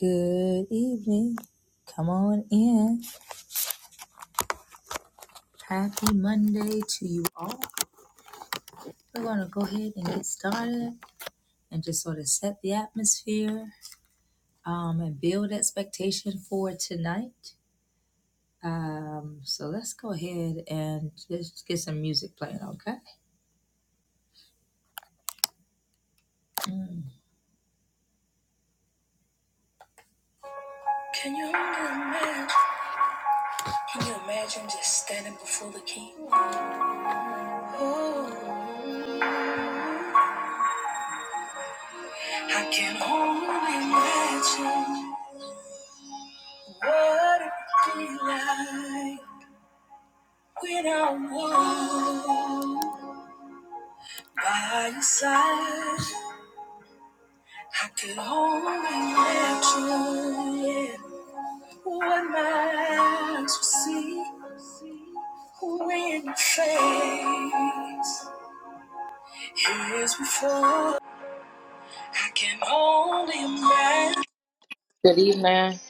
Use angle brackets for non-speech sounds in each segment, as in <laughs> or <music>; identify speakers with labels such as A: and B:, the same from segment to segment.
A: Good evening. Come on in. Happy Monday to you all. We're going to go ahead and get started and just sort of set the atmosphere um, and build expectation for tonight. Um, so let's go ahead and just get some music playing, okay? Can you imagine? Can you imagine just standing before the king? Oh, I can only imagine what it would be like. When I walk by your side, I could only let you in. What my eyes will see when your face is before. I can only
B: Good evening.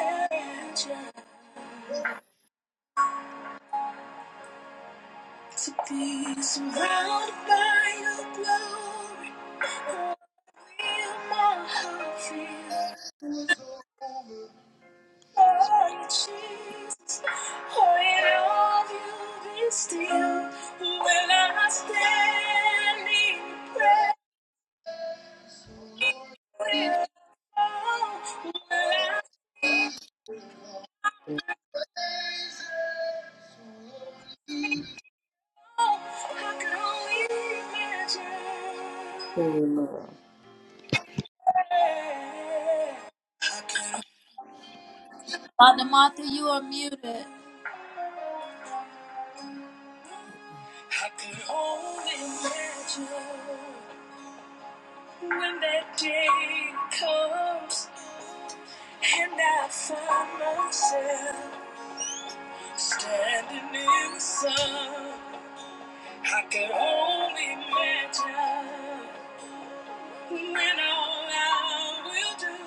A: imagine to be surrounded by your glory. Will my heart feel? Jesus, I love you. Be still when I stand in prayer. Will I fall? Will I fall? I can only imagine. I could only imagine when that day comes and I find myself. Standing in the sun, I can only imagine when all I will do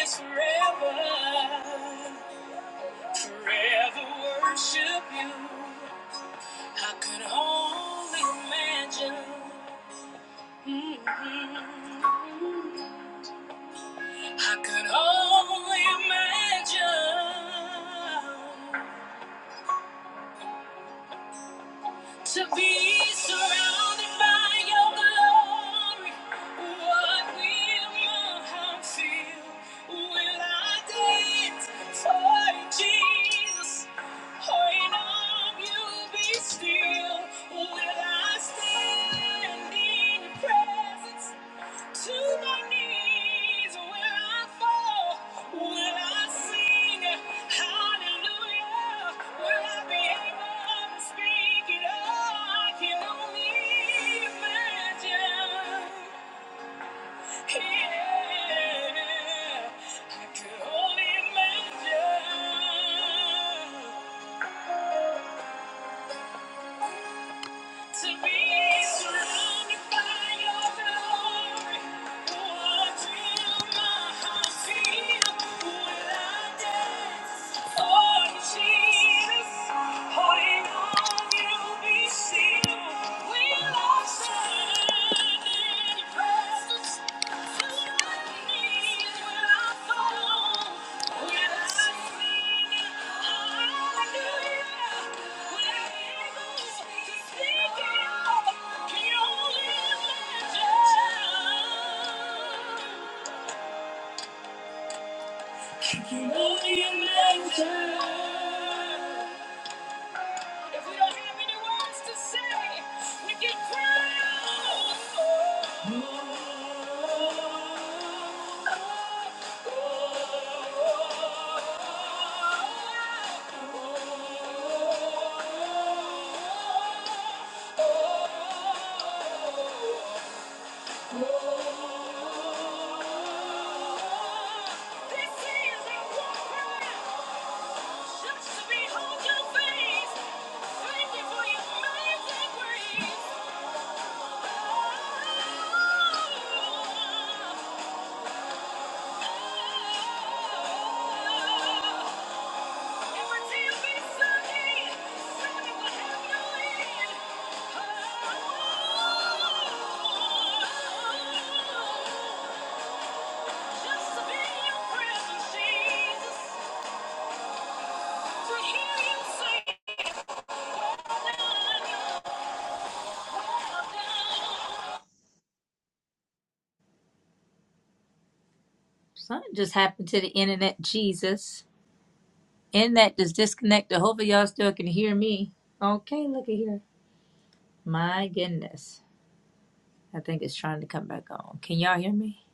A: is forever, forever worship you. I could only imagine. Mhm. I could only imagine. to be surrounded by your glory. What will my heart feel? Will I dance for Jesus? Or in all you be still? Will I stand in your presence? To my knees will I fall, will I sing hallelujah, will I be able to speak it all? I can only imagine, yeah, I could only imagine. To be surrounded by your glory, what will my heart feel? Will I dance for you, Jesus? Holding on, you be still. Will I surrender? You only imagine. If we don't have any words to say, we can cry out. This is our war cry, just to behold your face. Thank you for your amazing grace. Something just happened to the internet, Jesus. Internet just disconnected. Hopefully, y'all still can hear me. Okay, look at here. My goodness. I think it's trying to come back on. Can y'all hear me?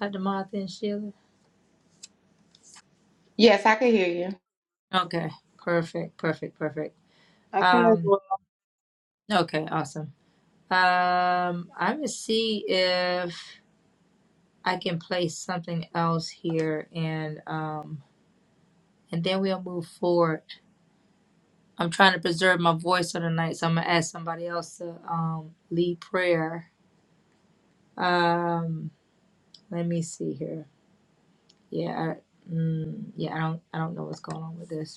A: Dr. Martha and Sheila?
B: Yes, I can hear you.
A: Okay, perfect, perfect, perfect.
C: I can as
A: Um,
C: well.
A: okay, awesome. Um, I'm gonna see if I can place something else here and um and then we'll move forward. I'm trying to preserve my voice for the night, so I'm gonna ask somebody else to um lead prayer. Um, let me see here. Yeah, I, mm, yeah, I don't I don't know what's going on with this.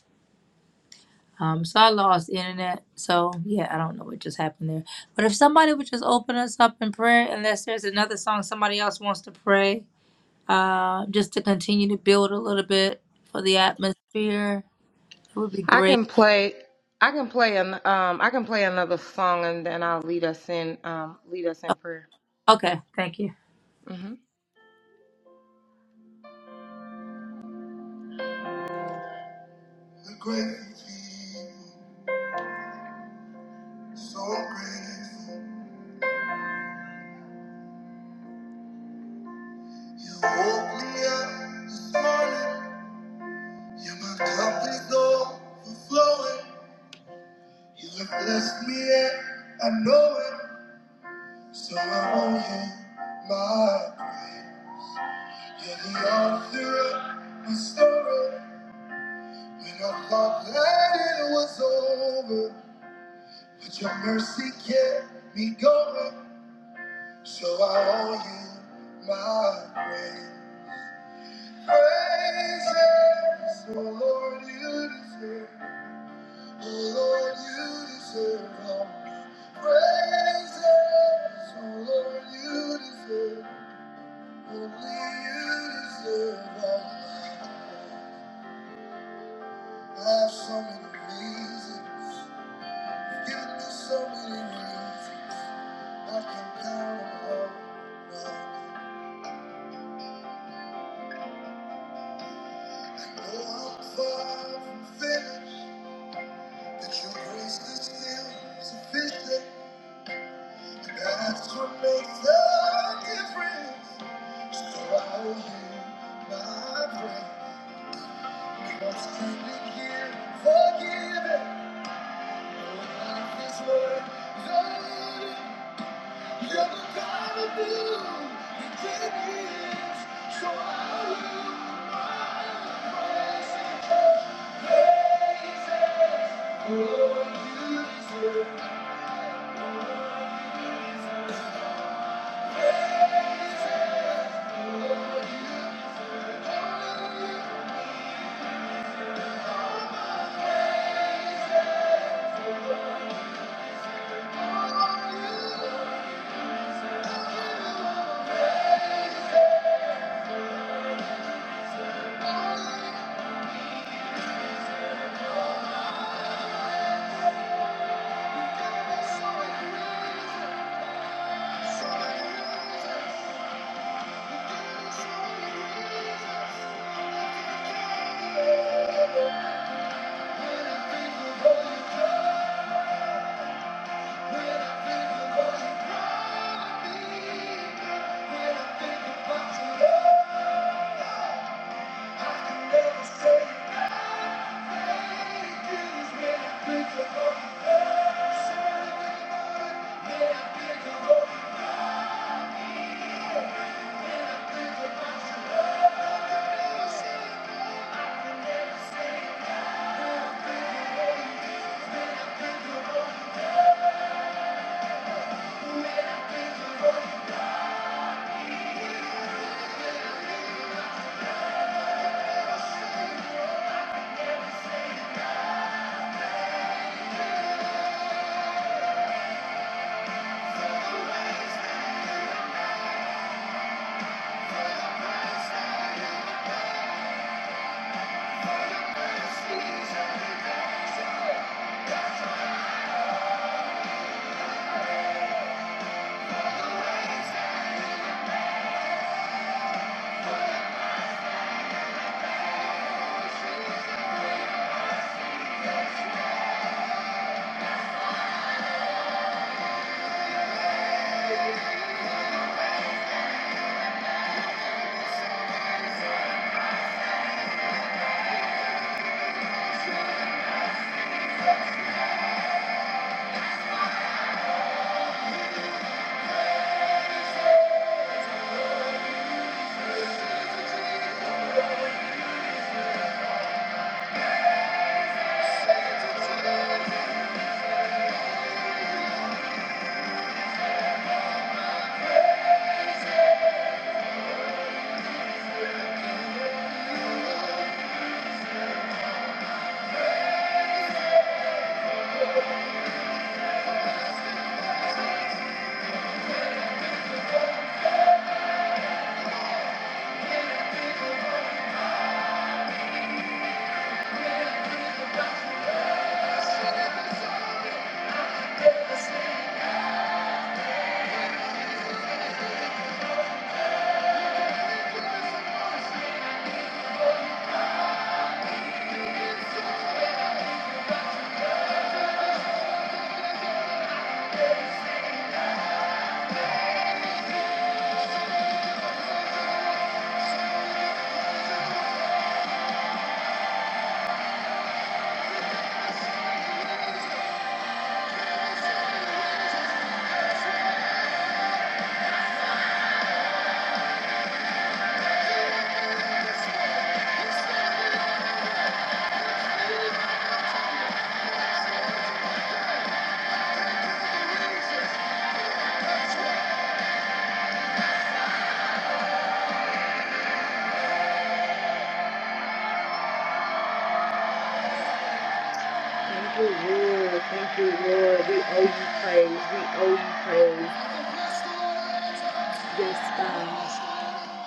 A: Um, so I lost internet. So yeah, I don't know what just happened there. But if somebody would just open us up in prayer, unless there's another song somebody else wants to pray, uh, just to continue to build a little bit for the atmosphere, it would be
B: I can
A: great.
B: play. I can play an. Um, I can play another song, and then I'll lead us in. Um, lead us
A: Oh,
B: in prayer.
A: Okay, thank you.
B: hmm so grateful. You woke me up this morning. Yeah, my cup is overflowing. You have blessed me, and I know it. So I owe you my. praise. You're the author of my story. When I thought that it was over, but your mercy kept me going. So I owe you my praise. Praises, oh Lord, you deserve. Oh Lord, you deserve all my praises. Oh Lord, you deserve. Only you deserve all my praise. I have so many reasons. You do so many things I can count on. I know I'm far from finished, that your grace is still sufficient. And that's what makes the difference. So I owe you my praise. I'm standing here forgiven. Your Life is worth the living. You're the God of new beginnings, so I will praise you. Lord, you deserve Thank you. Thank you. Thank you. Thank you, Lord. Thank you, Lord. We owe you praise. We owe you praise. Yes, God.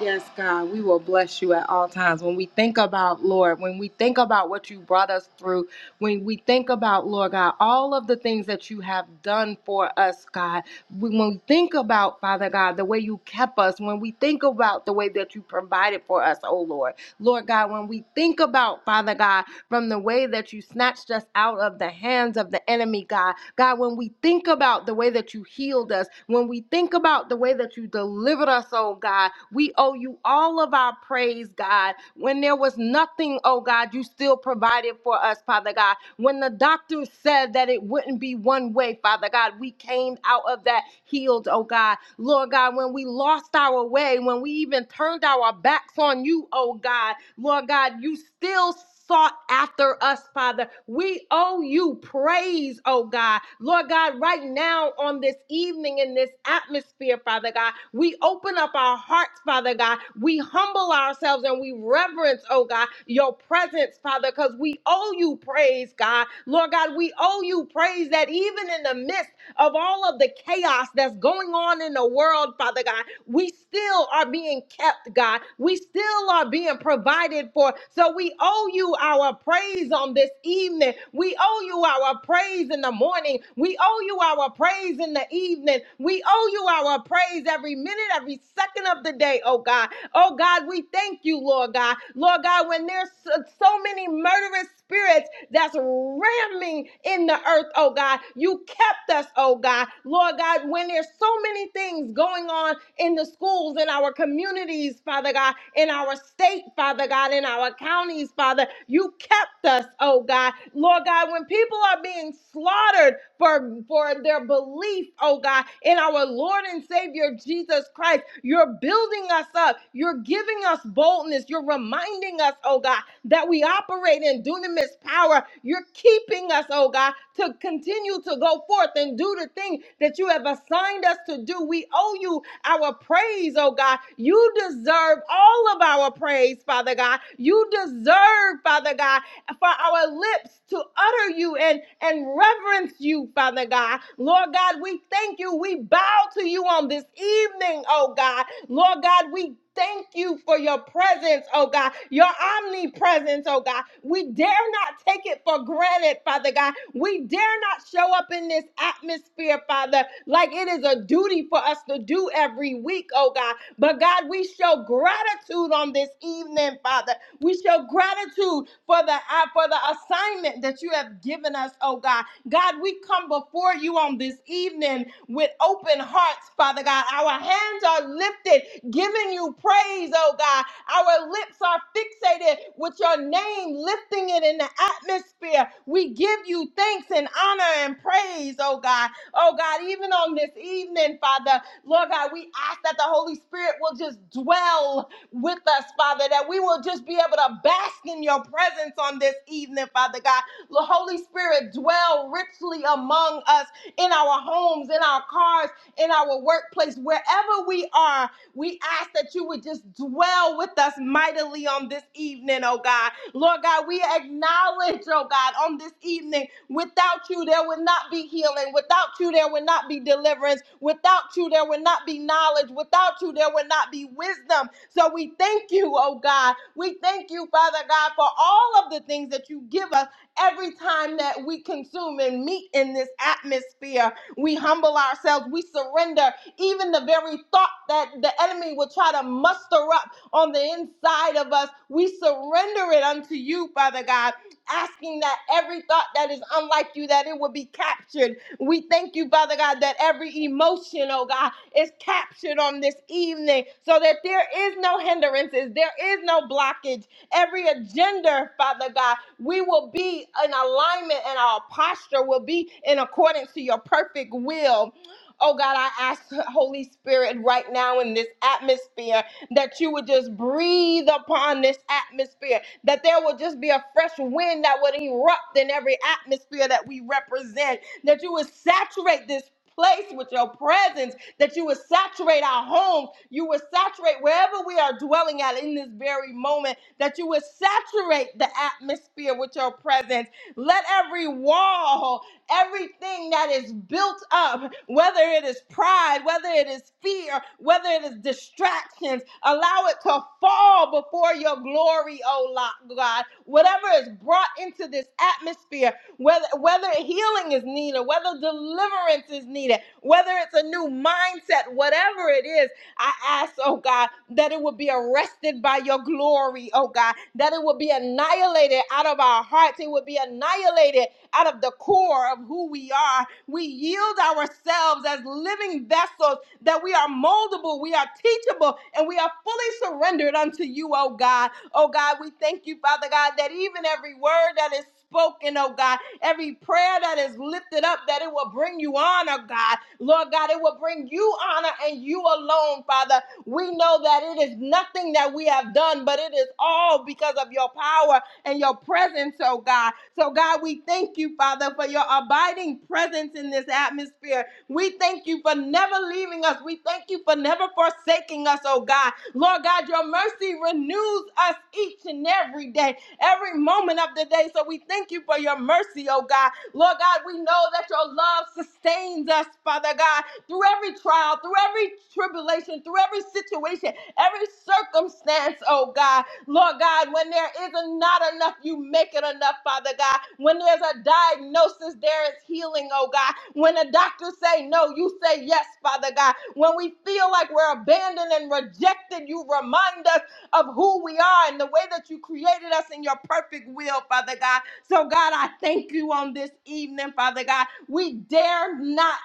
B: Yes, God. We will bless you at all times. When we think about, Lord, when we think about what you brought us through, when we think about, Lord God, all of the things that you have done for us, God, we- when we think about, Father God, the way you kept us, when we think about the way that you provided for us, oh Lord, Lord God, when we think about, Father God, from the way that you snatched us out of the hands of the enemy, God. God, when we think about the way that you healed us, when we think about the way that you delivered us, oh God, we owe you all of our praise, God. When there was nothing, oh God, you still provided for us, Father God. When the doctor said that it wouldn't be one way, Father God, we came out of that healed, oh God. Lord God, when we lost our way, when we even turned our backs on you, oh God, Lord God, you still sought after us, Father. We owe you praise, oh God. Lord God, right now on this evening in this atmosphere, Father God, we open up our hearts, Father God. We humble ourselves and we reverence, oh God, your presence, Father, because we owe you praise, God. Lord God, we owe you praise that even in the midst of all of the chaos that's going on in the world, Father God, we still are being kept, God. We still are being provided for. So we owe you our praise on this evening. We owe you our praise in the morning. We owe you our praise in the evening. We owe you our praise every minute, every second of the day, oh God. Oh God, we thank you, Lord God. Lord God, when there's so so many murderous spirits, that's ramming in the earth, oh God. You kept us, oh God. Lord God, when there's so many things going on in the schools, in our communities, Father God, in our state, Father God, in our counties, Father, you kept us, oh God. Lord God, when people are being slaughtered for for their belief, oh God, in our Lord and Savior Jesus Christ. You're building us up. You're giving us boldness. You're reminding us, oh God, that we operate in dunamis power. You're keeping us, oh God, to continue to go forth and do the thing that you have assigned us to do. We owe you our praise, oh God. You deserve all of our praise, Father God. You deserve, Father God, for our lips to utter you and, and reverence you, Father God. Lord God, we thank you. We bow to you on this evening, oh God. Lord God, we thank you for your presence, oh God, your omnipresence, oh God. We dare not take it for granted, Father God. We dare not show up in this atmosphere, Father, like it is a duty for us to do every week, oh God. But God, we show gratitude on this evening, Father. We show gratitude for the uh, for the assignment that you have given us, oh God. God, we come before you on this evening with open hearts, Father God. Our hands are lifted, giving you praise, oh God. Our lips are fixated with your name, lifting it in the atmosphere. We give you thanks and honor and praise, oh God. Oh God, even on this evening, Father, Lord God, we ask that the Holy Spirit will just dwell with us, Father, that we will just be able to bask in your presence on this evening, Father God. The Holy Spirit dwell richly among us in our homes, in our cars, in our workplace, wherever we are. We ask that you would just dwell with us mightily on this evening, oh God. Lord God, we acknowledge, oh God, on this evening, without you, there would not be healing. Without you, there would not be deliverance. Without you, there would not be knowledge. Without you, there would not be wisdom. So we thank you, oh God. We thank you, Father God, for all of the things that you give us every time that we consume and meet in this atmosphere. We humble ourselves. We surrender even the very thought that the enemy will try to muster up on the inside of us, we surrender it unto you, Father God, asking that every thought that is unlike you, that it will be captured. We thank you, Father God, that every emotion, oh God, is captured on this evening so that there is no hindrances, there is no blockage. Every agenda, Father God, we will be in alignment and our posture will be in accordance to your perfect will. Oh God, I ask Holy Spirit right now in this atmosphere that you would just breathe upon this atmosphere, that there would just be a fresh wind that would erupt in every atmosphere that we represent, that you would saturate this place with your presence, that you would saturate our homes, you would saturate wherever we are dwelling at in this very moment, that you would saturate the atmosphere with your presence. Let every wall everything that is built up, whether it is pride, whether it is fear, whether it is distractions, allow it to fall before your glory, oh lo- God. Whatever is brought into this atmosphere, whether whether healing is needed, whether deliverance is needed, whether it's a new mindset, whatever it is, I ask, oh God, that it would be arrested by your glory, oh God, that it would be annihilated out of our hearts. It would be annihilated out of the core of who we are. We yield ourselves as living vessels that we are moldable, we are teachable, and we are fully surrendered unto you, oh God. Oh God, we thank you, Father God, that even every word that is spoken, oh God, Every prayer that is lifted up, that it will bring you honor, God. Lord God, it will bring you honor and you alone, Father. We know that it is nothing that we have done, but it is all because of your power and your presence, oh God. So, God, we thank you, Father, for your abiding presence in this atmosphere. We thank you for never leaving us. We thank you for never forsaking us, oh God. Lord God, your mercy renews us each and every day every moment of the day. So we thank you for your mercy, oh God. Lord God, we know that your love sustains us, Father God, through every trial, through every tribulation, through every situation, every circumstance, oh God. Lord God, when there isn't not enough, you make it enough, Father God. When there's a diagnosis, there is healing, oh God. When the doctors say no, you say yes, Father God. When we feel like we're abandoned and rejected, you remind us of who we are and the way that you created us in your perfect will, Father God. So, God, I thank you on this evening, Father God. We dare not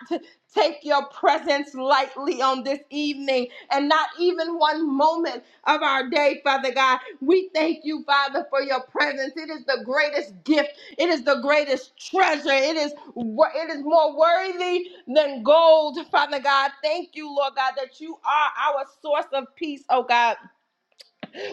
B: take your presence lightly on this evening and not even one moment of our day, Father God. We thank you, Father, for your presence. It is the greatest gift. It is the greatest treasure. It is wor- it is more worthy than gold, Father God. Thank you, Lord God, that you are our source of peace, oh God.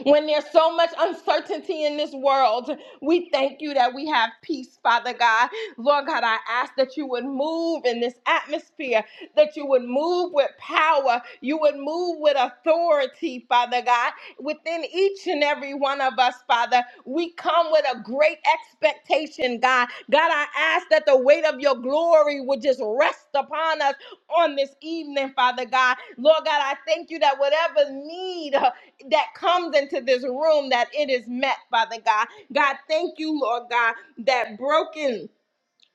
B: When there's so much uncertainty in this world, we thank you that we have peace, Father God. Lord God, I ask that you would move in this atmosphere, that you would move with power, you would move with authority, Father God, within each and every one of us, Father. We come with a great expectation, God. God, I ask that the weight of your glory would just rest upon us on this evening, Father God. Lord God, I thank you that whatever need, uh, that comes into this room that it is met, Father God. God, thank you, Lord God, that broken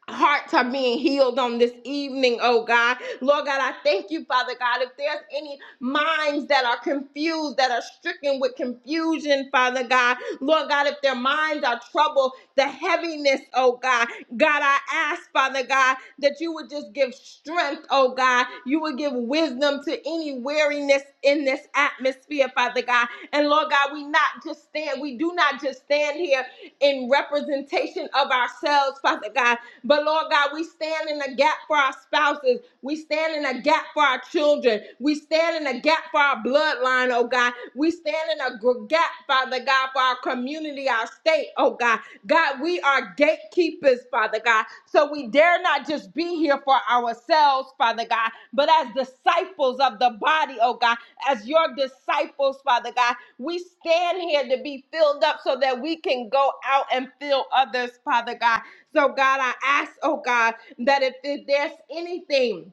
B: hearts are being healed on this evening, oh God. Lord God, I thank you, Father God. If there's any minds that are confused, that are stricken with confusion, Father God, Lord God, if their minds are troubled, the heaviness, oh God, God, I ask, Father God, that you would just give strength, oh God. You would give wisdom to any weariness in this atmosphere, Father God. And Lord God, we not just stand, we do not just stand here in representation of ourselves, Father God. But Lord God, we stand in the gap for our spouses. We stand in a gap for our children. We stand in a gap for our bloodline, oh God. We stand in a gr- gap, Father God, for our community, our state, oh God. God, we are gatekeepers, Father God. So we dare not just be here for ourselves, Father God, but as disciples of the body, oh God, as your disciples, Father God, we stand here to be filled up so that we can go out and fill others, Father God. So, God, I ask, oh God, that if, if there's anything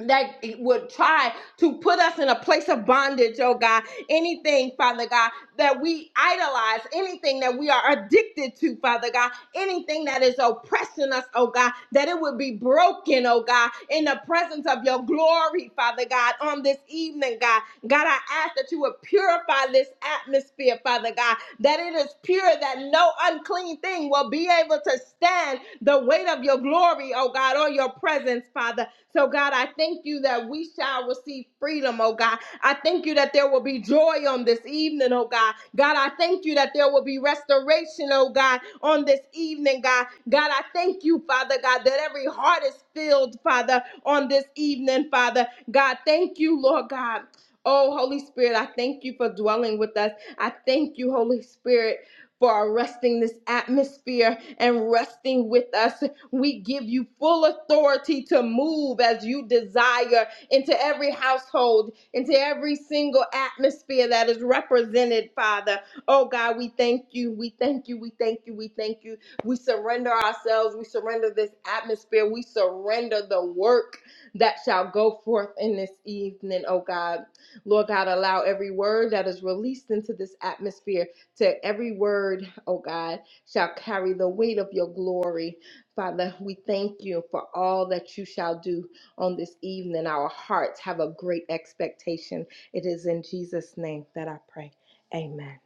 B: that it would try to put us in a place of bondage, oh God, anything, Father God, that we idolize, anything that we are addicted to, Father God, anything that is oppressing us, oh God, that it would be broken, oh God, in the presence of your glory, Father God, on this evening, God. God, I ask that you would purify this atmosphere, Father God, that it is pure, that no unclean thing will be able to stand the weight of your glory, oh God, or your presence, Father. So, God, I thank you that we shall receive freedom, oh God. I thank you that there will be joy on this evening, oh God. God, I thank you that there will be restoration, oh God, on this evening, God. God, I thank you, Father God, that every heart is filled, Father, on this evening, Father. God, thank you, Lord God. Oh, Holy Spirit, I thank you for dwelling with us. I thank you, Holy Spirit. For arresting this atmosphere and resting with us. We give you full authority to move as you desire into every household, into every single atmosphere that is represented, Father. Oh God, we thank you. We thank you. We thank you. We thank you. We surrender ourselves. We surrender this atmosphere. We surrender the work that shall go forth in this evening, oh God. Lord God, allow every word that is released into this atmosphere to every word, oh God, shall carry the weight of your glory. Father, we thank you for all that you shall do on this evening. Our hearts have a great expectation. It is in Jesus' name that I pray. Amen.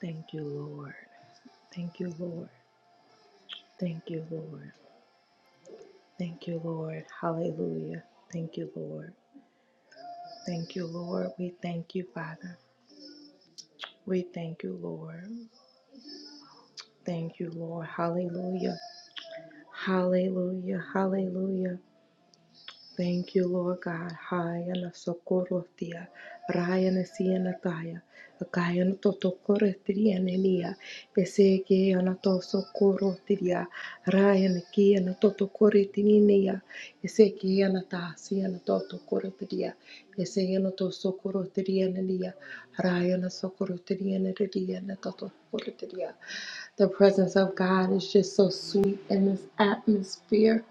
B: Thank you, Lord. Thank you, Lord. Thank you, Lord. Thank you, Lord. Hallelujah. Thank you, Lord. Thank you, Lord. We thank you, Father. We thank you, Lord. Thank you, Lord. Hallelujah. Hallelujah. Hallelujah. Thank you, Lord God. Haya na sokorotia. Raya na siya na taya. Akaya na totokorotia na niya. Ese ke ana to sokorotia. Raya na kia na totokorotia niya. Ese ke ana ta siya na totokorotia. Ese Raya na sokorotia na na totokorotia. The presence of God is just so sweet in this atmosphere.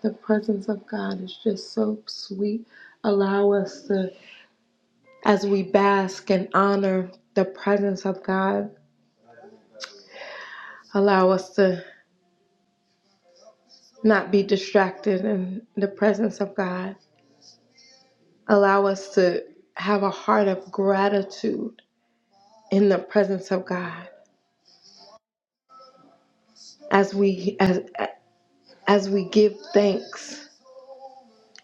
B: The presence of God is just so sweet. Allow us to, as we bask and honor the presence of God, allow us to not be distracted in the presence of God. Allow us to have a heart of gratitude in the presence of God as we as as we give thanks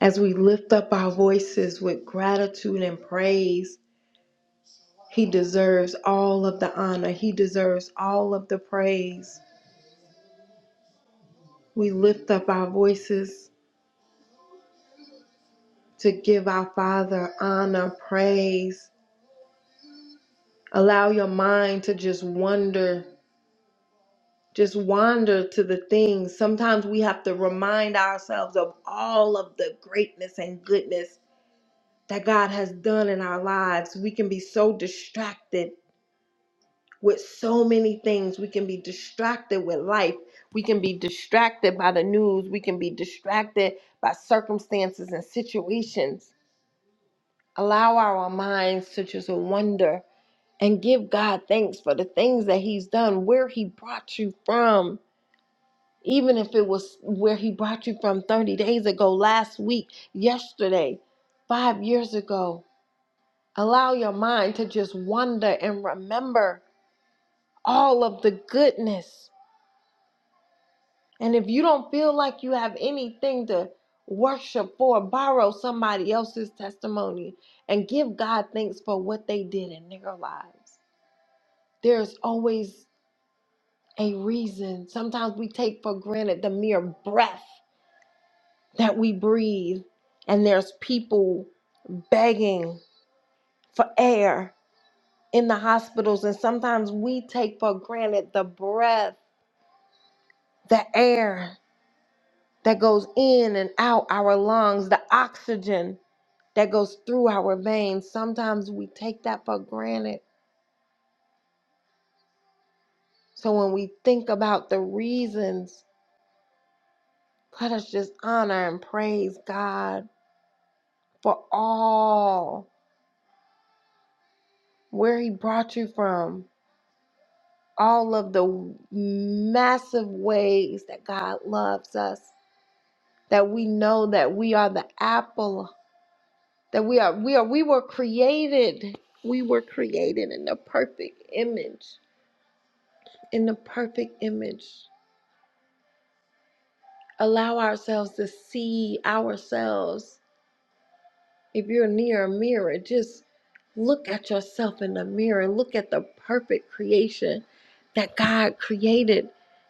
B: as we lift up our voices with gratitude and praise He deserves all of the honor. He deserves all of the praise. We lift up our voices to give our Father honor, praise. Allow your mind to just wonder, just wander to the things. Sometimes we have to remind ourselves of all of the greatness and goodness that God has done in our lives. We can be so distracted with so many things. We can be distracted with life. We can be distracted by the news. We can be distracted by circumstances and situations. Allow our minds to just wonder and give God thanks for the things that He's done, where He brought you from. Even if it was where He brought you from 30 days ago, last week, yesterday, five years ago. Allow your mind to just wonder and remember all of the goodness And if you don't feel like you have anything to worship for, borrow somebody else's testimony and give God thanks for what they did in their lives. There's always a reason. Sometimes we take for granted the mere breath that we breathe, and there's people begging for air in the hospitals, and sometimes we take for granted the breath, the air that goes in and out our lungs, the oxygen that goes through our veins. Sometimes we take that for granted. So when we think about the reasons, let us just honor and praise God for all where He brought you from, all of the massive ways that God loves us, that we know that we are the apple, that we are we are we were created. We were created in the perfect image in the perfect image. Allow ourselves to see ourselves. If you're near a mirror, just look at yourself in the mirror. Look at the perfect creation that God created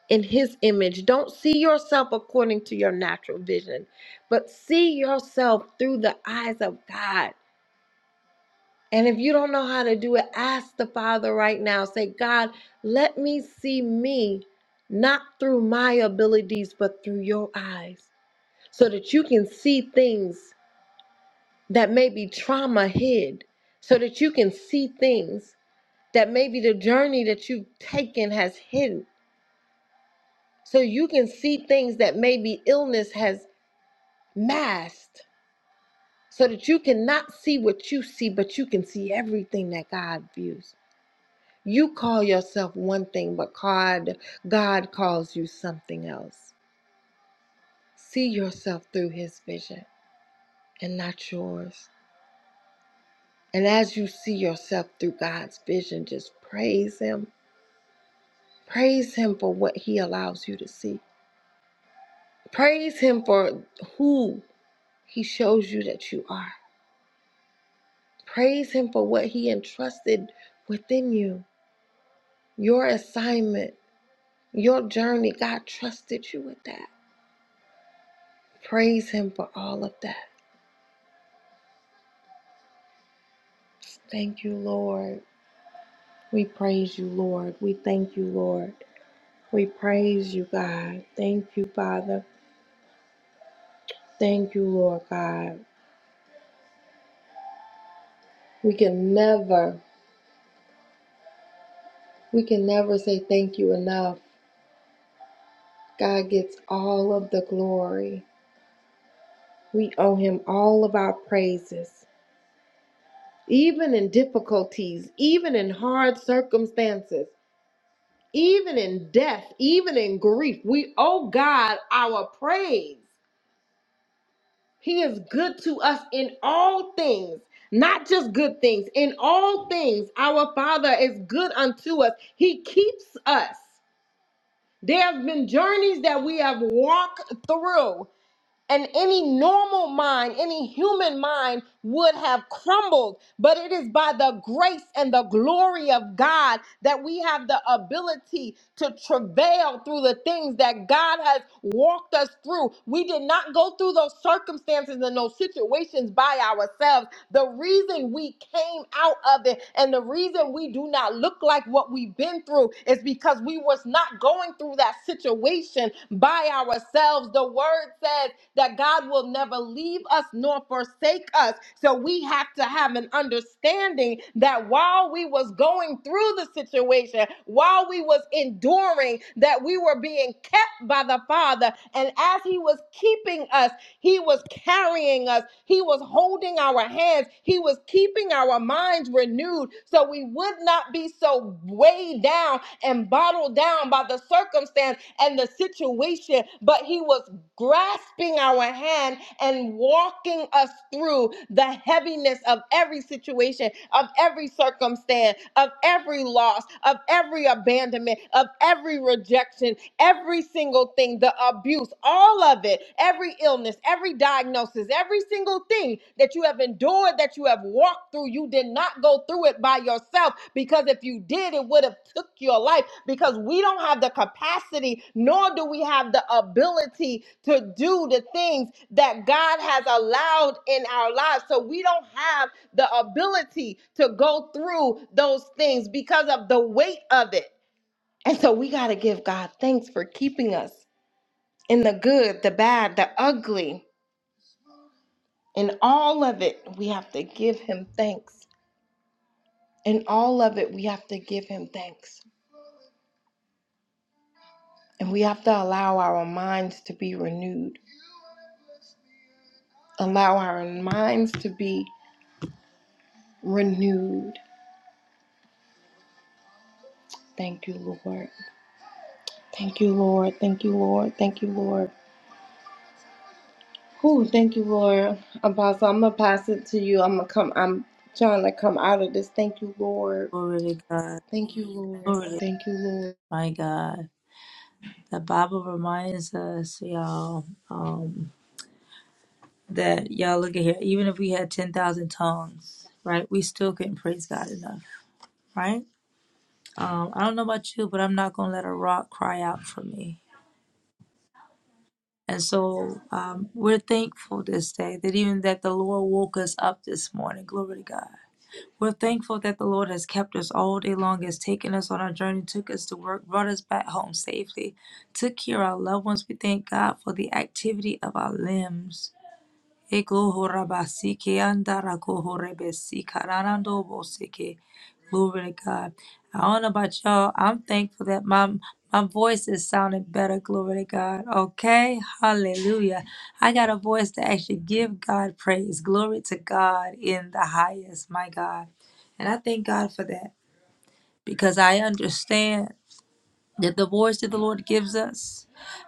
B: in His image. Don't see yourself according to your natural vision, but see yourself through the eyes of God. And if you don't know how to do it, ask the Father right now. Say, God, let me see me not through my abilities, but through your eyes, so that you can see things that may be trauma hid, so that you can see things that maybe the journey that you've taken has hidden, so you can see things that maybe illness has masked, so that you cannot see what you see, but you can see everything that God views. You call yourself one thing, but God, God calls you something else. See yourself through His vision and not yours. And as you see yourself through God's vision, just praise Him. Praise Him for what He allows you to see. Praise Him for who He shows you that you are. Praise Him for what He entrusted within you, your assignment, your journey. God trusted you with that. Praise Him for all of that. Thank you, Lord. We praise you, Lord. We thank you, Lord. We praise you, God. Thank you, Father. Thank you, Lord God. We can never, we can never say thank you enough. God gets all of the glory. We owe him all of our praises, even in difficulties, even in hard circumstances, even in death, even in grief. We owe God our praise. He is good to us in all things, not just good things. In all things, our Father is good unto us. He keeps us. There have been journeys that we have walked through and any normal mind, any human mind would have crumbled. But it is by the grace and the glory of God that we have the ability to travail through the things that God has walked us through. We did not go through those circumstances and those situations by ourselves. The reason we came out of it and the reason we do not look like what we've been through is because we was not going through that situation by ourselves. The word says that God will never leave us nor forsake us. So we have to have an understanding that while we was going through the situation, while we was enduring, that we were being kept by the Father. And as he was keeping us, he was carrying us. He was holding our hands. He was keeping our minds renewed so we would not be so weighed down and bottled down by the circumstance and the situation. But He was grasping our hand and walking us through the heaviness of every situation, of every circumstance, of every loss, of every abandonment, of every rejection, every single thing, the abuse, all of it, every illness, every diagnosis, every single thing that you have endured, that you have walked through, you did not go through it by yourself because if you did, it would have took your life because we don't have the capacity nor do we have the ability to do the things that God held in our lives. So we don't have the ability to go through those of it. And so we give God thanks for keeping us in the good, the bad, the ugly, in all. And And we have to allow our minds to be renewed. Allow our minds to be renewed. Thank you, Lord. Thank you, Lord. Thank you, Lord. Thank you, Lord. Whew, thank you, Lord. Apostle, I'm gonna pass it to you. I'm gonna come. I'm trying to come out of this. Thank you, Lord.
A: Glory to God.
B: Thank you, Lord.
A: Glory to
B: Thank you, Lord.
A: my God. The Bible reminds us, y'all, um, that y'all look at here. Even if we had ten thousand tongues, right, we still couldn't praise God enough, right? Um, I don't know about you, but I'm not going to let a rock cry out for me. And so um, we're thankful this day that even that the Lord woke us up this morning. Glory to God. We're thankful that the Lord has kept us all day long, has taken us on our journey, took us to work, brought us back home safely, took care of our loved ones. We thank God for the activity of our limbs. Eko horabasi ke andara ko horebesi kararando boseke. Glory to God. I don't know about y'all. I'm thankful that my my voice is sounding better. Glory to God. Okay. Hallelujah. I got a voice to actually give God praise. Glory to God in the highest, my God. And I thank God for that because I understand that the voice that the Lord gives us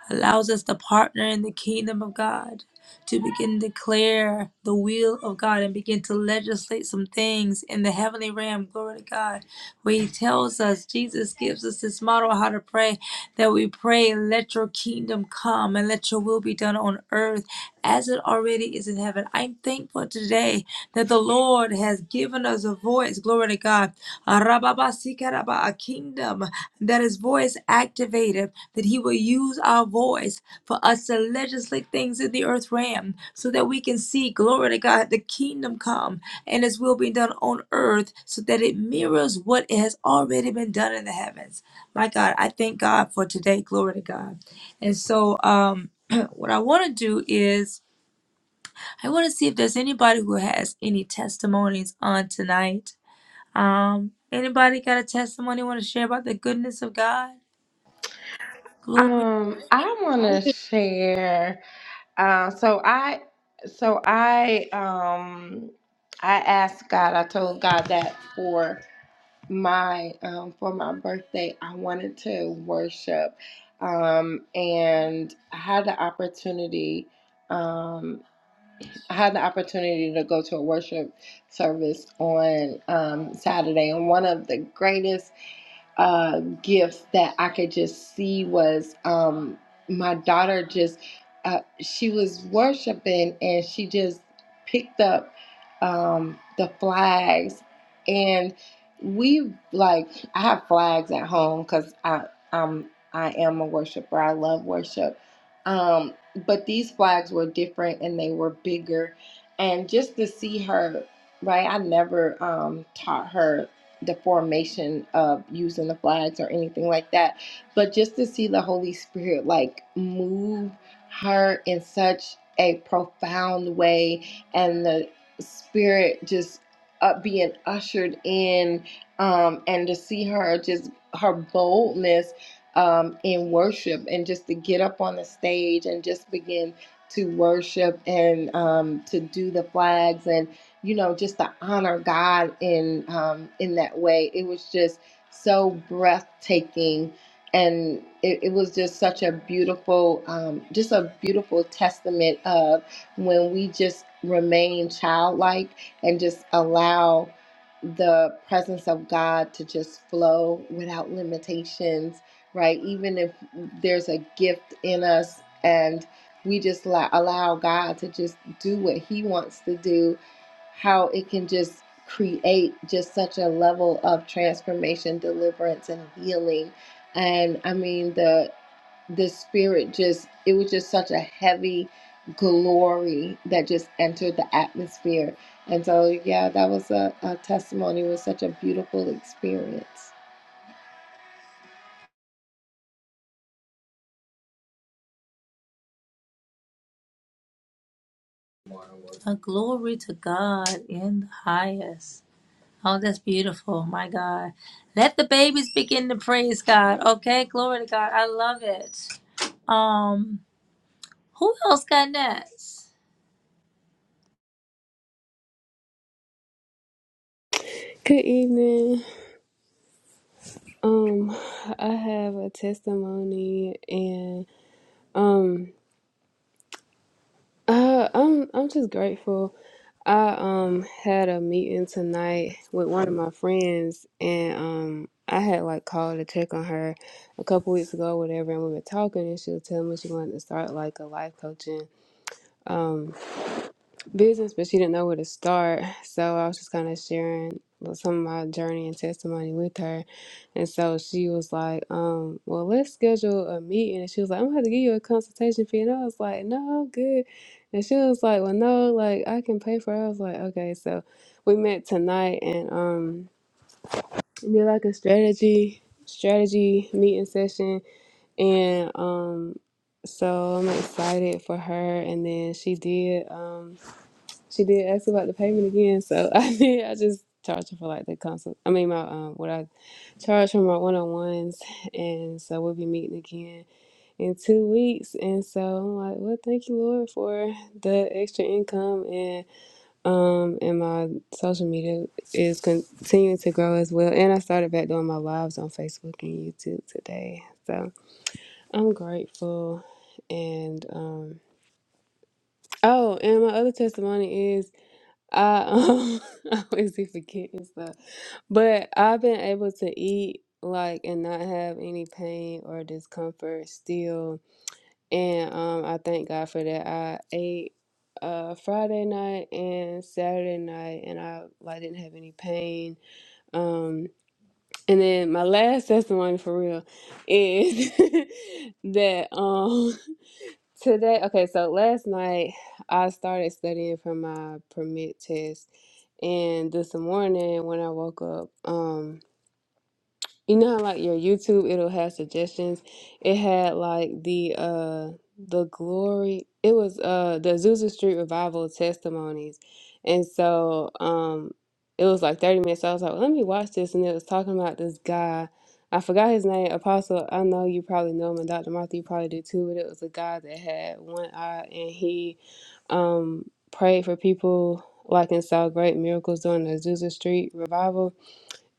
A: allows us to partner in the kingdom of God, to begin to declare the will of God and begin to legislate some things in the heavenly realm. Glory to God. Where He tells us, Jesus gives us this model how to pray that we pray, let your kingdom come and let your will be done on earth as it already is in heaven. I'm thankful today that the Lord has given us a voice. Glory to God. A Arababa sikaraba, A kingdom. That is voice activated, that he will use our voice for us to legislate things in the earth realm so that we can see, glory to God, the kingdom come and his will be done on earth so that it mirrors what has already been done in the heavens. My God, I thank God for today. Glory to God. And so, um, <clears throat> what I want to do is, I want to see if there's anybody who has any testimonies on tonight. Um, anybody got a testimony want to share about the goodness of God? Glory,
B: Um, I want
C: I
B: to
C: just
B: share. Uh, so I, so I, um, I asked God. I told God that for my um, for my birthday i wanted to worship um, and i had the opportunity um, i had the opportunity to go to a worship service on um, saturday and one of the greatest uh, gift that I could just see was um, my daughter just uh, she was worshiping and she just picked up um, the flags and we like I have flags at home because I I'm I am a worshiper I love worship um, but these flags were different and they were bigger and just to see her right I never um, taught her the formation of using the flags or anything like that, but just to see the Holy Spirit like move her in such a profound way and the Spirit just uh, being ushered in um, and to see her just her boldness um, in worship and just to get up on the stage and just begin to worship and um, to do the flags and you know, just to honor God in um, in that way. It was just so breathtaking, and it, it was just such a beautiful, um, just a beautiful testament of when we just remain childlike and just allow the presence of God to just flow without limitations, right? Even if there's a gift in us and we just la- allow God to just do what He wants to do, how it can just create just such a level of transformation, deliverance, and healing. And I mean, the the spirit just it was just such a heavy glory that just entered the atmosphere and so yeah that was a, a testimony it was such a beautiful experience
A: uh, glory to God in the highest. Oh, that's beautiful. My God. Let the babies begin to praise God. Okay. Glory to God. I love it. Um, who else got next?
D: Good evening. Um, I have a testimony, and um, I, I'm I'm just grateful. I um had a meeting tonight with one of my friends, and um, I had like called to check on her a couple weeks ago, whatever, and we were talking, and she was telling me she wanted to start like a life coaching. Um. business, but she didn't know where to start. So I was just kind of sharing well, some of my journey and testimony with her. And so she was like, um, well, let's schedule a meeting. And she was like, I'm gonna have to give you a consultation fee. And I was like, no, I'm good. And she was like, well, no, like I can pay for it. I was like, okay. So we met tonight and um, did like a strategy strategy meeting session and um so I'm excited for her and then she did um she did ask about the payment again, so <laughs> I did. I just charge her for like the consult. I mean, my um, what I charge for my one on ones, and so we'll be meeting again in two weeks. And so I'm like, well, thank you, Lord, for the extra income, and um, and my social media is continuing to grow as well. And I started back doing my lives on Facebook and YouTube today, so I'm grateful. And um, oh, and my other testimony is. I um, <laughs> I always be forgetting stuff, but I've been able to eat like and not have any pain or discomfort still, and um, I thank God for that. I ate uh Friday night and Saturday night, and I like didn't have any pain. Um, and then my last testimony for real is <laughs> that um. <laughs> Today, okay, so last night I started studying for my permit test, and this morning when I woke up, um. You know how like your YouTube it'll have suggestions. It had like the uh the glory it was uh the Azusa Street Revival testimonies. And so um it was like 30 minutes. So I was like, let me watch this and it was talking about this guy. I forgot his name, Apostle. I know you probably know him and Dr. Martha you probably do too, but it was a guy that had one eye and he um prayed for people like and saw great miracles during the Azusa Street revival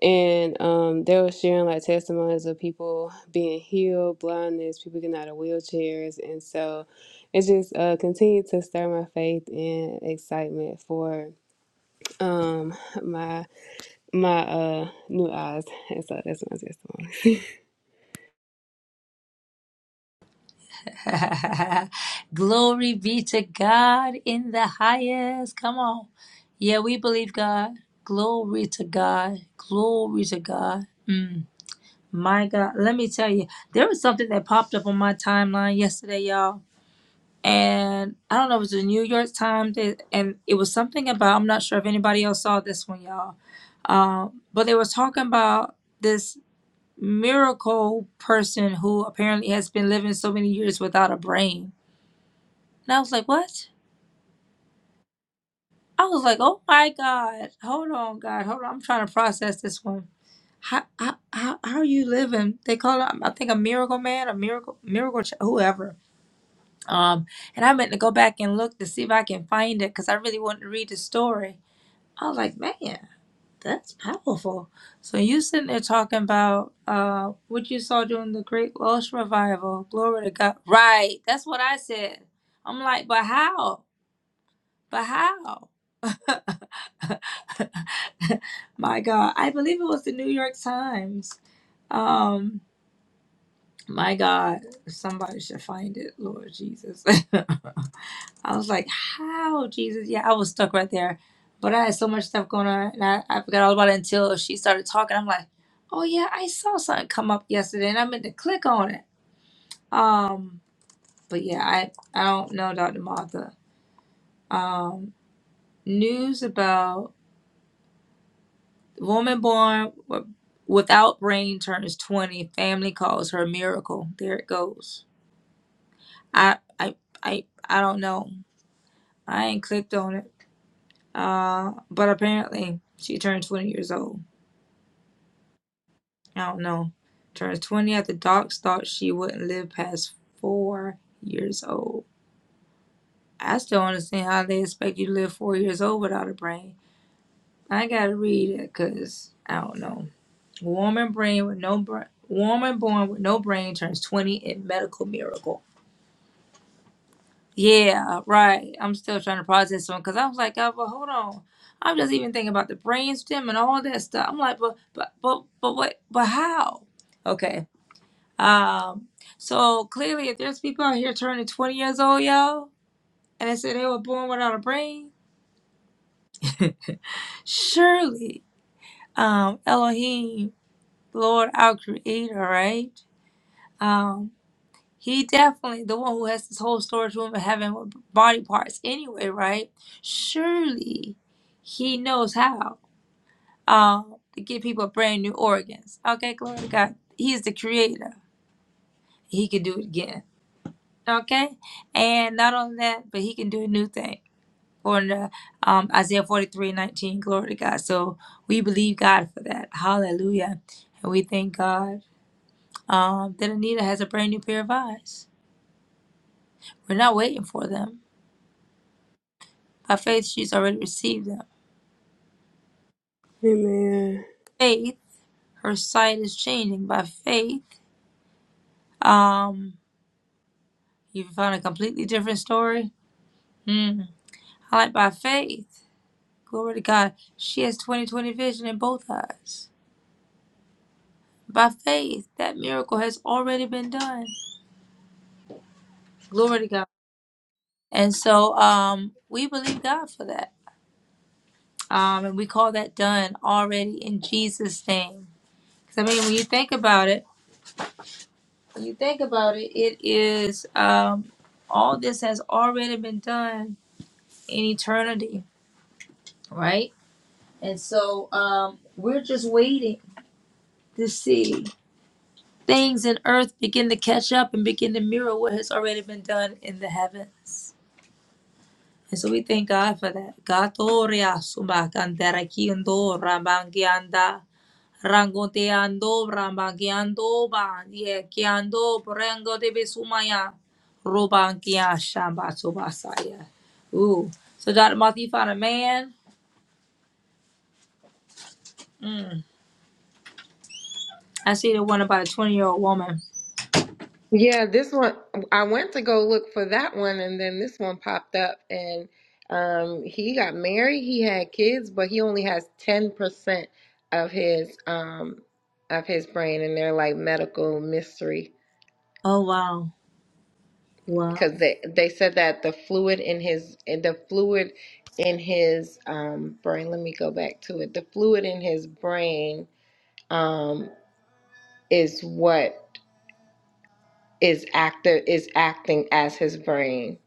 D: and um, they were sharing like testimonies of people being healed, blindness, people getting out of wheelchairs. And so it just uh, continued to stir my faith and excitement for um, my my uh, new eyes. And so that's my testimony.
A: <laughs> glory be to God in the highest. Come on. Yeah, we believe God. Glory to God. Glory to God. Mm, my God. Let me tell you, there was something that popped up on my timeline yesterday, y'all and I don't know it was the New York Times, they- and it was something about I'm not sure if anybody else saw this one, y'all. Um, but they were talking about this miracle person who apparently has been living so many years without a brain, and I was like, what? I was like, oh my God, hold on, God, hold on, I'm trying to process this one. How how how, how are you living? They call it, I think, a miracle man, a miracle miracle, ch- whoever Um, and I meant to go back and look to see if I can find it because I really wanted to read the story. I was like, man, that's powerful. So you sitting there talking about uh what you saw during the Great Welsh Revival. Glory to God. Right. That's what I said. I'm like, but how? But how? <laughs> my God. I believe it was the New York Times. Um my God, somebody should find it, Lord Jesus. <laughs> I was like, how, Jesus? Yeah, I was stuck right there. But I had so much stuff going on, and I, I forgot all about it until she started talking. I'm like, oh, yeah, I saw something come up yesterday, and I meant to click on it. Um, But yeah, I, I don't know, Dr. Martha. Um, news about woman born w- without brain turns 20. Family calls her miracle. There it goes. I, I, I, I don't know. I ain't clicked on it. Uh, but apparently, she turned 20 years old. I don't know, turns 20 after docs thought she wouldn't live past four years old. I still don't understand how they expect you to live four years old without a brain. I gotta read it because I don't know. Woman brain with no brain. Woman born with no brain turns 20 in medical miracle. Yeah, right. I'm still trying to process one because I was like, oh, but hold on. I'm just even thinking about the brainstem and all that stuff. I'm like, but, but, but, but what, but how? Okay. Um, so clearly, if there's people out here turning 20 years old, yo, and they say they were born without a brain, <laughs> surely, um, Elohim, Lord, our Creator, right? Um, he definitely the one who has this whole storage room in heaven with body parts anyway, right? Surely, he knows how um to give people brand new organs. Okay, glory to God. He is the Creator. He could do it again. Okay. And not only that, but he can do a new thing. On the, um, Isaiah 43 19, glory to God. So we believe God for that. Hallelujah. And we thank God um, that Anita has a brand new pair of eyes. We're not waiting for them. By faith, she's already received them.
D: Amen.
A: Faith, her sight is changing. By faith, um, you found a completely different story. Hmm. I like by faith. Glory to God. She has 20 20 vision in both eyes. by faith that miracle has already been done glory to god and so um we believe god for that um and we call that done already in jesus name 'Cause, i mean when you think about it when you think about it it is um all this has already been done in eternity right and so um we're just waiting to see things in earth begin to catch up and begin to mirror what has already been done in the heavens And so we thank God for that. Gatoria subakantarakiondo rabangianda rangoteando rambangiando ba yekiando porengo de besumaya robangia shamba sobasaya. Ooh. So Dr. Martha, you found a man. Mm. I see the one about a 20 year old woman.
B: yeah, this one I went to go look for that one and then this one popped up and um he got married, he had kids, but he only has 10% of his um of his brain and they're like medical mystery.
A: Oh wow.
B: because
A: Wow.
B: they they said that the fluid in his in the fluid in his um brain let me go back to it the fluid in his brain um is what is active is acting as his brain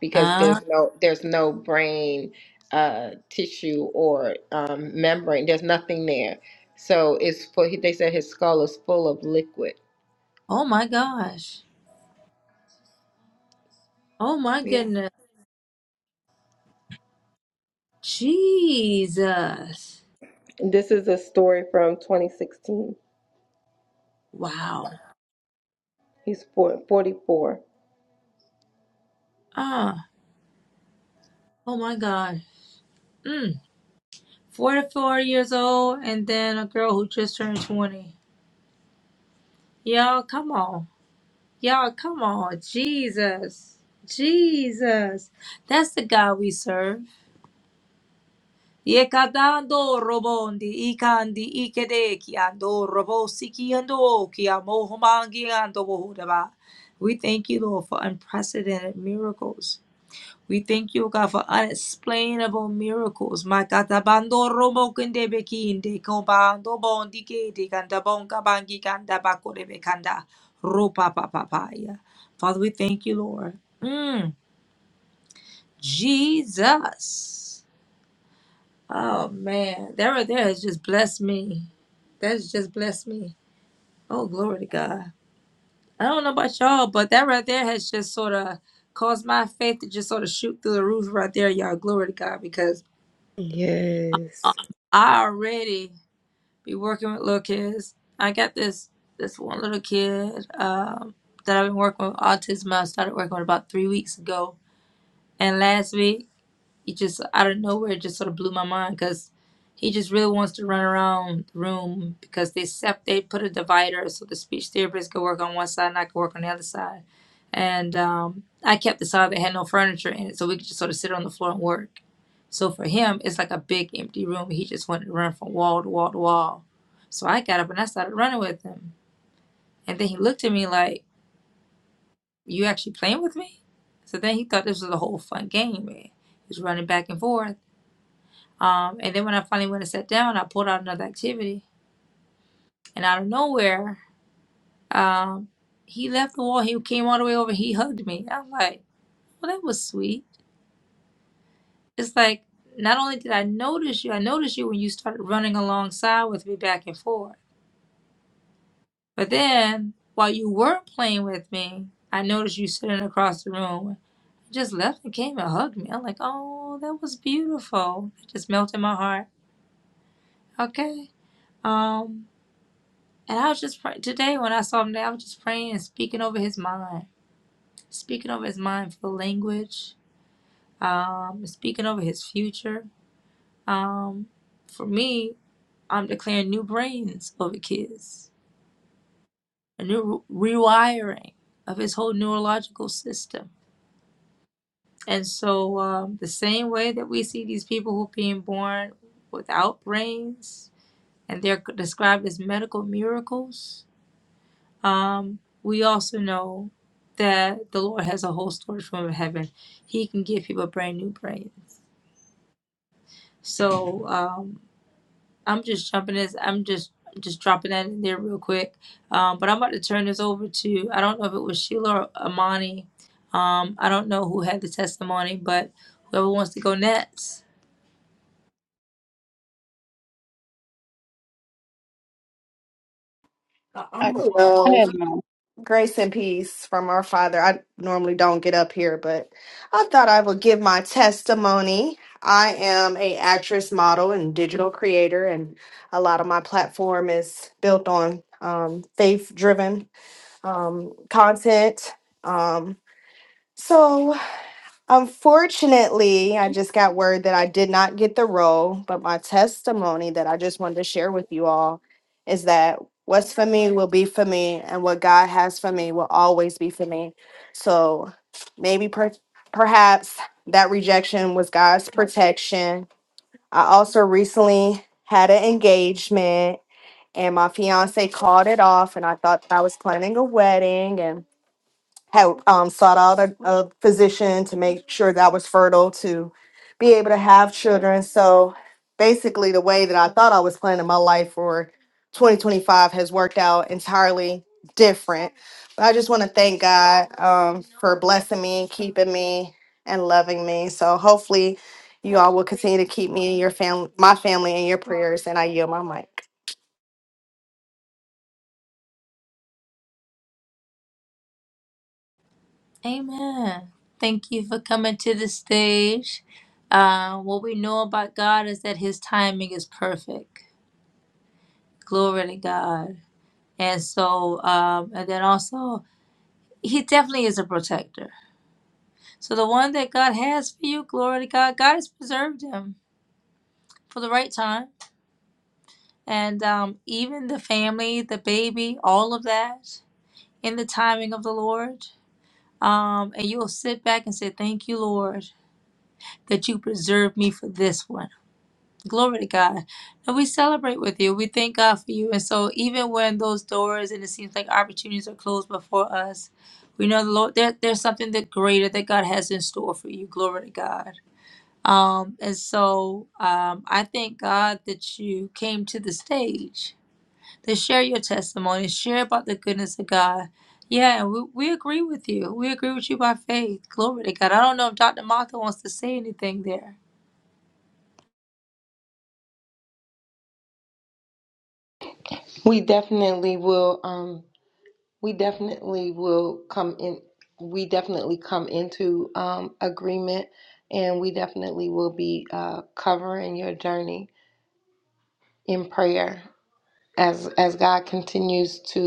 B: because
A: Ah,
B: there's no there's no brain uh tissue or um membrane there's nothing there so it's full they said his skull is full of liquid
A: oh my gosh. Oh my
B: yeah.
A: goodness. Jesus.
B: this is a story from 2016
A: Wow.
B: he's four- 44
A: Ah. oh my God. Mm, 44 years old and then a girl who just turned 20. Y'all, come on. Y'all, come on. Jesus. Jesus. That's the God we serve. Yekadando robondi ikandi ikedeki ando robosiki ando kiamo homangi ando bohudaba. We thank you, Lord, for unprecedented miracles. We thank you, God, for unexplainable miracles. My God, tabando romo kende beki inde kombando bon dike de kanda bon kabangi kanda bakore bekanda ropa papaya. Father, we thank you, Lord. Mm, Jesus. Oh man, that right there has just blessed me. That's just blessed me. Oh glory to God. I don't know about y'all, but that right there has just sort of caused my faith to just sort of shoot through the roof right there, y'all. Glory to God, because
D: Yes.
A: I already be working with little kids. I got this this one little kid um, that I've been working with autism. I started working with about three weeks ago, and last week he just out of nowhere it just sort of blew my mind because he just really wants to run around the room because they sep- they put a divider so the speech therapist could work on one side and I could work on the other side. And um, I kept the side that had no furniture in it so we could just sort of sit on the floor and work. So for him, it's like a big empty room. He just wanted to run from wall to wall to wall. So I got up and I started running with him. And then he looked at me like, You actually playing with me? So then he thought this was a whole fun game. Man. He was running back and forth. Um, and then when I finally went and sat down, I pulled out another activity. And out of nowhere, um, he left the wall. He came all the way over. He hugged me. I'm like, well, that was sweet. It's like, not only did I notice you, I noticed you when you started running alongside with me back and forth. But then while you weren't playing with me, I noticed you sitting across the room. You Just left and came and hugged me. I'm like, oh, that was beautiful. It just melted my heart. Okay. Um, And I was just praying today when I saw him there. I was just praying and speaking over his mind, speaking over his mind for language, um, speaking over his future. Um, for me, I'm declaring new brains over kids, a new re- rewiring of his whole neurological system. And so, um, the same way that we see these people who are being born without brains, and they're described as medical miracles Um, we also know that the Lord has a whole storage room in heaven. He can give people brand new brains. So um, I'm just jumping this. I'm just just dropping that in there real quick. Um, but I'm about to turn this over to. I don't know if it was Sheila or Amani. Um, I don't know who had the testimony, but whoever wants to go next.
C: I, go
E: Hello.
C: ahead, mom.
E: Grace and peace from our Father. I normally don't get up here, but I thought I would give my testimony. I am a actress, model, and digital creator, and a lot of my platform is built on um, faith-driven um, content. Um, so Unfortunately, I just got word that I did not get the role, but my testimony that I just wanted to share with you all is that what's for me will be for me, and what God has for me will always be for me. So maybe per- perhaps that rejection was God's protection. I also recently had an engagement, and my fiance called it off, and I thought I was planning a wedding, and had um, sought out a, a physician to make sure that I was fertile to be able to have children. So basically, the way that I thought I was planning my life for 2025 has worked out entirely different. But I just want to thank God um, for blessing me and keeping me and loving me. So hopefully, you all will continue to keep me and your family, my family, in your prayers. And I yield my mic.
A: Amen. Thank you for coming to the stage. Uh, what we know about God is that His timing is perfect. Glory to God. And so, um, and then also, he definitely is a protector. So the one that God has for you, glory to God, God has preserved him for the right time. And um, even the family, the baby, all of that in the timing of the Lord. Um, and you'll sit back and say, Thank you, Lord, that you preserved me for this one Glory to God. And we celebrate with you. We thank God for you. And so, even when those doors and it seems like opportunities are closed before us, we know the Lord, there, there's something that greater that God has in store for you. Glory to God. Um, and so, um, I thank God that you came to the stage to share your testimony, share about the goodness of God. Yeah, and we, we agree with you. We agree with you by faith. Glory to God. I don't know if Dr. Martha wants to say anything there.
B: We definitely will. Um, we definitely will come in. We definitely come into um, agreement, and we definitely will be uh, covering your journey in prayer as as God continues to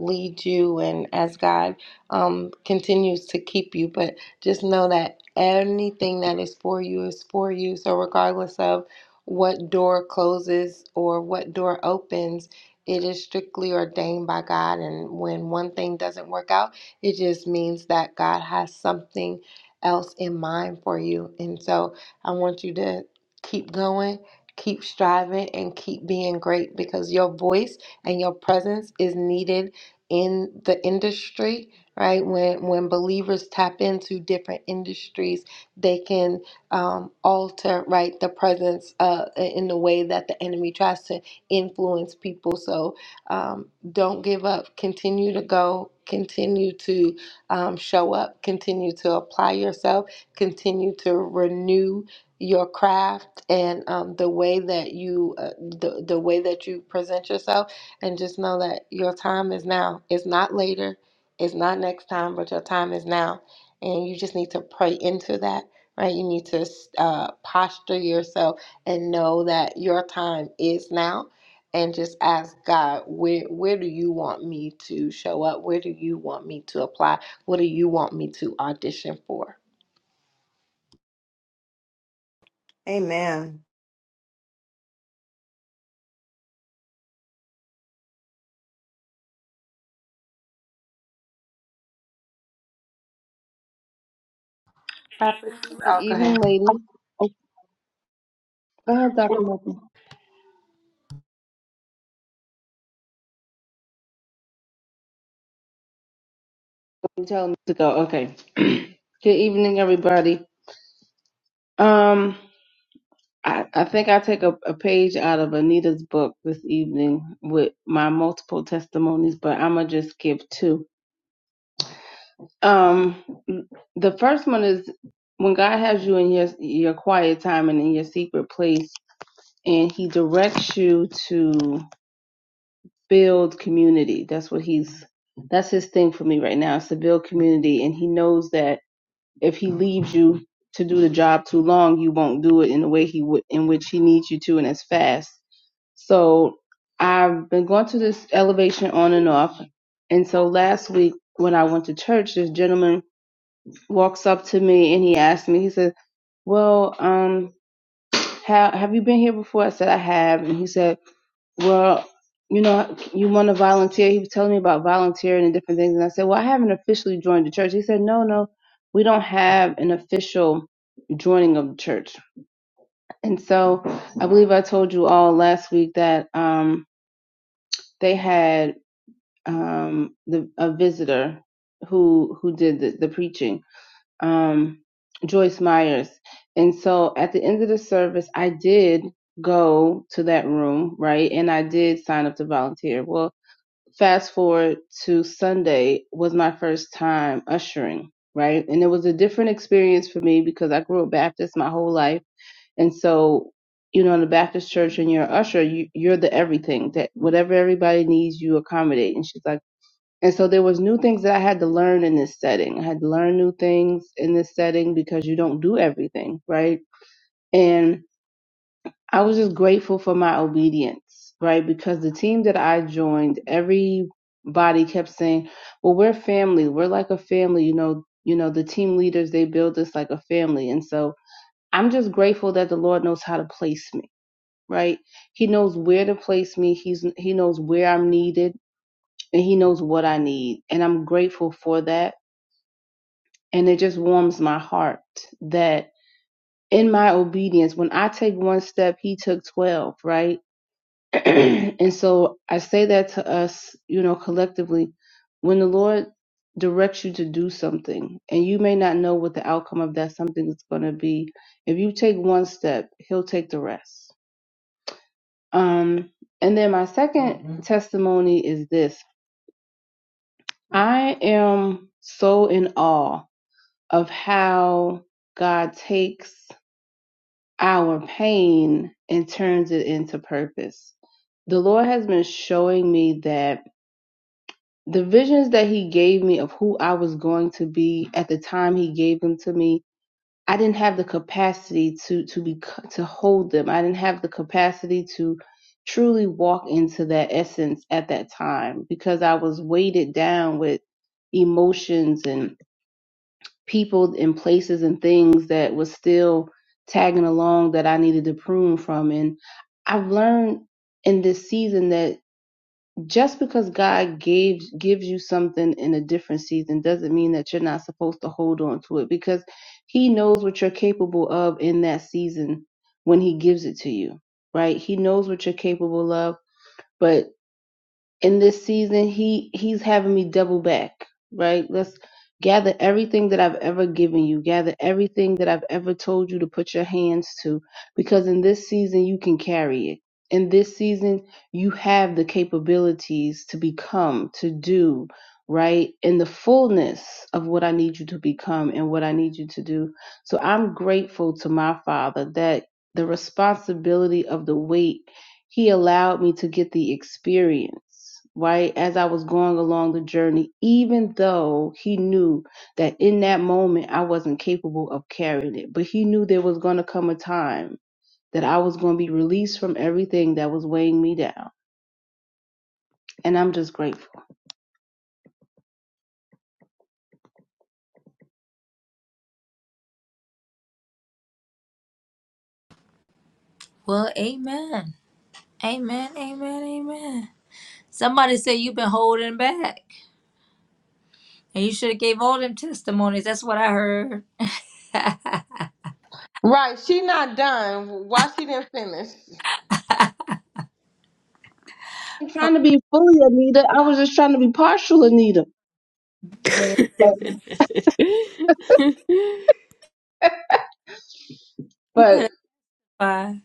B: lead you and as God um, continues to keep you. But just know that anything that is for you is for you. So regardless of what door closes or what door opens, it is strictly ordained by God. And when one thing doesn't work out, it just means that God has something else in mind for you. And so I want you to keep going Keep striving and keep being great because your voice and your presence is needed in the industry, right? When when believers tap into different industries, they can um, alter, right, the presence uh, in the way that the enemy tries to influence people. So um, don't give up. Continue to go. Continue to um, show up. Continue to apply yourself. Continue to renew your craft and um, the way that you uh, the, the way that you present yourself and just know that your time is now it's not later it's not next time but your time is now and you just need to pray into that right you need to uh, posture yourself and know that your time is now and just ask god where where do you want me to show up where do you want me to apply what do you want me to audition for
E: Amen.
B: Prophet,
C: Good
B: oh, go
C: evening,
B: ahead
C: ladies. Oh, go ahead, Dr. Martin. You telling me to go. Okay. <clears throat> Good evening, everybody. Um, I, I think I take a, a page out of Anita's book this evening with my multiple testimonies, but I'm gonna just give two. Um, the first one is when God has you in your your quiet time and in your secret place, and He directs you to build community. That's what he's that's his thing for me right now. It's to build community and he knows that if he leaves you to do the job too long, you won't do it in the way he would in which he needs you to and as fast. So I've been going to this elevation on and off. And so last week when I went to church, this gentleman walks up to me and he asked me, he said, Well, um, how have you been here before? I said, I have and he said well, you know, you want to volunteer. He was telling me about volunteering and different things. And I said, well, I haven't officially joined the church. He said, no, no, we don't have an official joining of the church. And so I believe I told you all last week that um, they had um, the, a visitor who who did the, the preaching, um, Joyce Myers. And so at the end of the service, I did go to that room, right? And I did sign up to volunteer. Well, fast forward to Sunday was my first time ushering, right? And it was a different experience for me because I grew up Baptist my whole life. And so, you know, in the Baptist church and you're an usher, you, you're the everything that whatever everybody needs, you accommodate. And she's like, and so there was new things that I had to learn in this setting. I had to learn new things in this setting because you don't do everything, right? And I was just grateful for my obedience, right? Because the team that I joined, everybody kept saying, "Well, we're family. We're like a family." You know, you know, the team leaders they build us like a family, and so I'm just grateful that the Lord knows how to place me, right? He knows where to place me. He's He knows where I'm needed, and He knows what I need, and I'm grateful for that. And it just warms my heart that in my obedience, when I take one step, He took twelve, right? <clears throat> and so I say that to us, you know, collectively, when the Lord directs you to do something and you may not know what the outcome of that something is going to be, if you take one step, he'll take the rest. Um and then my 2nd testimony is this. I am so in awe of how God takes our pain and turns it into purpose. The Lord has been showing me that the visions that he gave me of who I was going to be at the time he gave them to me, I didn't have the capacity to to be to hold them. I didn't have the capacity to truly walk into that essence at that time because I was weighted down with emotions and people and places and things that was still tagging along that I needed to prune from and I've learned in this season that just because God gave gives you something in a different season doesn't mean that you're not supposed to hold on to it because he knows what you're capable of in that season when he gives it to you, right? He knows what you're capable of, but in this season he he's having me double back right let's gather everything that i've ever given you gather everything that i've ever told you to put your hands to because in this season you can carry it in this season you have the capabilities to become to do right in the fullness of what i need you to become and what i need you to do so i'm grateful to my father that the responsibility of the weight he allowed me to get the experience, right? As I was going along the journey, even though he knew that in that moment I wasn't capable of carrying it, but he knew there was going to come a time that I was going to be released from everything that was weighing me down. And I'm just grateful.
A: Well, amen. Amen, amen, amen. Somebody said you've been holding back, and you should have gave all them testimonies. That's what I heard.
B: Right, she not done. Why she didn't finish?
C: I'm trying to be fully Anita. I was just trying to be partial Anita.
A: But
D: <laughs>
A: you
C: But
A: better testify.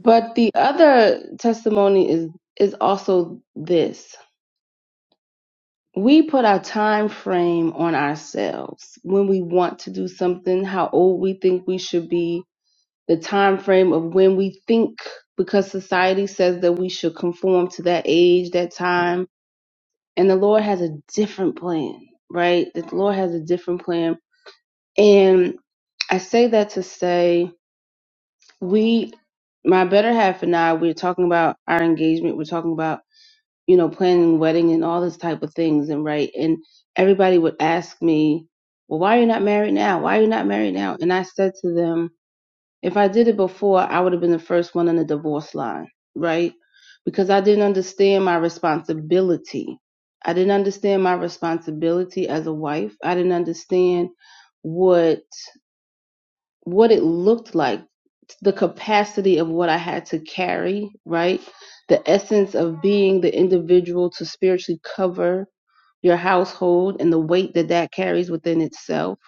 C: but the other testimony is is also this. we put our time frame on ourselves when we want to do something how old we think we should be the time frame of when we think because society says that we should conform to that age that time and the lord has a different plan right the lord has a different plan and i say that to say we my better half and i we're talking about our engagement we're talking about you know, planning wedding and all this type of things and right. And everybody would ask me, Well, why are you not married now? Why are you not married now? And I said to them, if I did it before, I would have been the first one on the divorce line, right? Because I didn't understand my responsibility. I didn't understand my responsibility as a wife. I didn't understand what what it looked like the capacity of what I had to carry, right? The essence of being the individual to spiritually cover your household and the weight that that carries within itself.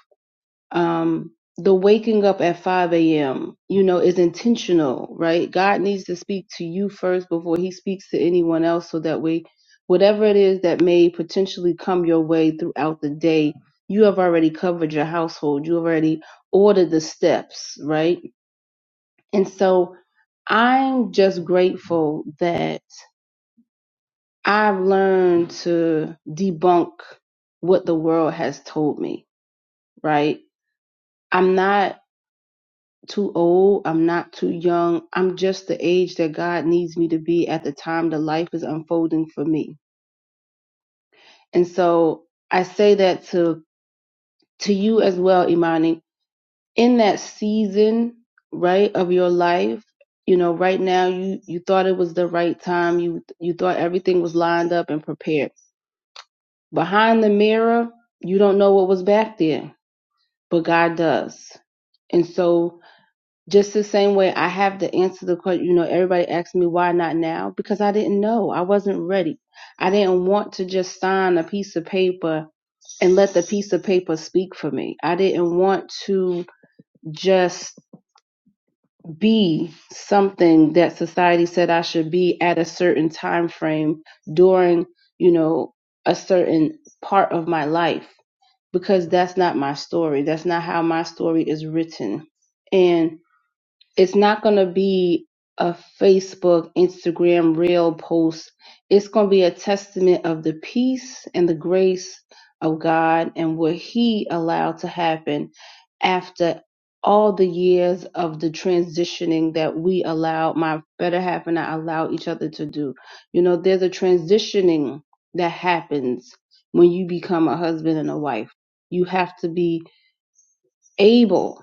C: Um, the waking up at 5 a.m., you know, is intentional, right? God needs to speak to you first before he speaks to anyone else so that way, whatever it is that may potentially come your way throughout the day, you have already covered your household. You have already ordered the steps, right? And so, I'm just grateful that I've learned to debunk what the world has told me, right? I'm not too old. I'm not too young. I'm just the age that God needs me to be at the time the life is unfolding for me. And so I say that to, to you as well, Imani, in that season, right, of your life, you know, right now you, you thought it was the right time. You, you thought everything was lined up and prepared Behind the mirror, you don't know what was back there, but God does. And so, just the same way, I have to answer the question. You know, everybody asks me why not now because I didn't know. I wasn't ready. I didn't want to just sign a piece of paper and let the piece of paper speak for me. I didn't want to just be something that society said I should be at a certain time frame during, you know, a certain part of my life. because that's not my story. That's not how my story is written. And it's not going to be a Facebook, Instagram reel post. It's going to be a testament of the peace and the grace of God and what He allowed to happen after all the years of the transitioning that we allowed, my better half and I allow each other to do. You know, there's a transitioning that happens when you become a husband and a wife. You have to be able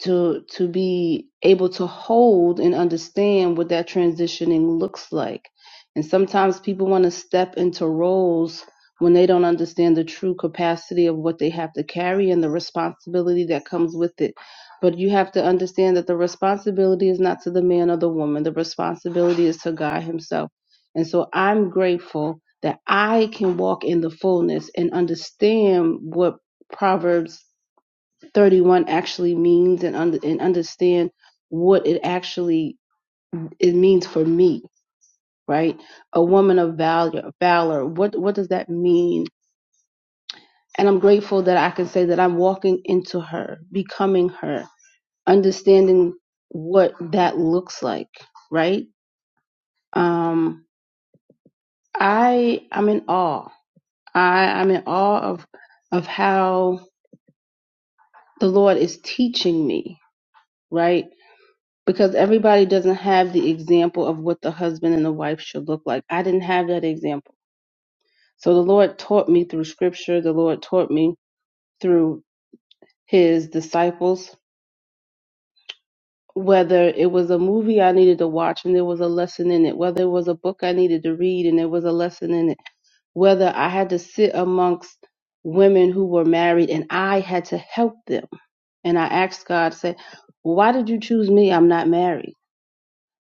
C: to to be able to hold and understand what that transitioning looks like. And sometimes people want to step into roles when they don't understand the true capacity of what they have to carry and the responsibility that comes with it. But you have to understand that the responsibility is not to the man or the woman. The responsibility is to God himself. And so I'm grateful that I can walk in the fullness and understand what Proverbs 31 actually means and, under, and understand what it actually it means for me right a woman of valor valor what what does that mean and i'm grateful that i can say that i'm walking into her becoming her understanding what that looks like right um i i'm in awe i i'm in awe of of how the lord is teaching me right because everybody doesn't have the example of what the husband and the wife should look like. I didn't have that example. So the Lord taught me through scripture, the Lord taught me through his disciples, whether it was a movie I needed to watch and there was a lesson in it, whether it was a book I needed to read and there was a lesson in it, whether I had to sit amongst women who were married and I had to help them. And I asked God, say, why did you choose me? I'm not married.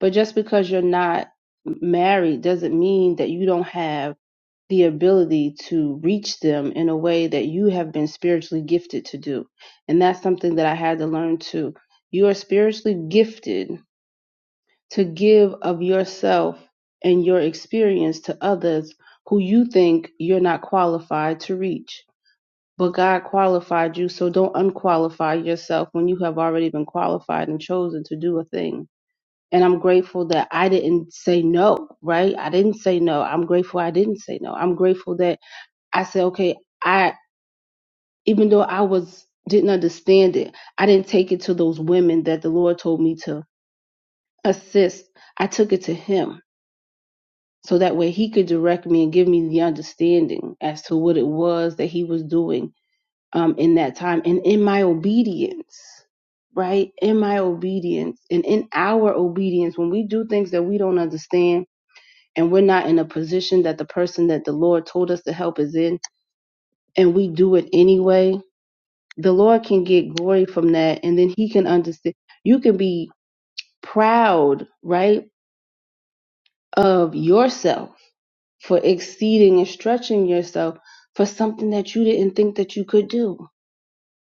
C: But just because you're not married doesn't mean that you don't have the ability to reach them in a way that you have been spiritually gifted to do. And that's something that I had to learn too. You are spiritually gifted to give of yourself and your experience to others who you think you're not qualified to reach. But God qualified you, so don't unqualify yourself when you have already been qualified and chosen to do a thing and I'm grateful that I didn't say no, right? I didn't say no. I'm grateful I didn't say no. I'm grateful that I said, okay, I even though I was didn't understand it, I didn't take it to those women that the Lord told me to assist. I took it to him. So that way he could direct me and give me the understanding as to what it was that he was doing um, in that time. And in my obedience, right? In my obedience and in our obedience, when we do things that we don't understand and we're not in a position that the person that the Lord told us to help is in, and we do it anyway, the Lord can get glory from that. And then He can understand. You can be proud, right, of yourself for exceeding and stretching yourself for something that you didn't think that you could do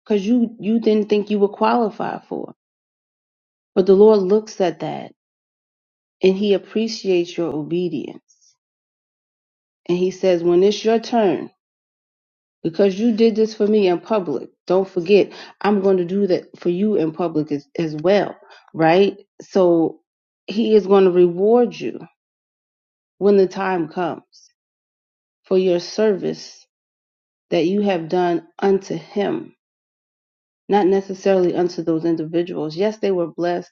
C: because you, you didn't think you were qualified for. But the Lord looks at that and He appreciates your obedience. And He says, when it's your turn, because you did this for me in public. Don't forget, I'm going to do that for you in public as, as well, right? So he is going to reward you when the time comes for your service that you have done unto him, not necessarily unto those individuals. Yes, they were blessed.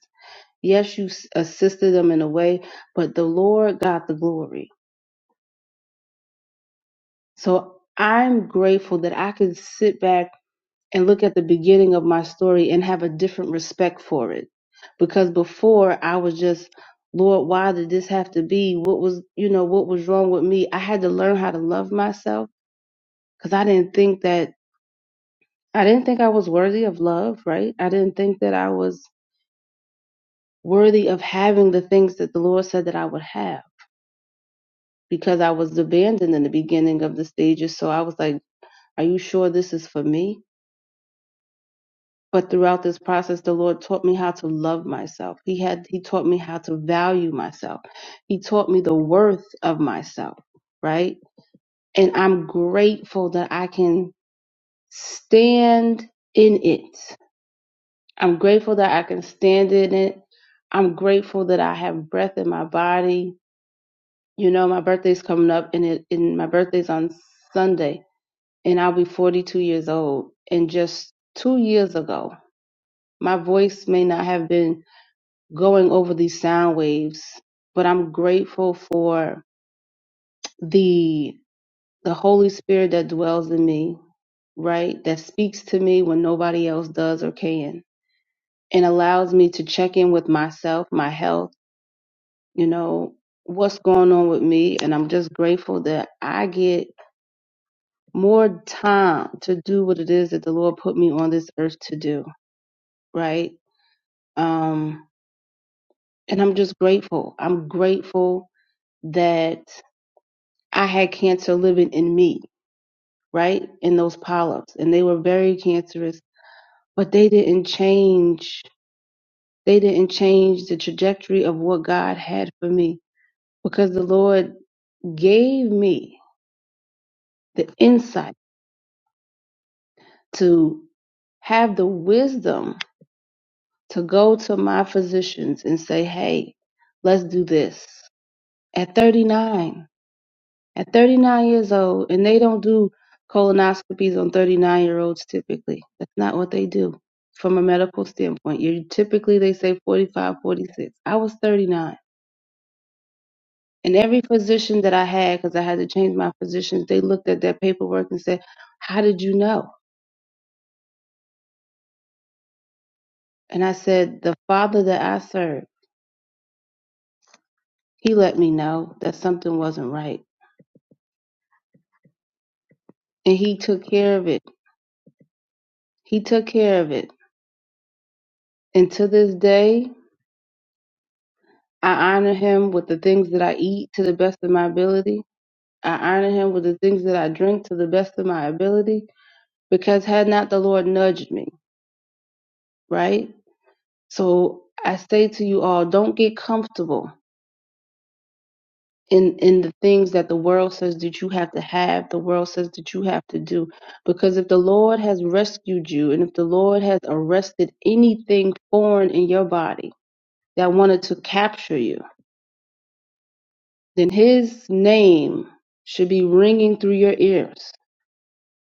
C: Yes, you s- assisted them in a way, but the Lord got the glory. So I'm grateful that I can sit back and look at the beginning of my story and have a different respect for it. Because before I was just, Lord, why did this have to be? What was, you know, what was wrong with me? I had to learn how to love myself because I didn't think that, I didn't think I was worthy of love, right? I didn't think that I was worthy of having the things that the Lord said that I would have because I was abandoned in the beginning of the stages. So I was like, are you sure this is for me? But throughout this process, the Lord taught me how to love myself. He had He taught me how to value myself. He taught me the worth of myself, right? And I'm grateful that I can stand in it. I'm grateful that I can stand in it. I'm grateful that I have breath in my body. You know, my birthday's coming up and it and my birthday's on Sunday and I'll be 42 years old. And just 2 years ago, my voice may not have been going over these sound waves, but I'm grateful for the the Holy Spirit that dwells in me, right? That speaks to me when nobody else does or can and allows me to check in with myself, my health, you know, what's going on with me, and I'm just grateful that I get more time to do what it is that the Lord put me on this earth to do, right? Um and I'm just grateful. I'm grateful that I had cancer living in me, right? In those polyps. And they were very cancerous, but they didn't change. They didn't change the trajectory of what God had for me because the Lord gave me the insight to have the wisdom to go to my physicians and say, hey, let's do this. At 39, at 39 years old, and they don't do colonoscopies on 39 year olds typically. That's not what they do from a medical standpoint. You typically they say 45, 46. I was 39. And every physician that I had, because I had to change my physicians, they looked at that paperwork and said, How did you know? And I said, The father that I serve, he let me know that something wasn't right. And he took care of it. He took care of it. And to this day, I honor him with the things that I eat to the best of my ability. I honor him with the things that I drink to the best of my ability because had not the Lord nudged me, right? So I say to you all, don't get comfortable in, in the things that the world says that you have to have, the world says that you have to do. Because if the Lord has rescued you and if the Lord has arrested anything foreign in your body that wanted to capture you, then his name should be ringing through your ears.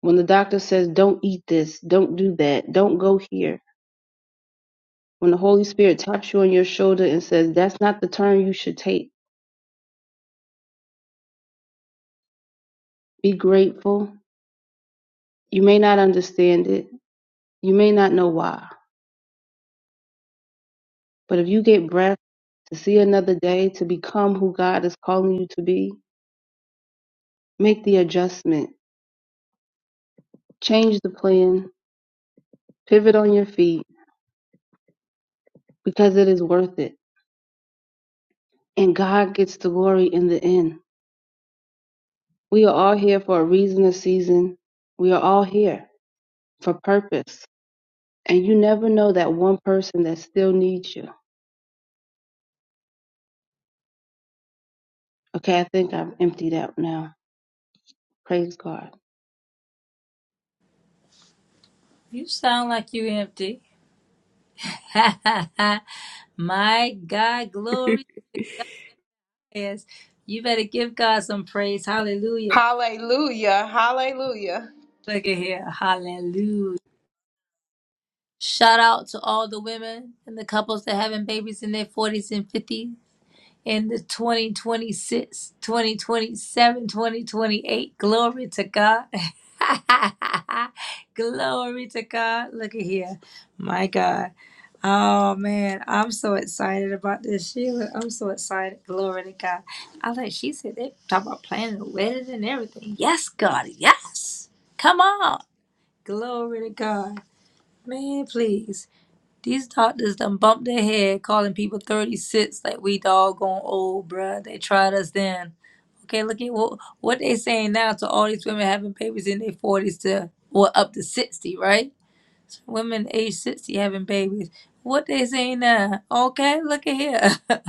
C: When the doctor says, don't eat this, don't do that, don't go here. When the Holy Spirit taps you on your shoulder and says, that's not the turn you should take, be grateful. You may not understand it, you may not know why, but if you get breath to see another day, to become who God is calling you to be, make the adjustment, change the plan, pivot on your feet because it is worth it. And God gets the glory in the end. We are all here for a reason, a season. We are all here for purpose. And you never know that one person that still needs you. Okay, I think I'm emptied out now. Praise God.
A: You sound like you empty. <laughs> My God, glory is. You better give God some praise. Hallelujah.
B: Hallelujah, hallelujah.
A: Look at here. Hallelujah. Shout out to all the women and the couples that having babies in their 40s and 50s. in the 2026, 2027, 2028, Glory to God. <laughs> Glory to God. Look at here. My God. Oh man, I'm so excited about this, Sheila. I'm so excited. Glory to God. I like she said they talk about planning a wedding and everything. Yes, God, yes. Come on. Glory to God. Man, please. These doctors done bumped their head calling people 36 like we doggone old, bruh. They tried us then. Okay, look at what, what they saying now to all these women having babies in their 40s to, or up to 60, right? women age 60 having babies. What they say now? Okay, look at here. <laughs>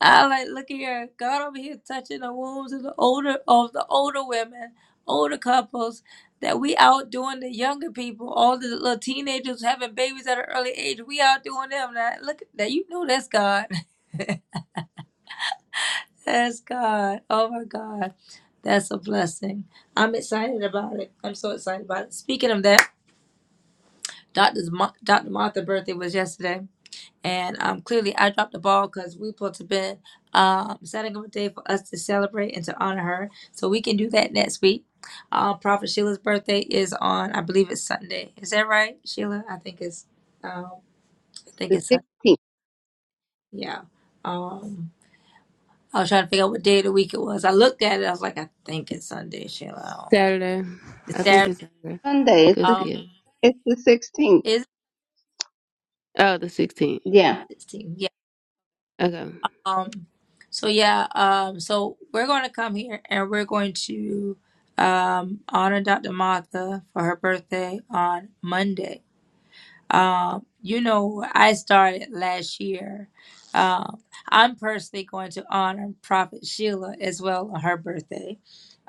A: I like look at here. God over here touching the wombs of the older of the older women, older couples that we out doing the younger people, all the little teenagers having babies at an early age. We out doing them now. Look at that. You know that's God. <laughs> That's God. Oh my God. That's a blessing. I'm excited about it. I'm so excited about it. Speaking of that, Doctor's Mo- Dr. Martha's birthday was yesterday. And um, clearly, I dropped the ball because we supposed to been um, setting up a day for us to celebrate and to honor her. So we can do that next week. Uh, Prophet Sheila's birthday is on, I believe it's Sunday. Is that right, Sheila? I think it's, um, I think
C: The
A: it's Sunday.
C: 16th.
A: Yeah. Um, I was trying to figure out what day of the week it was. I looked at it. I was like, I think it's Sunday, Sheila. I don't-
D: Saturday.
A: Is
D: I think
A: that
D: it's Saturday.
C: Sunday. It's
D: Cause
C: the,
A: um?
D: yeah.
C: it's the 16th.
A: Is
D: Oh, the 16th.
C: Yeah.
A: it 16?
D: Okay.
A: Um, so yeah, um, so we're going to come here and we're going to um, honor Dr. Martha for her birthday on Monday. Um, you know, I started last year. Um, I'm personally going to honor Prophet Sheila as well on her birthday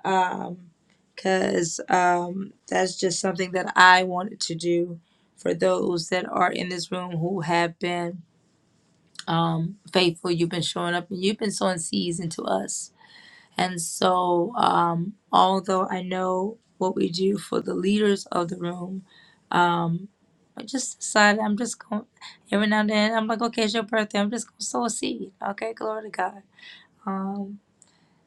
A: Um, because um, um, that's just something that I wanted to do for those that are in this room who have been um, faithful. You've been showing up and you've been sowing seeds into us. And so, um, although I know what we do for the leaders of the room, um, I just decided I'm just going every now and then. I'm like, okay, it's your birthday. I'm just going to sow a seed. Okay, glory to God. Um,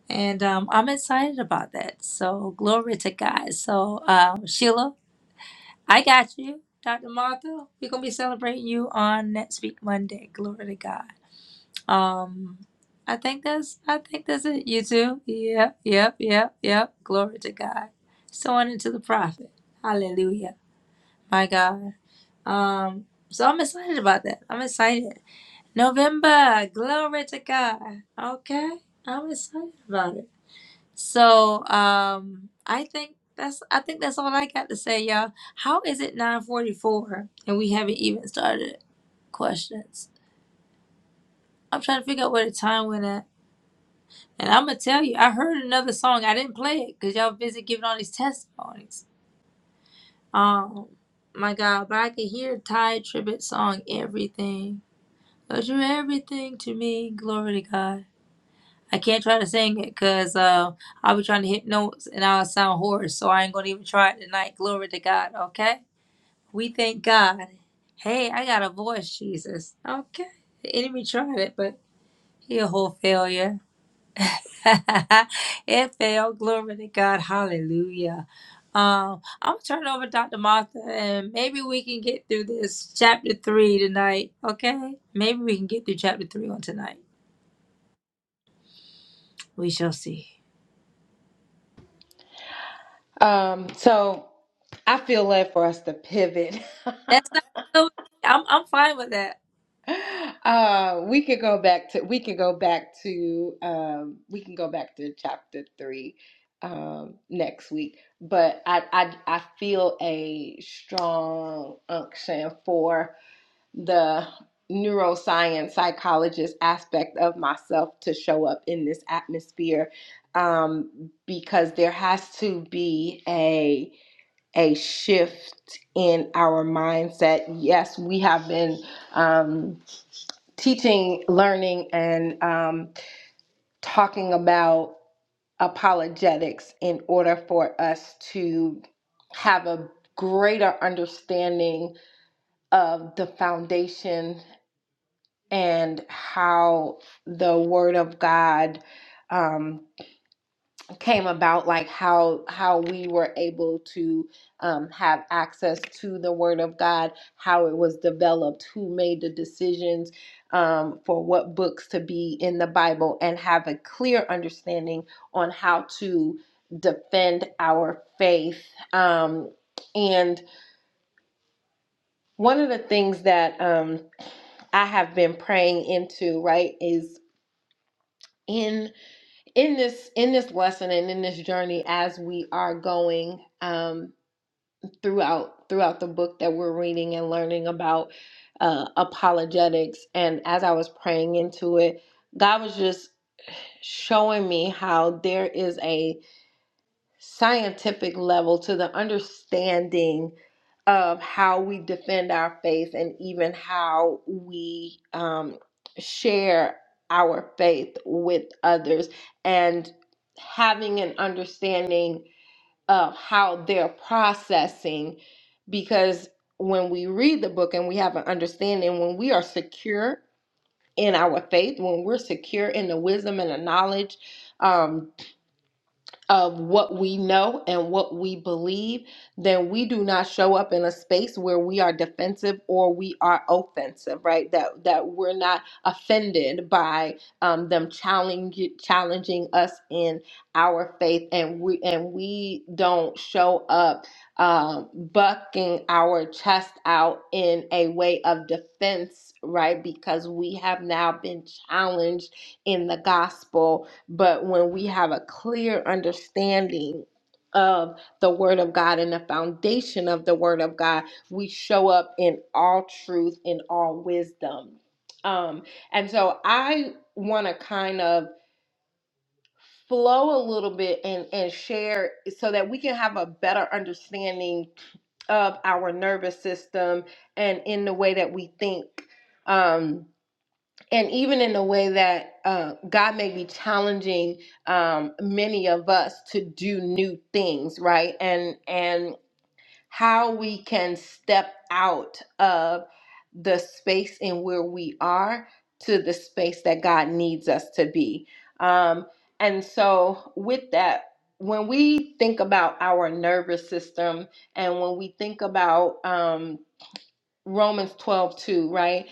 A: and um, I'm excited about that. So, glory to God. So, um, Sheila, I got you. Dr. Martha, we're going to be celebrating you on next week, Monday. Glory to God. Um, I think that's I think that's it. You too. Yep, yep, yep, yep. Glory to God. Sowing into the prophet. Hallelujah. My God. Um, so I'm excited about that. I'm excited. November. Glory to God. Okay, I'm excited about it. So um, I think that's I think that's all I got to say, y'all. How is it 9:44 and we haven't even started questions? I'm trying to figure out where the time went at. And I'm gonna tell you, I heard another song. I didn't play it because y'all busy giving all these testimonies. Um, my God, but I could hear Ty Tribbett's song "Everything." Oh, you're everything to me. Glory to God. I can't try to sing it because uh, I'll be trying to hit notes and I'll sound hoarse. So I ain't gonna even try it tonight. Glory to God. Okay. We thank God. Hey, I got a voice, Jesus. Okay. The enemy tried it, but he a whole failure. <laughs> it fell. Glory to God. Hallelujah. Um, I'm gonna turn it over to Dr. Martha and maybe we can get through this chapter three tonight. Okay? Maybe we can get through chapter three on tonight. We shall see.
B: Um, so I feel led for us to pivot.
A: That's not so I'm I'm fine with that.
B: <laughs> uh, we could go back to we could go back to um, we can go back to chapter three um, next week. But I I I feel a strong unction for. the neuroscience psychologist aspect of myself to show up in this atmosphere um, because there has to be a a shift in our mindset. Yes, we have been um, teaching, learning, and um, talking about apologetics in order for us to have a greater understanding of the foundation and how the word of God um, came about, like how how we were able to um, have access to the word of God, how it was developed, who made the decisions um, for what books to be in the Bible, and have a clear understanding on how to defend our faith. Um, and one of the things that um, I have been praying into, right, is in. in this in this lesson and in this journey as we are going um, throughout throughout the book that we're reading and learning about uh, apologetics and as i was praying into it god was just showing me how there is a scientific level to the understanding of how we defend our faith and even how we um, share our faith with others and having an understanding of how they're processing because when we read the book and we have an understanding when we are secure in our faith when we're secure in the wisdom and the knowledge um, of what we know and what we believe, then we do not show up in a space where we are defensive or we are offensive, right? That that we're not offended by um, them challenge, challenging us in our faith, and we and we don't show up um, bucking our chest out in a way of defense, right? Because we have now been challenged in the gospel but when we have a clear understanding of the Word of God and the foundation of the Word of God, we show up in all truth, in all wisdom. Um, and so I want to kind of flow a little bit and, and share so that we can have a better understanding of our nervous system and in the way that we think. Um, and even in a way that uh, God may be challenging um, many of us to do new things, right? And and how we can step out of the space and where we are to the space that God needs us to be. Um, and so, with that, when we think about our nervous system, and when we think about um, Romans 12 2 right?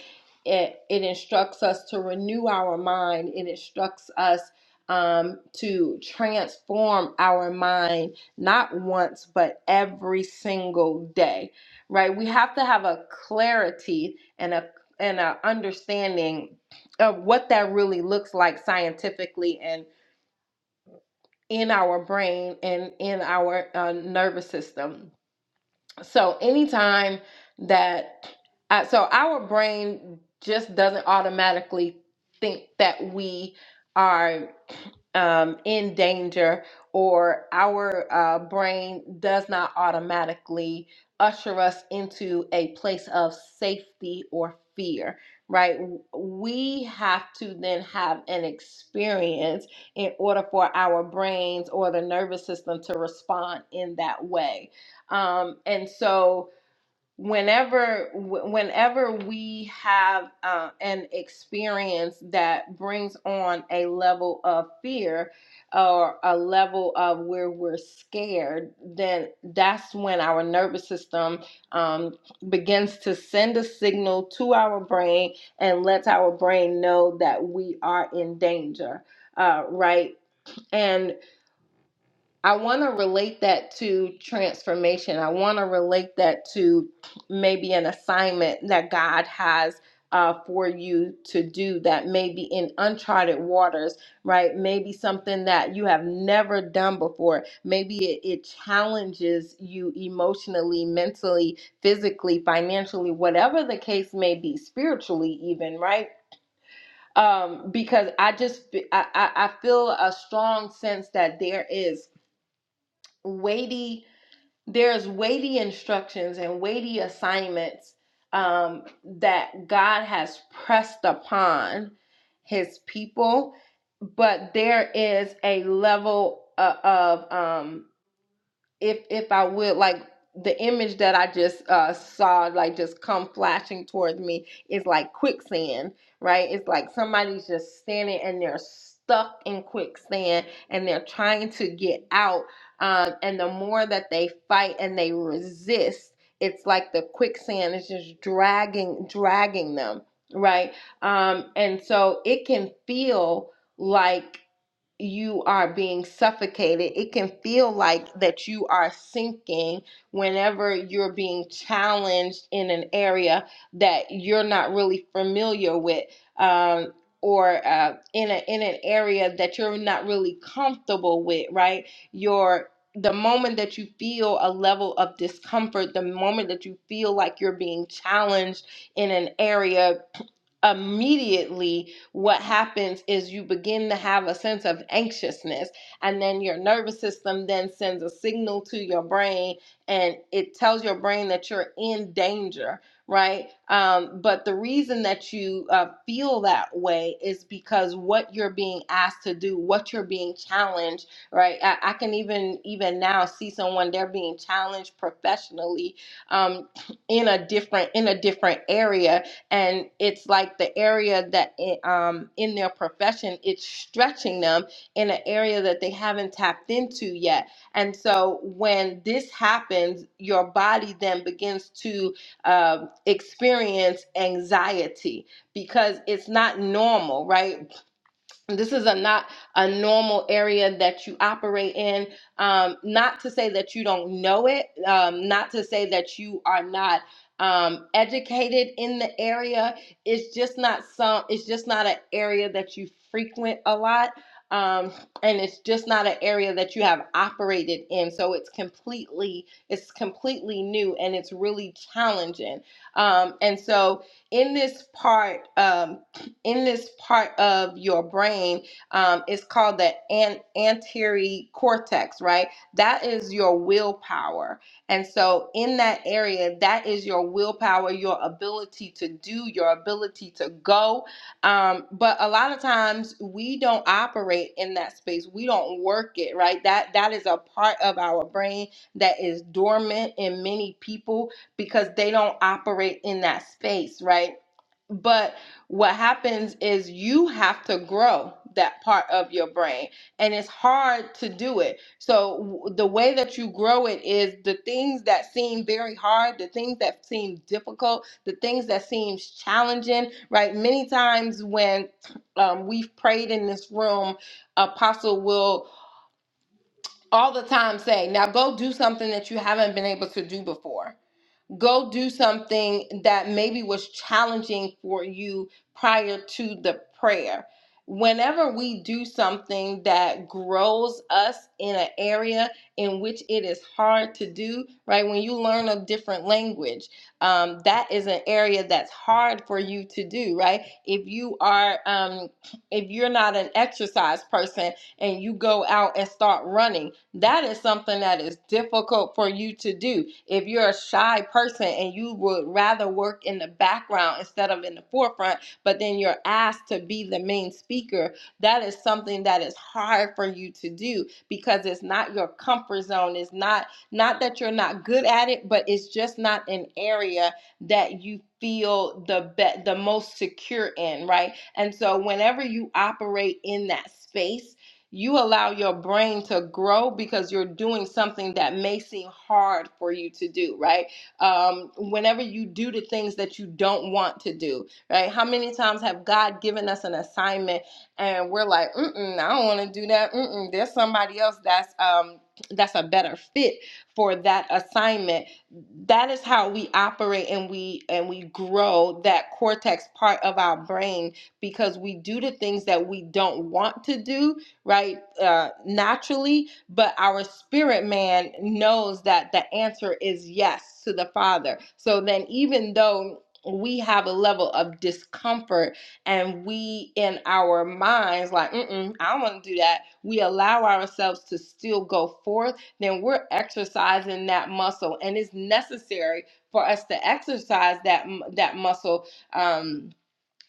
B: It, it instructs us to renew our mind. It instructs us um, to transform our mind, not once, but every single day, right? We have to have a clarity and a and a understanding of what that really looks like scientifically and in our brain and in our uh, nervous system so anytime that I, so our brain just doesn't automatically think that we are um, in danger or our uh, brain does not automatically usher us into a place of safety or fear right we have to then have an experience in order for our brains or the nervous system to respond in that way um, and so whenever whenever we have uh, an experience that brings on a level of fear or a level of where we're scared, then that's when our nervous system um, begins to send a signal to our brain and lets our brain know that we are in danger. Uh, right. And I want to relate that to transformation. I want to relate that to maybe an assignment that God has uh, for you to do that may be in uncharted waters, right? Maybe something that you have never done before. Maybe it, it challenges you emotionally, mentally, physically, financially, whatever the case may be, spiritually, even, right? Um, because I just, I, I I feel a strong sense that there is weighty there's weighty instructions and weighty assignments um, that god has pressed upon his people but there is a level o- of, um, if if I would like the image that I just uh saw like just come flashing towards me is like quicksand, right? It's like somebody's just standing and they're stuck in quicksand and they're trying to get out. Um and the more that they fight and they resist, it's like the quicksand is just dragging dragging them, right? Um and so it can feel like you are being suffocated. It can feel like that you are sinking whenever you're being challenged in an area that you're not really familiar with. Um, or uh, in a in an area that you're not really comfortable with, right? Your the moment that you feel a level of discomfort, the moment that you feel like you're being challenged in an area, <clears throat> immediately what happens is you begin to have a sense of anxiousness, and then your nervous system then sends a signal to your brain and it tells your brain that you're in danger, right? Um, but the reason that you uh, feel that way is because what you're being asked to do, what you're being challenged, right? I, I can even even now see someone they're being challenged professionally um, <clears throat> in a different in a different area, and it's like the area that it, um, in their profession it's stretching them in an area that they haven't tapped into yet and so when this happens your body then begins to um experience anxiety because it's not normal right this is a not a normal area that you operate in um, not to say that you don't know it um, not to say that you are not um, educated in the area it's just not some it's just not an area that you frequent a lot um, and it's just not an area that you have operated in so it's completely it's completely new and it's really challenging um, and so in this part um, in this part of your brain um, is called the an- anterior cortex, right? That is your willpower. And so, in that area, that is your willpower, your ability to do, your ability to go. Um, but a lot of times, we don't operate in that space. We don't work it, right? That that is a part of our brain that is dormant in many people because they don't operate in that space, right? But what happens is you have to grow that part of your brain and it's hard to do it so w- the way that you grow it is the things that seem very hard the things that seem difficult the things that seem challenging right many times when <clears throat> um, we've prayed in this room apostle will all the time say now go do something that you haven't been able to do before go do something that maybe was challenging for you prior to the prayer. Whenever we do something that grows us in an area in which it is hard to do, right? When you learn a different language, um, that is an area that's hard for you to do, right? If you are, um, if you're not an exercise person, and you go out and start running. That is something that is difficult for you to do. If you're a shy person and you would rather work in the background instead of in the forefront, but then you're asked to be the main speaker, that is something that is hard for you to do because it's not your comfort zone. It's not not that you're not good at it, but it's just not an area that you feel the be- the most secure in, right? And so whenever you operate in that space you allow your brain to grow because you're doing something that may seem hard for you to do, right? Um, whenever you do the things that you don't want to do, right? How many times have God given us an assignment and we're like, mm-mm, I don't want to do that. Mm-mm, there's somebody else that's um, that's a better fit for that assignment. That is how we operate and we and we grow that cortex part of our brain because we do the things that we don't want to do right? Uh, naturally, but our spirit man knows that the answer is yes to the Father. So then, even though we have a level of discomfort and we in our minds like Mm-mm, i don't want to do that we allow ourselves to still go forth then we're exercising that muscle and it's necessary for us to exercise that that muscle um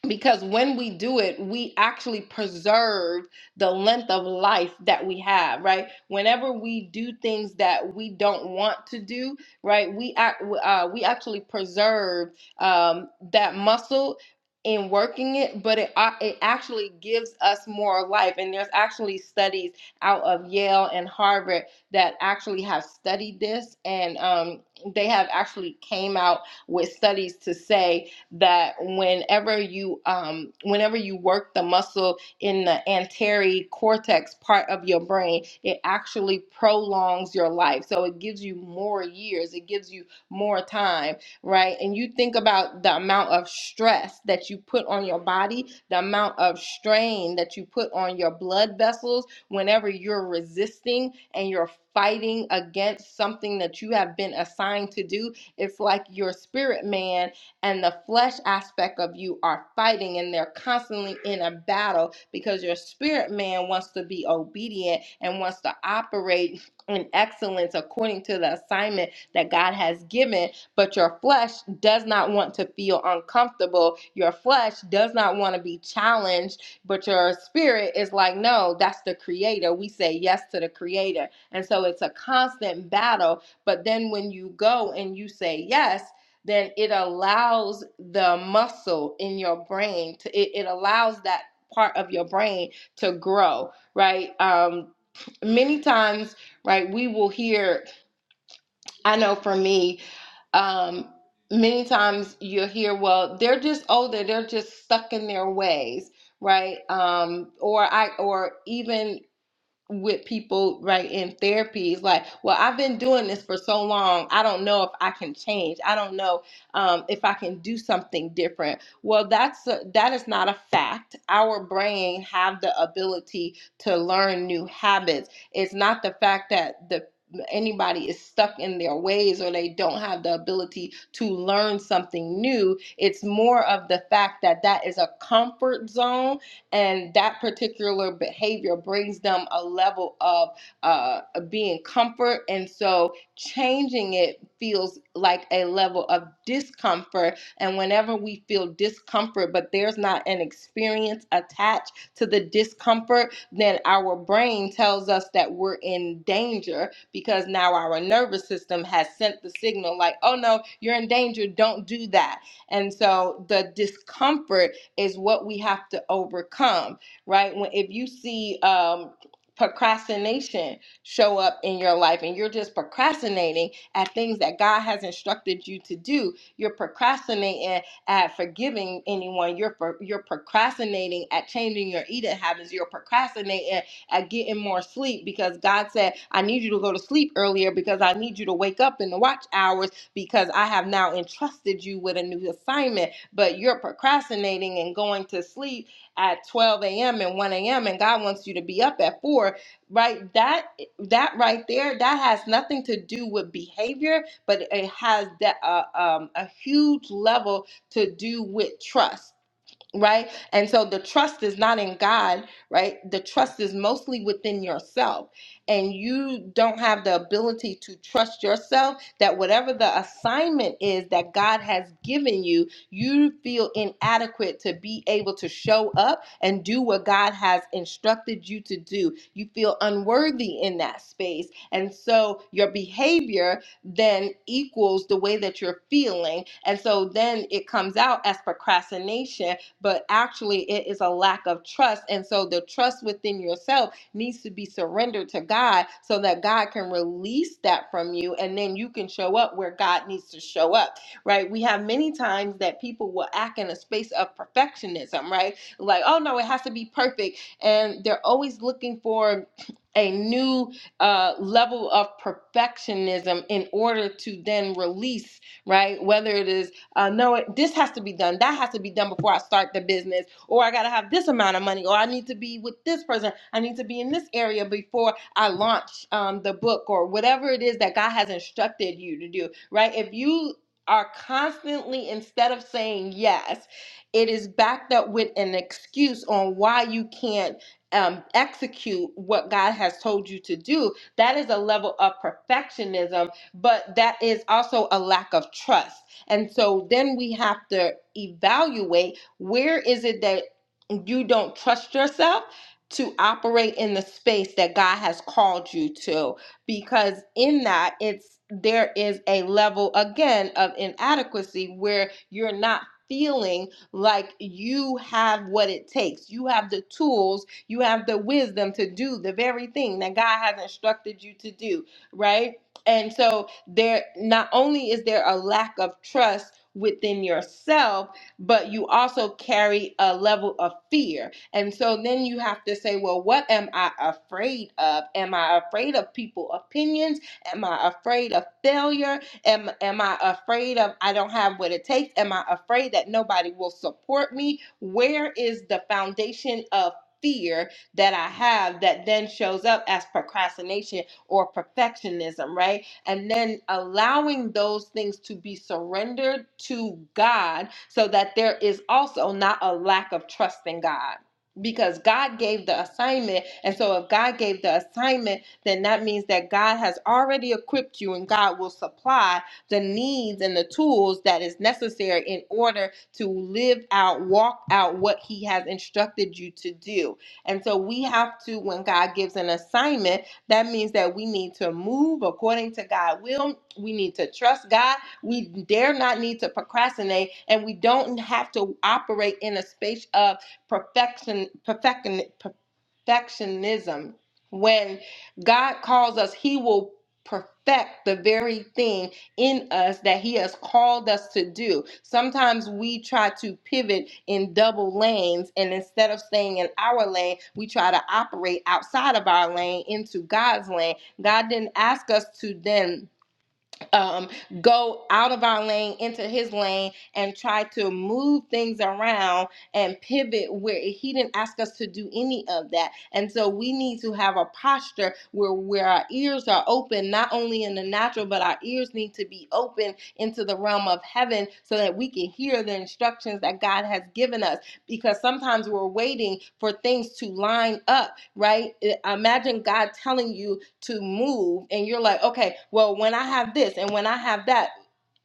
B: because when we do it we actually preserve the length of life that we have right whenever we do things that we don't want to do right we act uh, we actually preserve um, that muscle in working it but it uh, it actually gives us more life and there's actually studies out of Yale and Harvard that actually have studied this and um, they have actually came out with studies to say that whenever you um, whenever you work the muscle in the anterior cortex part of your brain, it actually prolongs your life. So it gives you more years, it gives you more time, right? And you think about the amount of stress that you put on your body, the amount of strain that you put on your blood vessels whenever you're resisting and you're fighting against something that you have been assigned to do. It's like your spirit man and the flesh aspect of you are fighting and they're constantly in a battle because your spirit man wants to be obedient and wants to operate in excellence according to the assignment that God has given but your flesh does not want to feel uncomfortable your flesh does not want to be challenged but your spirit is like no that's the creator we say yes to the creator and so it's a constant battle but then when you go and you say yes then it allows the muscle in your brain to it, it allows that part of your brain to grow right um many times right we will hear i know for me um many times you'll hear well they're just older they're just stuck in their ways right um or i or even with people right in therapy is like well i've been doing this for so long i don't know if i can change i don't know um, if i can do something different well that's a, that is not a fact our brain have the ability to learn new habits it's not the fact that the anybody is stuck in their ways or they don't have the ability to learn something new it's more of the fact that that is a comfort zone and that particular behavior brings them a level of uh, being comfort and so changing it feels like a level of discomfort and whenever we feel discomfort but there's not an experience attached to the discomfort then our brain tells us that we're in danger because now our nervous system has sent the signal like oh no you're in danger don't do that and so the discomfort is what we have to overcome, right? When if you see um procrastination show up in your life and you're just procrastinating at things that God has instructed you to do, you're procrastinating at forgiving anyone, you're you're procrastinating at changing your eating habits, you're procrastinating at getting more sleep because God said, I need you to go to sleep earlier because I need you to wake up in the watch hours because I have now entrusted you with a new assignment, but you're procrastinating and going to sleep at 12 a.m. and 1 a.m. and God wants you to be up at 4, right? That that right there, that has nothing to do with behavior, but it has that uh, um, a huge level to do with trust right? And so the trust is not in God, right? The trust is mostly within yourself. And you don't have the ability to trust yourself that whatever the assignment is that God has given you, you feel inadequate to be able to show up and do what God has instructed you to do. You feel unworthy in that space. And so your behavior then equals the way that you're feeling. And so then it comes out as procrastination but actually it is a lack of trust. And so the trust within yourself needs to be surrendered to God so that God can release that from you and then you can show up where God needs to show up, right? We have many times that people will act in a space of perfectionism, right? Like, oh no, it has to be perfect. And they're always looking for a new uh, level of perfectionism in order to then release, right? Whether it is uh, no, this has to be done. That has to be done before I start the business, or I got to have this amount of money, or I need to be with this person. I need to be in this area before I launch um, the book, or whatever it is that God has instructed you to do, right? If you are constantly, instead of saying yes, it is backed up with an excuse on why you can't um, execute what God has told you to do. That is a level of perfectionism, but that is also a lack of trust and so then we have to evaluate where is it that you don't trust yourself to operate in the space that God has called you to because in that it's there is a level again of inadequacy where you're not feeling like you have what it takes. You have the tools, you have the wisdom to do the very thing that God has instructed you to do, right? And so there not only is there a lack of trust within yourself, but you also carry a level of fear. And so then you have to say, well, what am I afraid of? Am I afraid of people opinions? Am I afraid of failure? Am am I afraid of I don't have what it takes? Am I afraid that nobody will support me? Where is the foundation of fear that I have that then shows up as procrastination or perfectionism, right? And then allowing those things to be surrendered to God so that there is also not a lack of trust in God. Because God gave the assignment. And so, if God gave the assignment, then that means that God has already equipped you and God will supply the needs and the tools that is necessary in order to live out, walk out what He has instructed you to do. And so we have to, when God gives an assignment, that means that we need to move according to God's will. We need to trust God. We dare not need to procrastinate, and we don't have to operate in a space of perfection, perfection, perfectionism. When God calls us, He will perfect the very thing in us that He has called us to do. Sometimes we try to pivot in double lanes, and instead of staying in our lane, we try to operate outside of our lane into God's lane. God didn't ask us to then um, go out of our lane into his lane and try to move things around and pivot where he didn't ask us to do any of that. And so we need to have a posture where, where our ears are open, not only in the natural, but our ears need to be open into the realm of heaven so that we can hear the instructions that God has given us. Because sometimes we're waiting for things to line up, right? Imagine God telling you to move and you're like, okay, well, when I have this and when I have that,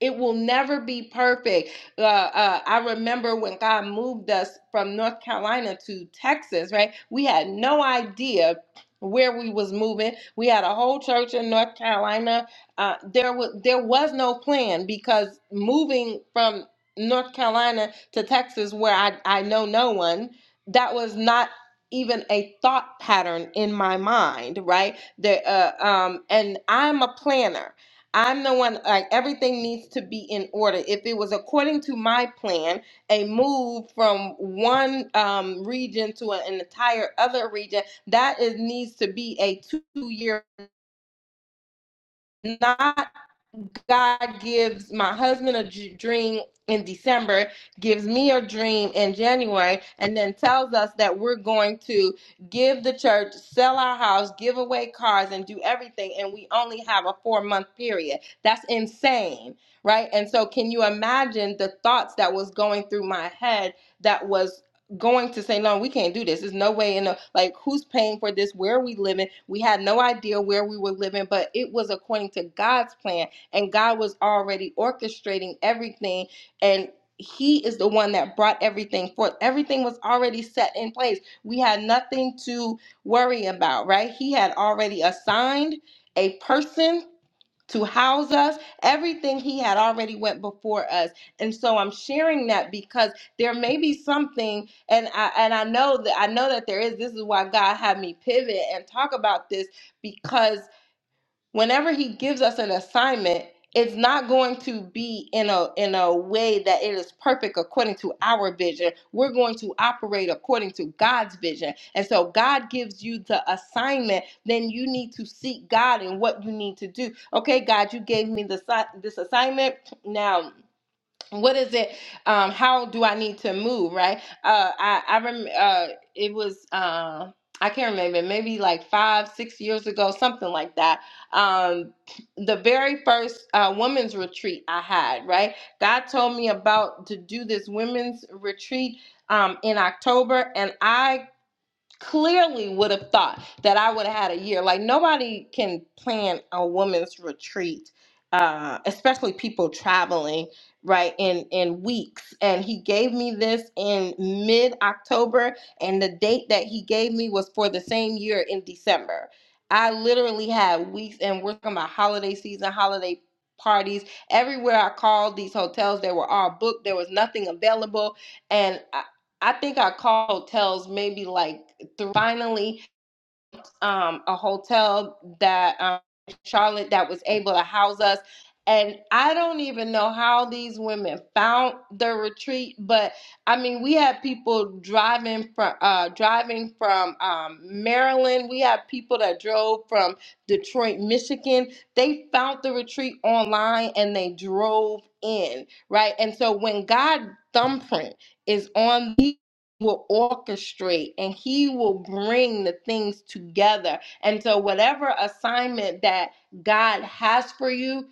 B: it will never be perfect. Uh, uh, I remember when God moved us from North Carolina to Texas, right? We had no idea where we was moving. We had a whole church in North Carolina. Uh, there was there was no plan because moving from North Carolina to Texas, where I, I know no one, that was not even a thought pattern in my mind, right? There, uh, um, and I'm a planner. I'm the one, like, everything needs to be in order. If it was according to my plan, a move from one um, region to an entire other region, that is, needs to be a two year not. God gives my husband a j- dream in December, gives me a dream in January, and then tells us that we're going to give the church, sell our house, give away cars, and do everything. And we only have a four month period. That's insane, right? And so, can you imagine the thoughts that was going through my head that was going to say, no, we can't do this. There's no way in the like who's paying for this? Where are we living? We had no idea where we were living, but it was according to God's plan and God was already orchestrating everything and he is the one that brought everything forth. Everything was already set in place. We had nothing to worry about, right? He had already assigned a person to house us. Everything he had already went before us. And so I'm sharing that because there may be something and I and I know that I know that there is. This is why God had me pivot and talk about this because whenever he gives us an assignment it's not going to be in a in a way that it is perfect according to our vision we're going to operate according to god's vision and so god gives you the assignment then you need to seek god in what you need to do okay god you gave me this this assignment now what is it um how do i need to move right uh i i rem uh it was uh i can't remember maybe like five six years ago something like that um the very first uh women's retreat i had right god told me about to do this women's retreat um in october and i clearly would have thought that I would have had a year. Like nobody can plan a woman's retreat, uh, especially people traveling right in in weeks. And he gave me this in mid October, and the date that he gave me was for the same year in December. I literally had weeks, and we're talking about holiday season, holiday parties everywhere i called these hotels they were all booked there was nothing available and I, I think I called hotels maybe like through finally um, a hotel that um, Charlotte that was able to house us. And I don't even know how these women found the retreat, but I mean, we had people driving from uh, driving from um, Maryland. We had people that drove from Detroit, Michigan. They found the retreat online and they drove in, right? And so when God thumbprint is on these will orchestrate and he will bring the things together. And so, whatever assignment that God has for you,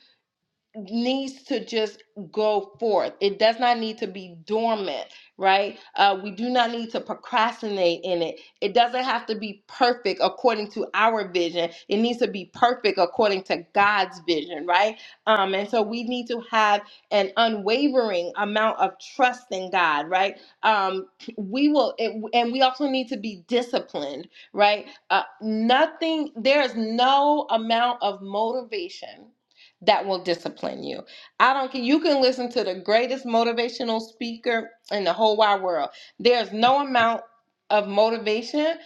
B: needs to just go forth. It does not need to be dormant, right? Uh, we do not need to procrastinate in it. It doesn't have to be perfect according to our vision. It needs to be perfect according to God's vision, right? Um, and so we need to have an unwavering amount of trust in God, right? Um, <clears throat> we will, it, and we also need to be disciplined, right? Uh, nothing, there is no amount of motivation that will discipline you. I don't care. You can listen to the greatest motivational speaker in the whole wide world. There's no amount of motivation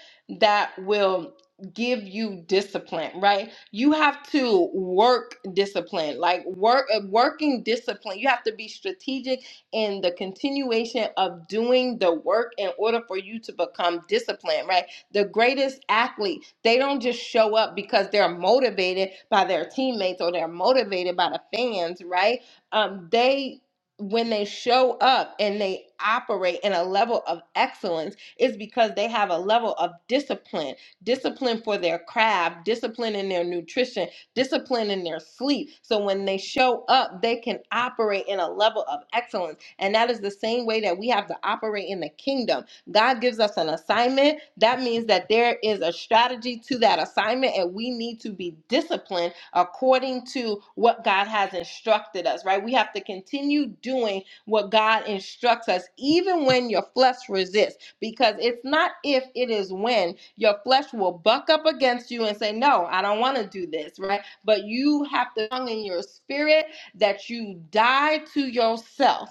B: that will give you discipline, right? You have to work discipline, like work working discipline. You have to be strategic in the continuation of doing the work in order for you to become disciplined, right? the greatest athlete, they don't just show up because they're motivated by their teammates or they're motivated by the fans, right? Um, they when they show up and they operate in a level of excellence is because they have a level of discipline discipline for their craft discipline in their nutrition discipline in their sleep. So when they show up, they can operate in a level of excellence. And that is the same way that we have to operate in the kingdom. God gives us an assignment. That means that there is a strategy to that assignment, and we need to be disciplined according to what God has instructed us, right? We have to continue doing what God instructs us, even when your flesh resists, because it's not if, it is when your flesh will buck up against you and say, No, I don't want to do this, right? But you have to, in your spirit, that you die to yourself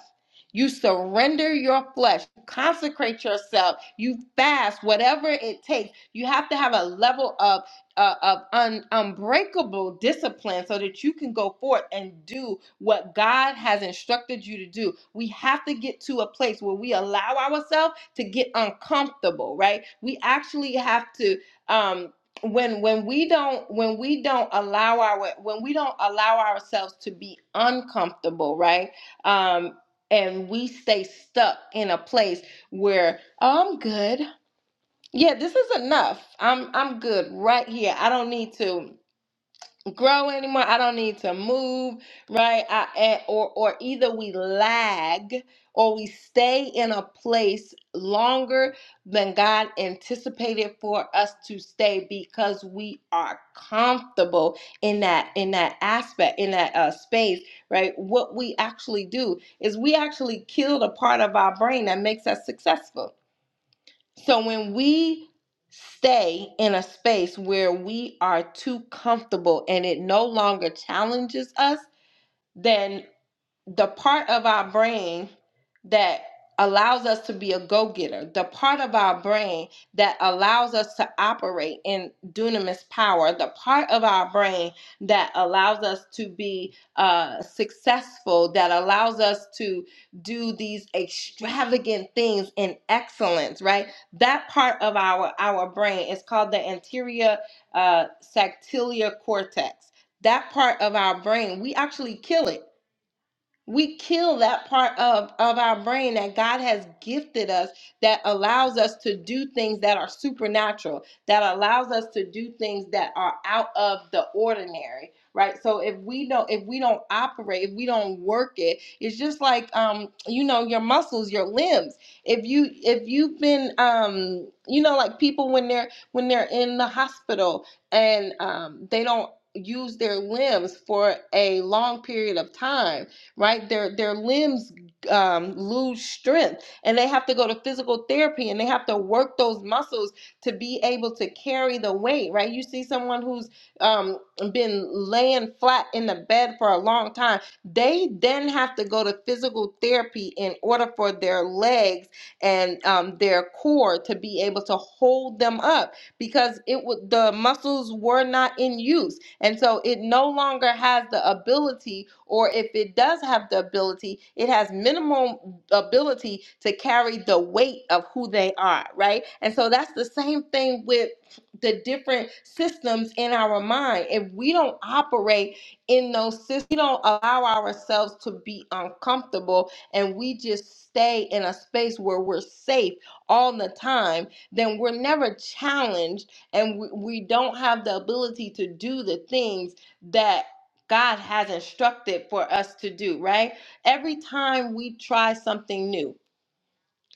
B: you surrender your flesh, you consecrate yourself, you fast, whatever it takes. You have to have a level of uh, of un- unbreakable discipline so that you can go forth and do what God has instructed you to do. We have to get to a place where we allow ourselves to get uncomfortable, right? We actually have to um when when we don't when we don't allow our when we don't allow ourselves to be uncomfortable, right? Um and we stay stuck in a place where "Oh, I'm good. Yeah, this is enough. I'm I'm good right here. I don't need to grow anymore. I don't need to move, right? I, eh, or or either we lag or we stay in a place longer than God anticipated for us to stay because we are comfortable in that in that aspect in that uh, space, right? What we actually do is we actually kill the part of our brain that makes us successful so when we stay in a space where we are too comfortable and it no longer challenges us, then the part of our brain that allows us to be a go-getter, the part of our brain that allows us to operate in dunamis power, the part of our brain that allows us to be uh, successful, that allows us to do these extravagant things in excellence, right? That part of our our brain is called the anterior uh, sactillar cortex. That part of our brain, we actually kill it we kill that part of of our brain that God has gifted us that allows us to do things that are supernatural that allows us to do things that are out of the ordinary right so if we don't if we don't operate if we don't work it it's just like um you know your muscles your limbs if you if you've been um you know like people when they're when they're in the hospital and um they don't use their limbs for a long period of time right? Their their limbs um, lose strength, and they have to go to physical therapy, and they have to work those muscles to be able to carry the weight, right? You see someone who's um, been laying flat in the bed for a long time. They then have to go to physical therapy in order for their legs and um, their core to be able to hold them up because it would the muscles were not in use and so it no longer has the ability, or if it does have the ability, it has minimum ability to carry the weight of who they are, right? And so that's the same thing with the different systems in our mind. If we don't operate in those systems, we don't allow ourselves to be uncomfortable and we just stay in a space where we're safe all the time, then we're never challenged and we, we don't have the ability to do the things that God has instructed for us to do, right? Every time we try something new,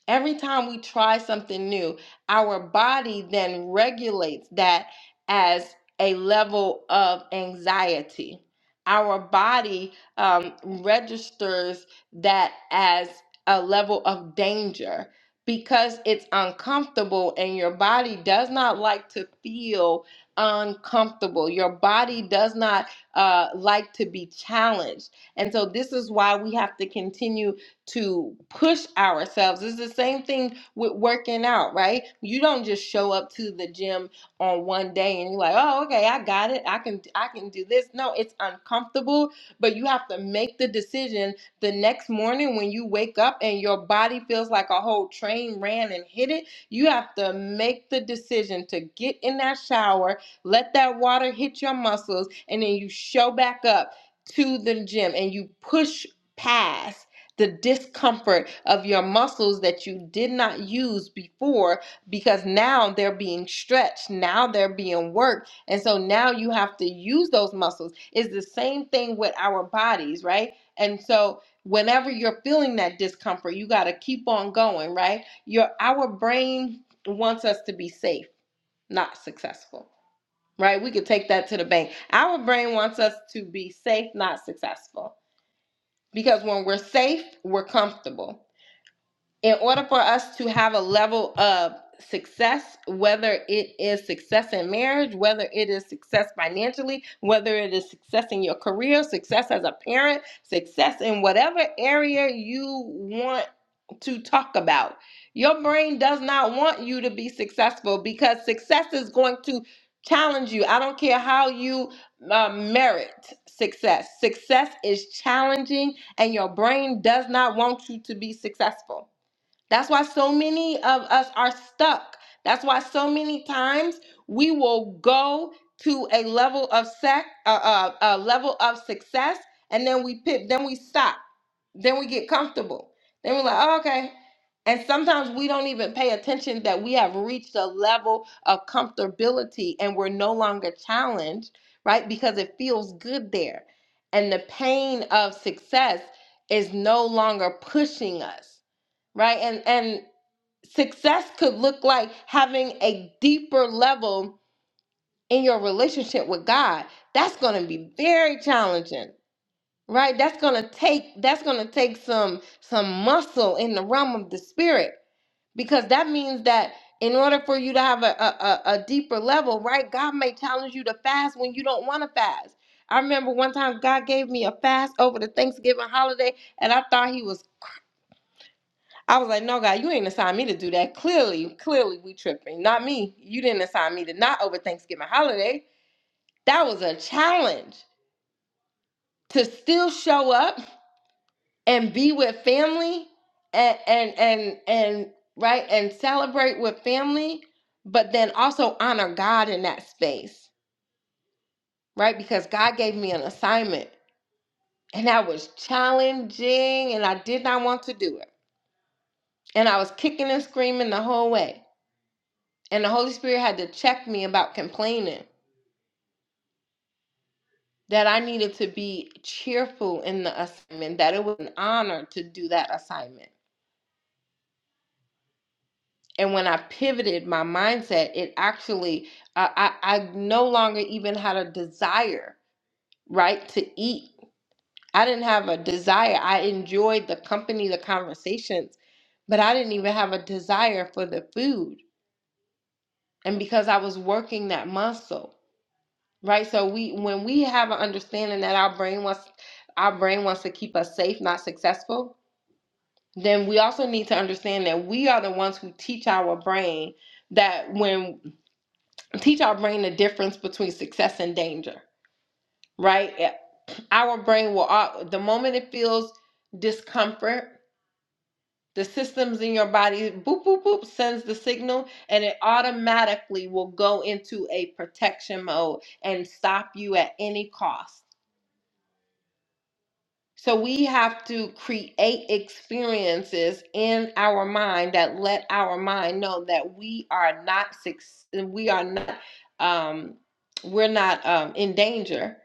B: every time we try something new, our body then regulates that as a level of anxiety. Our body um, registers that as a level of danger because it's uncomfortable and your body does not like to feel uncomfortable. Your body does not uh, like to be challenged. And so, this is why we have to continue to push ourselves. It's the same thing with working out, right? You don't just show up to the gym on one day and you're like, "Oh, okay, I got it. I can I can do this." No, it's uncomfortable, but you have to make the decision the next morning when you wake up and your body feels like a whole train ran and hit it. You have to make the decision to get in that shower, let that water hit your muscles, and then you show back up to the gym and you push past the discomfort of your muscles that you did not use before because now they're being stretched, now they're being worked. And so now you have to use those muscles. It's the same thing with our bodies, right? And so whenever you're feeling that discomfort, you got to keep on going, right? Your our brain wants us to be safe, not successful. Right? We could take that to the bank. Our brain wants us to be safe, not successful. Because when we're safe, we're comfortable in order for us to have a level of success, whether it is success in marriage, whether it is success financially, whether it is success in your career, success as a parent, success in whatever area you want to talk about, your brain does not want you to be successful because success is going to challenge you. I don't care how you uh, merit success, success is challenging, and your brain does not want you to be successful. That's why so many of us are stuck. That's why so many times we will go to a level of sec, uh, uh, a level of success, and then we pit, then we stop, then we get comfortable, then we're like, oh, okay. And sometimes we don't even pay attention that we have reached a level of comfortability and we're no longer challenged, right? Because it feels good there, and the pain of success is no longer pushing us right and and success could look like having a deeper level in your relationship with god that's going to be very challenging right that's going to take that's going to take some some muscle in the realm of the spirit because that means that in order for you to have a, a, a a deeper level right god may challenge you to fast when you don't want to fast i remember one time god gave me a fast over the thanksgiving holiday and i thought he was I was like, no, God, you ain't assigned me to do that. Clearly, clearly, we tripping. Not me. You didn't assign me to not over Thanksgiving holiday. That was a challenge to still show up and be with family and and and and right and celebrate with family, but then also honor God in that space, right? Because God gave me an assignment, and that was challenging, and I did not want to do it, and I was kicking and screaming the whole way. And the Holy Spirit had to check me about complaining, that I needed to be cheerful in the assignment, that it was an honor to do that assignment. And when I pivoted my mindset, it actually, I, I, I no longer even had a desire, right, to eat. I didn't have a desire. I enjoyed the company, the conversations, but I didn't even have a desire for the food. And because I was working that muscle. Right? So we when we have an understanding that our brain wants our brain wants to keep us safe, not successful, then we also need to understand that we are the ones who teach our brain that when teach our brain the difference between success and danger, right? Eh, Our brain will the moment it feels discomfort, the systems in your body boop boop boop sends the signal and it automatically will go into a protection mode and stop you at any cost So we have to create experiences in our mind that let our mind know that we are not suc- we are not um we're not um in danger,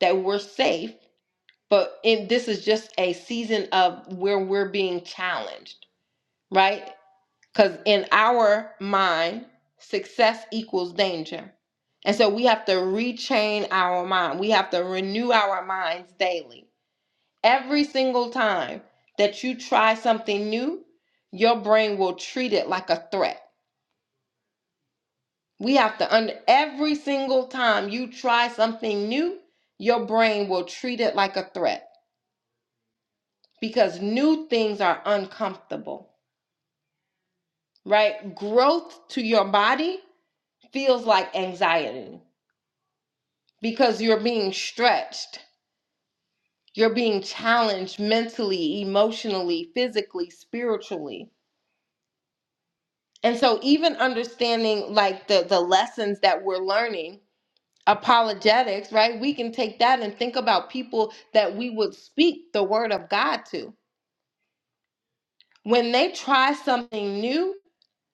B: that we're safe, but in this is just a season of where we're being challenged, right? Cuz in our mind, success equals danger. And so we have to retrain our mind. We have to renew our minds daily Every single time that you try something new, your brain will treat it like a threat. We have to under every single time you try something new, your brain will treat it like a threat because new things are uncomfortable, right? Growth to your body feels like anxiety because you're being stretched. You're being challenged mentally, emotionally, physically, spiritually And so even understanding like the the lessons that we're learning apologetics, right? We can take that and think about people that we would speak the word of God to. When they try something new,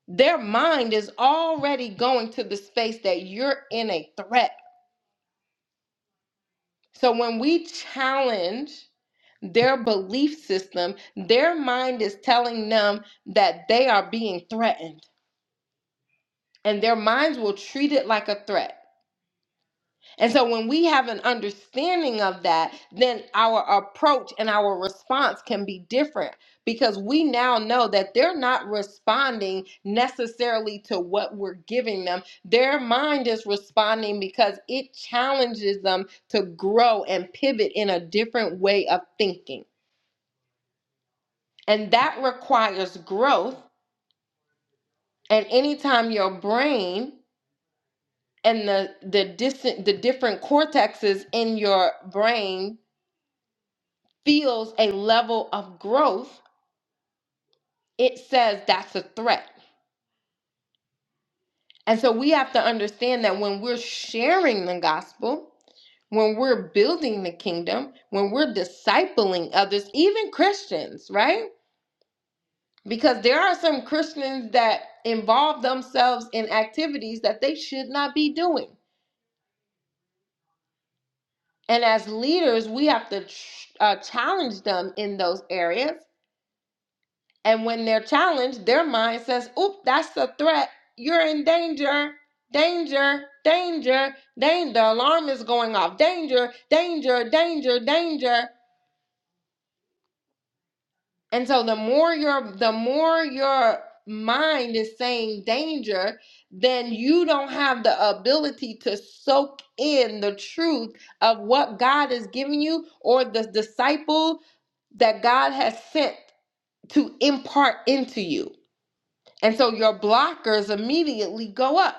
B: their mind is already going to the space that you're in a threat. So when we challenge their belief system, their mind is telling them that they are being threatened, and their minds will treat it like a threat. And so when we have an understanding of that, then our approach and our response can be different because we now know that they're not responding necessarily to what we're giving them. Their mind is responding because it challenges them to grow and pivot in a different way of thinking. And that requires growth. And anytime your brain and the the distant the different cortexes in your brain feels a level of growth, it says that's a threat. And so we have to understand that when we're sharing the gospel, when we're building the kingdom, when we're discipling others, even Christians, right? Because there are some Christians that involve themselves in activities that they should not be doing. And as leaders, we have to ch- uh, challenge them in those areas And when they're challenged, their mind says, oop, that's a threat. You're in danger. Danger, danger, danger. The alarm is going off. Danger, danger, danger, danger. And so the more your the more your mind is saying danger, then you don't have the ability to soak in the truth of what God is giving you or the disciple that God has sent to impart into you. And so your blockers immediately go up.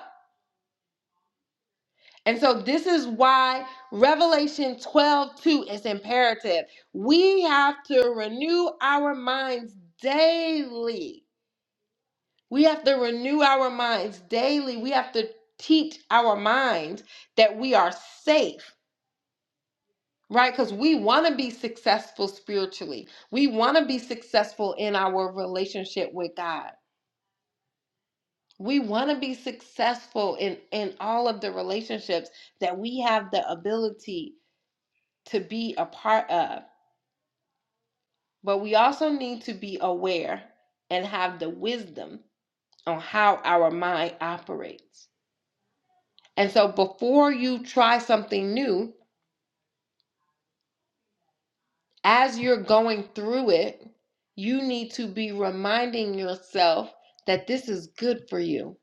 B: And so this is why Revelation 12 2 is imperative. We have to renew our minds daily. We have to renew our minds daily. We have to teach our mind that we are safe, right? Because we want to be successful spiritually, we want to be successful in our relationship with God. We want to be successful in in all of the relationships that we have the ability to be a part of. But we also need to be aware and have the wisdom on how our mind operates. And so before you try something new, as you're going through it, you need to be reminding yourself that this is good for you,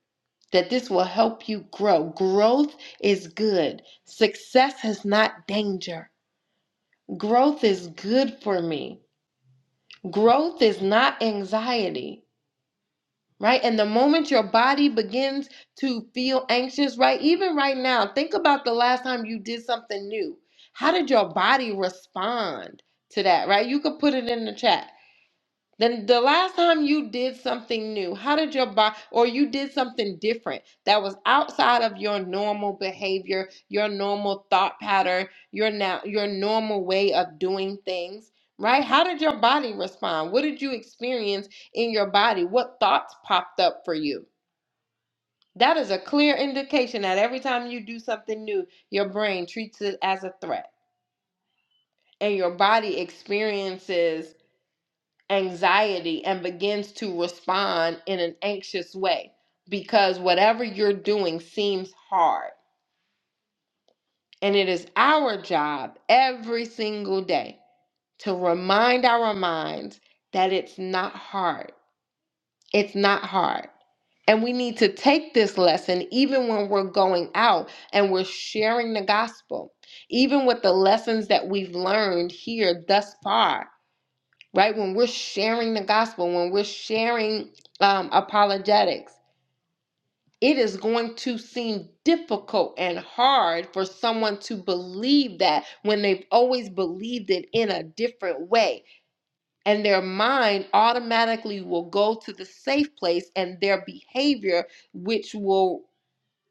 B: that this will help you grow. Growth is good. Success is not danger. Growth is good for me. Growth is not anxiety, right? And the moment your body begins to feel anxious, right? Even right now, think about the last time you did something new. How did your body respond to that, right? You could put it in the chat. Then the last time you did something new, how did your body, or you did something different that was outside of your normal behavior, your normal thought pattern, your now your normal way of doing things, right? How did your body respond? What did you experience in your body? What thoughts popped up for you? That is a clear indication that every time you do something new, your brain treats it as a threat, and your body experiences anxiety and begins to respond in an anxious way because whatever you're doing seems hard. And it is our job every single day to remind our minds that it's not hard. It's not hard. And we need to take this lesson even when we're going out and we're sharing the gospel, even with the lessons that we've learned here thus far. right? When we're sharing the gospel, when we're sharing um, apologetics, it is going to seem difficult and hard for someone to believe that when they've always believed it in a different way. And their mind automatically will go to the safe place, and their behavior, which will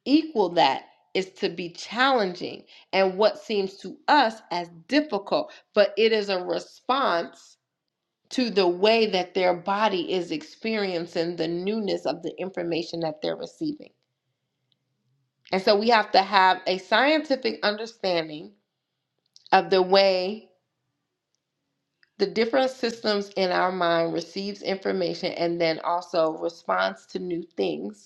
B: equal that, is to be challenging and what seems to us as difficult. But it is a response to the way that their body is experiencing the newness of the information that they're receiving. And so we have to have a scientific understanding of the way the different systems in our mind receives information and then also responds to new things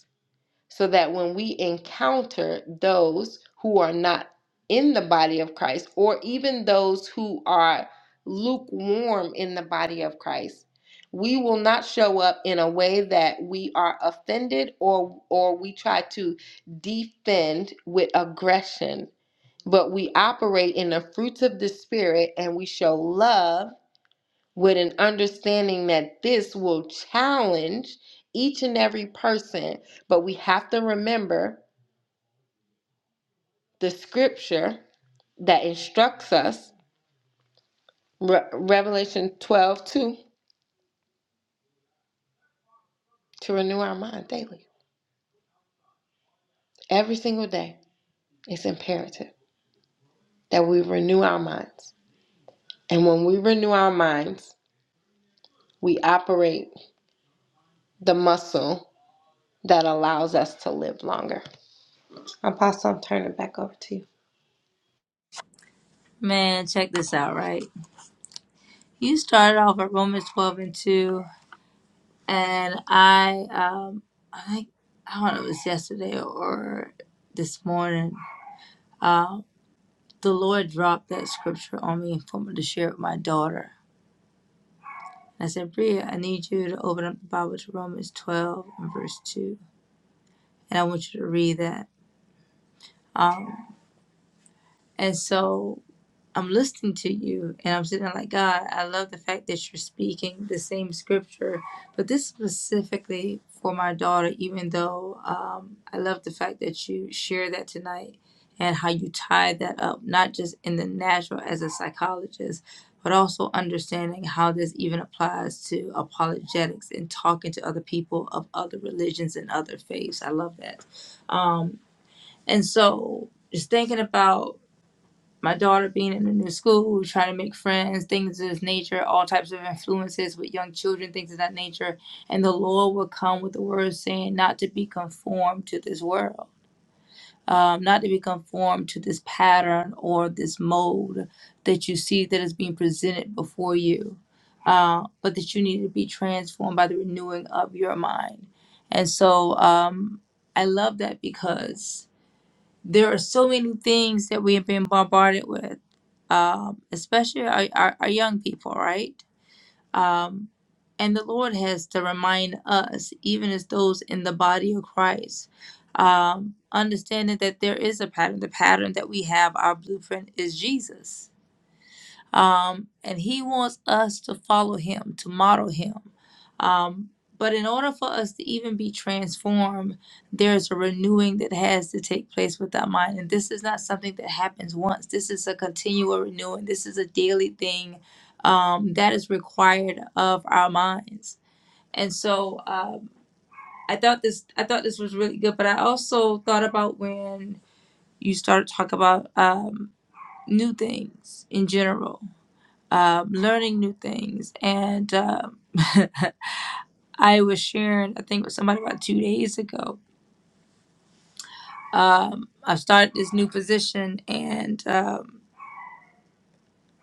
B: so that when we encounter those who are not in the body of Christ, or even those who are lukewarm in the body of Christ, we will not show up in a way that we are offended or or we try to defend with aggression, but we operate in the fruits of the spirit and we show love with an understanding that this will challenge each and every person. But we have to remember the scripture that instructs us, Re- Revelation 12 2, to renew our mind daily. Every single day, it's imperative that we renew our minds. And when we renew our minds, we operate the muscle that allows us to live longer. Apostle, I'm turning it back over to you.
A: Man, check this out, right? You started off at Romans twelve and two and I um I think I don't know if it was yesterday or this morning. Um, the Lord dropped that scripture on me for me to share with my daughter. And I said, Bria, I need you to open up the Bible to Romans 12 and verse 2. And I want you to read that. Um, and so I'm listening to you and I'm sitting like, God, I love the fact that you're speaking the same scripture, but this specifically for my daughter, even though um, I love the fact that you share that tonight and how you tie that up, not just in the natural as a psychologist, but also understanding how this even applies to apologetics and talking to other people of other religions and other faiths. I love that. And so just thinking about my daughter being in a new school, trying to make friends, things of this nature, all types of influences with young children, things of that nature. And the Lord will come with the word saying, not to be conformed to this world, um, not to be conformed to this pattern or this mold that you see that is being presented before you, uh, but that you need to be transformed by the renewing of your mind. And so um, I love that because there are so many things that we have been bombarded with, um, especially our, our, our young people, right? Um, and the Lord has to remind us, even as those in the body of Christ, um, understanding that there is a pattern. The pattern that we have, our blueprint, is Jesus um, and he wants us to follow him, to model him. Um, but in order for us to even be transformed, there's a renewing that has to take place with our mind. And this is not something that happens once. This is a continual renewing. This is a daily thing um, that is required of our minds. And so um, I thought this I thought this was really good. But I also thought about when you started talking about um, new things in general um, learning new things. And um, <laughs> I was sharing, I think, with somebody about two days ago. Um, I've started this new position, and um,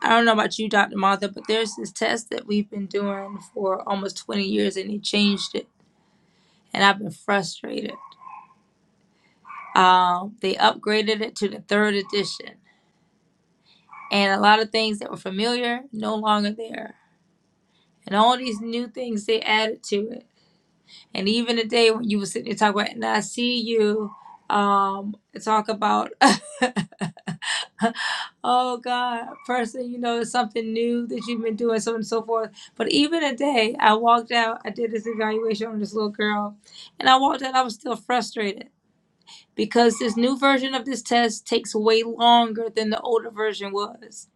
A: I don't know about you, Dr. Martha, but there's this test that we've been doing for almost 20 years, and they changed it, and I've been frustrated. Um, they upgraded it to the third edition, and a lot of things that were familiar no longer there, and all these new things they added to it And even the day when you were sitting there talking about, and I see you um talk about <laughs> oh God, person, you know, it's something new that you've been doing, so on and so forth. But even a day, I walked out, I did this evaluation on this little girl, and I walked out, I was still frustrated because this new version of this test takes way longer than the older version was.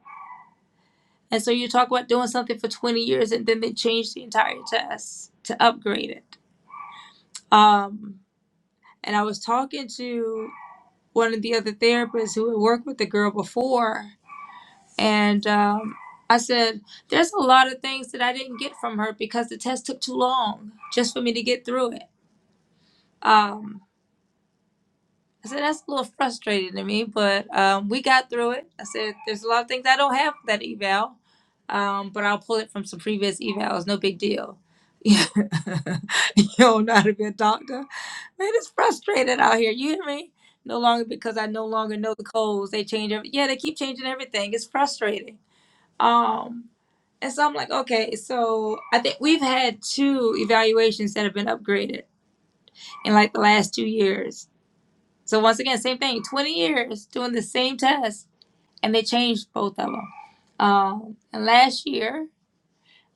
A: And so you talk about doing something for 20 years and then they changed the entire test to upgrade it. Um, and I was talking to one of the other therapists who had worked with the girl before. And um, I said, There's a lot of things that I didn't get from her because the test took too long just for me to get through it. Um, I said that's a little frustrating to me, but um, we got through it. I said there's a lot of things I don't have for that eval, um, but I'll pull it from some previous evals. No big deal. <laughs> you don't know how to be a doctor, man. It's frustrating out here. You hear me? No longer because I no longer know the codes. They change every. Yeah, they keep changing everything. It's frustrating. Um, and so I'm like, okay, so I think we've had two evaluations that have been upgraded in like the last two years so once again, same thing. Twenty years doing the same test, and they changed both of them. Um, and last year,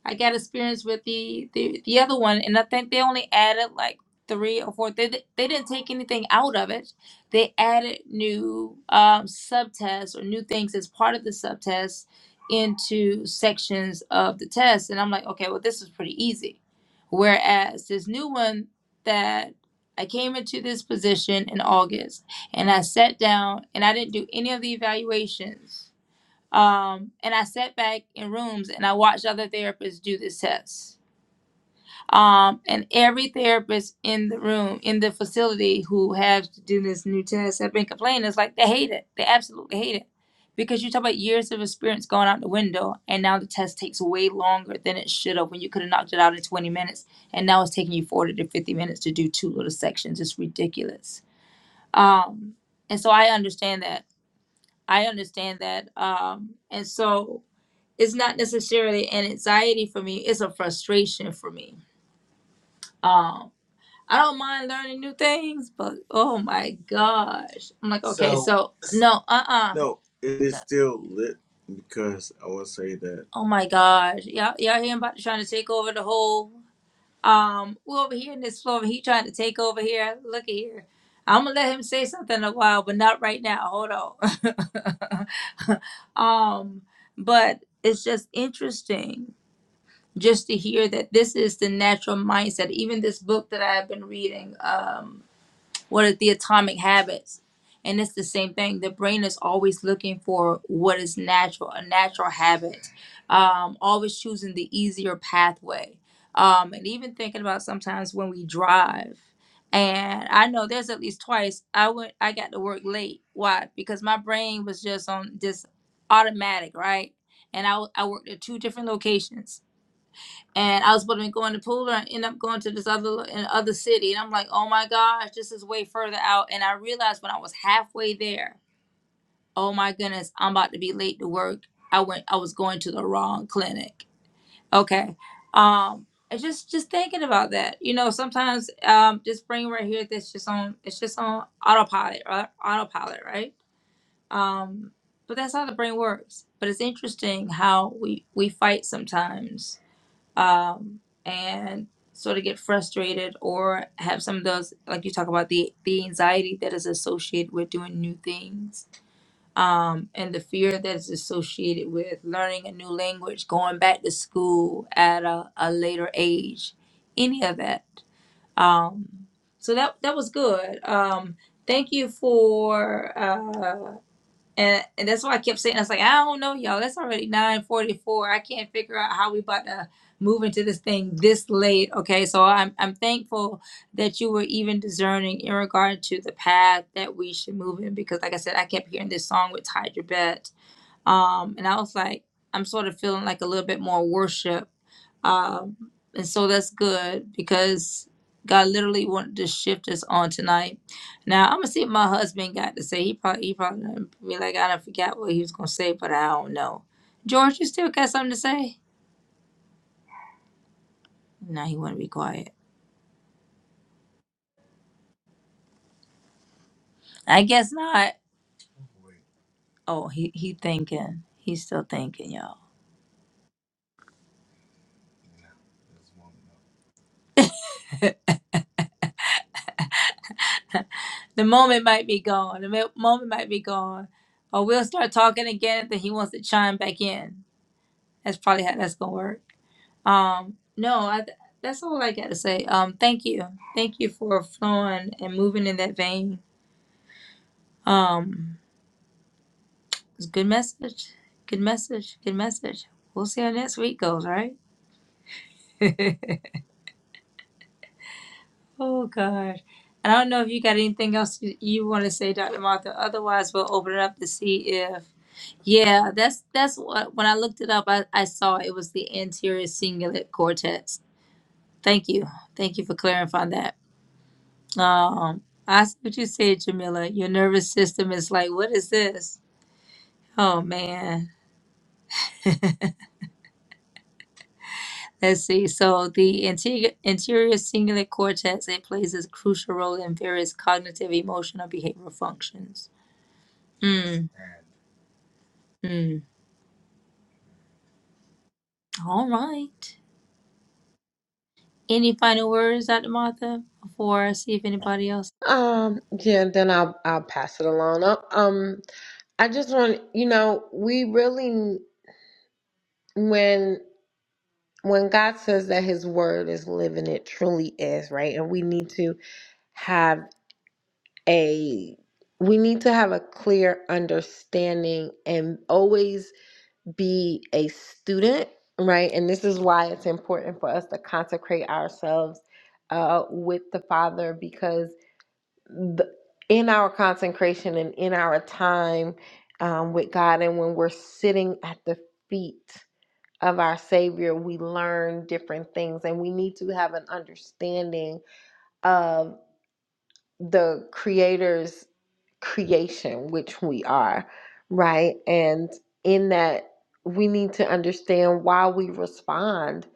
A: I got experience with the, the the other one, and I think they only added like three or four. They they didn't take anything out of it. They added new um, subtests or new things as part of the subtests into sections of the test, and I'm like, okay, well this is pretty easy. Whereas this new one that I came into this position in August, and I sat down and I didn't do any of the evaluations um, and I sat back in rooms and I watched other therapists do this test. Um, and every therapist in the room, in the facility who have to do this new test have been complaining. It's like they hate it. They absolutely hate it. Because you talk about years of experience going out the window, and now the test takes way longer than it should have when you could have knocked it out in 20 minutes. And now it's taking you 40 to 50 minutes to do two little sections. It's ridiculous. Um, and so I understand that. I understand that. Um, and so it's not necessarily an anxiety for me it's a frustration for me um i don't mind learning new things but oh my gosh i'm like okay So so no uh-uh no, it is still lit because I will say that oh my gosh y'all y'all hear about trying to take over the whole um we over here in this floor he trying to take over here look at here i'm gonna let him say something in a while but not right now hold on <laughs> um but it's just interesting just to hear that this is the natural mindset. Even this book that I have been reading, um, what are the atomic habits? And it's the same thing. The brain is always looking for what is natural, a natural habit, um, always choosing the easier pathway. Um, and even thinking about sometimes when we drive. And I know there's at least twice I went I got to work late. Why? Because my brain was just on just automatic, right? And I, I worked at two different locations and I was supposed to be going to Pula and end up going to this other in other city. And I'm like, oh my gosh, this is way further out. And I realized when I was halfway there, oh my goodness, I'm about to be late to work. I went, I was going to the wrong clinic. Okay, um, and just just thinking about that, you know, sometimes um, this brain right here, that's just on, it's just on autopilot, right? Autopilot, right? Um, but that's how the brain works. But it's interesting how we we fight sometimes um, and sort of get frustrated or have some of those like you talk about the the anxiety that is associated with doing new things um, and the fear that is associated with learning a new language going back to school at a, a later age any of that um, so that that was good um, thank you for uh, and, and that's why I kept saying, I was like, I don't know, y'all. It's already 944. I can't figure out how we about to move into this thing this late. Okay. So I'm, I'm thankful that you were even discerning in regard to the path that we should move in. Because like I said, I kept hearing this song with Hydra Bet um, and I was like, I'm sort of feeling like a little bit more worship, um, and so that's good because God literally wanted to shift us on tonight. Now I'm gonna see what my husband got to say. He probably he probably gonna be like, I don't forget what he was gonna say, but I don't know. George, you still got something to say? No, he wanna be quiet. I guess not. Oh, he he thinking. He's still thinking, y'all. The moment might be gone. The mo- moment might be gone. Or we'll start talking again, and then he wants to chime back in. That's probably how that's gonna work. Um, no, I, that's all I got to say. Um, thank you, thank you for flowing and moving in that vein. Um, it's a good message, good message, good message. We'll see how next week goes, right? <laughs> oh God, I don't know if you got anything else you, you want to say, Dr. Martha. Otherwise, we'll open it up to see if. Yeah, that's that's what when I looked it up, I, I saw it was the anterior cingulate cortex. Thank you, thank you for clarifying that. Um, I s- what you said, Jamila. Your nervous system is like, what is this? Oh man. Let's see. So the anterior, anterior cingulate cortex it plays a crucial role in various cognitive, emotional, behavioral functions. Mm, mm. All right. Any final words, Dr. Martha, before I see if anybody else?
B: Um, yeah, then I'll I'll pass it along. Uh, Um, I just want you know, we really when when God says that his word is living, it truly is, right? And we need to have a we need to have a clear understanding and always be a student, right? And this is why it's important for us to consecrate ourselves uh with the Father because the, in our consecration and in our time um, with God, and when we're sitting at the feet of our Savior, we learn different things, and we need to have an understanding of the Creator's creation, which we are, right? And in that, we need to understand why we respond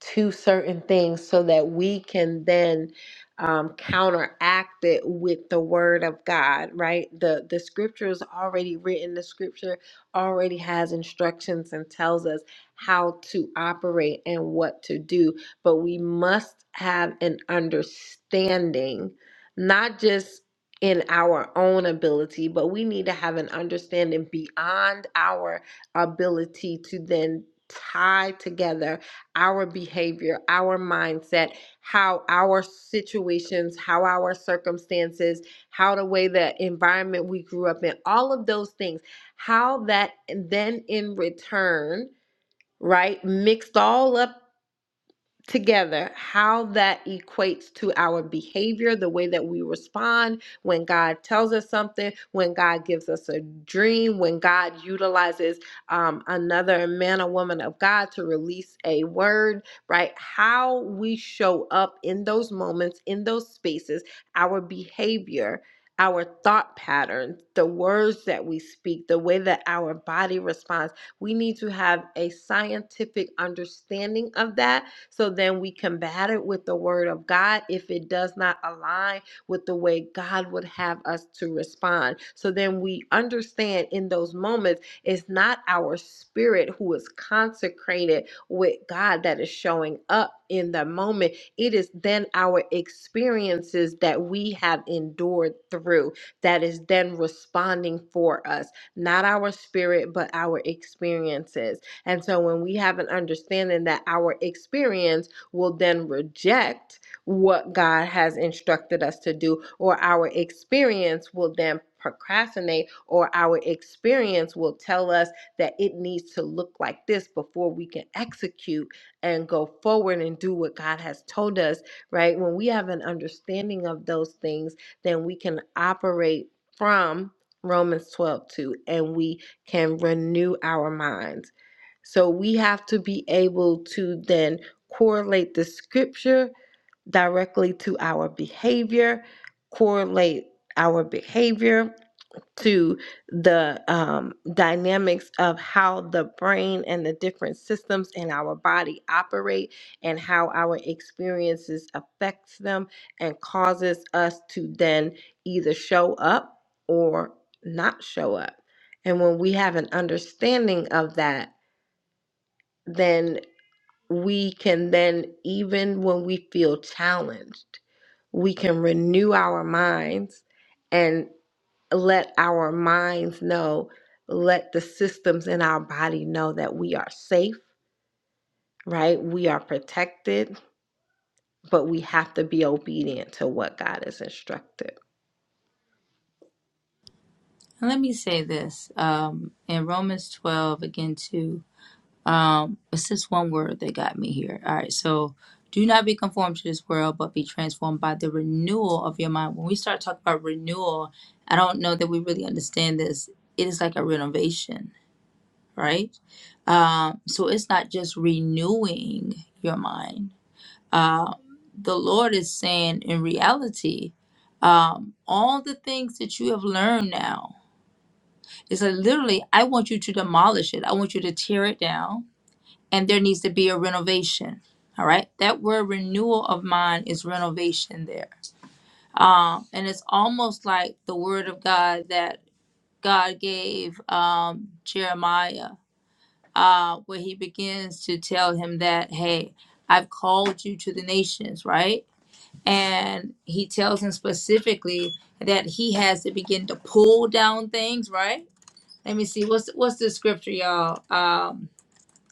B: to certain things so that we can then um, counteract it with the word of God, right? The the scripture is already written. The scripture already has instructions and tells us how to operate and what to do. But we must have an understanding, not just in our own ability, but we need to have an understanding beyond our ability to then tie together our behavior, our mindset, how our situations, how our circumstances, how the way the environment we grew up in, all of those things, how that then in return right mixed all up together how that equates to our behavior, the way that we respond when God tells us something, when God gives us a dream, when God utilizes um, another man or woman of God to release a word, right? How we show up in those moments, in those spaces, our behavior. Our thought patterns, the words that we speak, the way that our body responds. We need to have a scientific understanding of that so then we combat it with the word of God if it does not align with the way God would have us to respond. So then we understand in those moments, it's not our spirit who is consecrated with God that is showing up in the moment. It is then our experiences that we have endured through that is then responding for us, not our spirit, but our experiences. And so when we have an understanding that our experience will then reject what God has instructed us to do, or our experience will then procrastinate, or our experience will tell us that it needs to look like this before we can execute and go forward and do what God has told us, right? When we have an understanding of those things, then we can operate from Romans 12 2, and we can renew our minds. So we have to be able to then correlate the scripture directly to our behavior, correlate our behavior to the um, dynamics of how the brain and the different systems in our body operate and how our experiences affects them and causes us to then either show up or not show up and when we have an understanding of that then we can then even when we feel challenged we can renew our minds and let our minds know let the systems in our body know that we are safe right we are protected but we have to be obedient to what god has instructed
A: And let me say this. Um, in Romans twelve again too. Um, what's this one word that got me here? All right, so do not be conformed to this world, but be transformed by the renewal of your mind. When we start talking about renewal, I don't know that we really understand this. It is like a renovation, right? Um, so it's not just renewing your mind. The Lord is saying, in reality, um, all the things that you have learned now, it's like literally, I want you to demolish it. I want you to tear it down. and there needs to be a renovation. All right. That word renewal of mind is renovation there. Um, and it's almost like the word of God that God gave um, Jeremiah, uh, where he begins to tell him that, hey, I've called you to the nations, right? And he tells him specifically that he has to begin to pull down things, right? Let me see. What's what's the scripture, y'all? Um,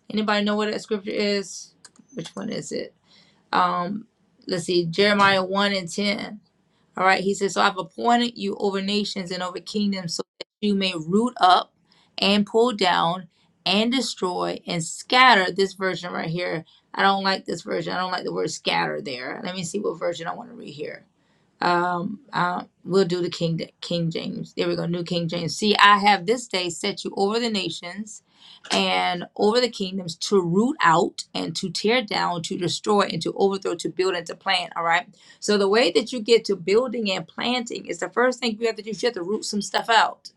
A: anybody know what that scripture is? Which one is it? um let's see jeremiah 1 and 10 all right he says so i've appointed you over nations and over kingdoms so that you may root up and pull down and destroy and scatter this version right here i don't like this version i don't like the word scatter there let me see what version i want to read here um, uh, we'll do the King King James. There we go, New King James. See, I have this day set you over the nations and over the kingdoms to root out and to tear down, to destroy and to overthrow, to build and to plant. All right. So the way that you get to building and planting is the first thing you have to do. You have to root some stuff out.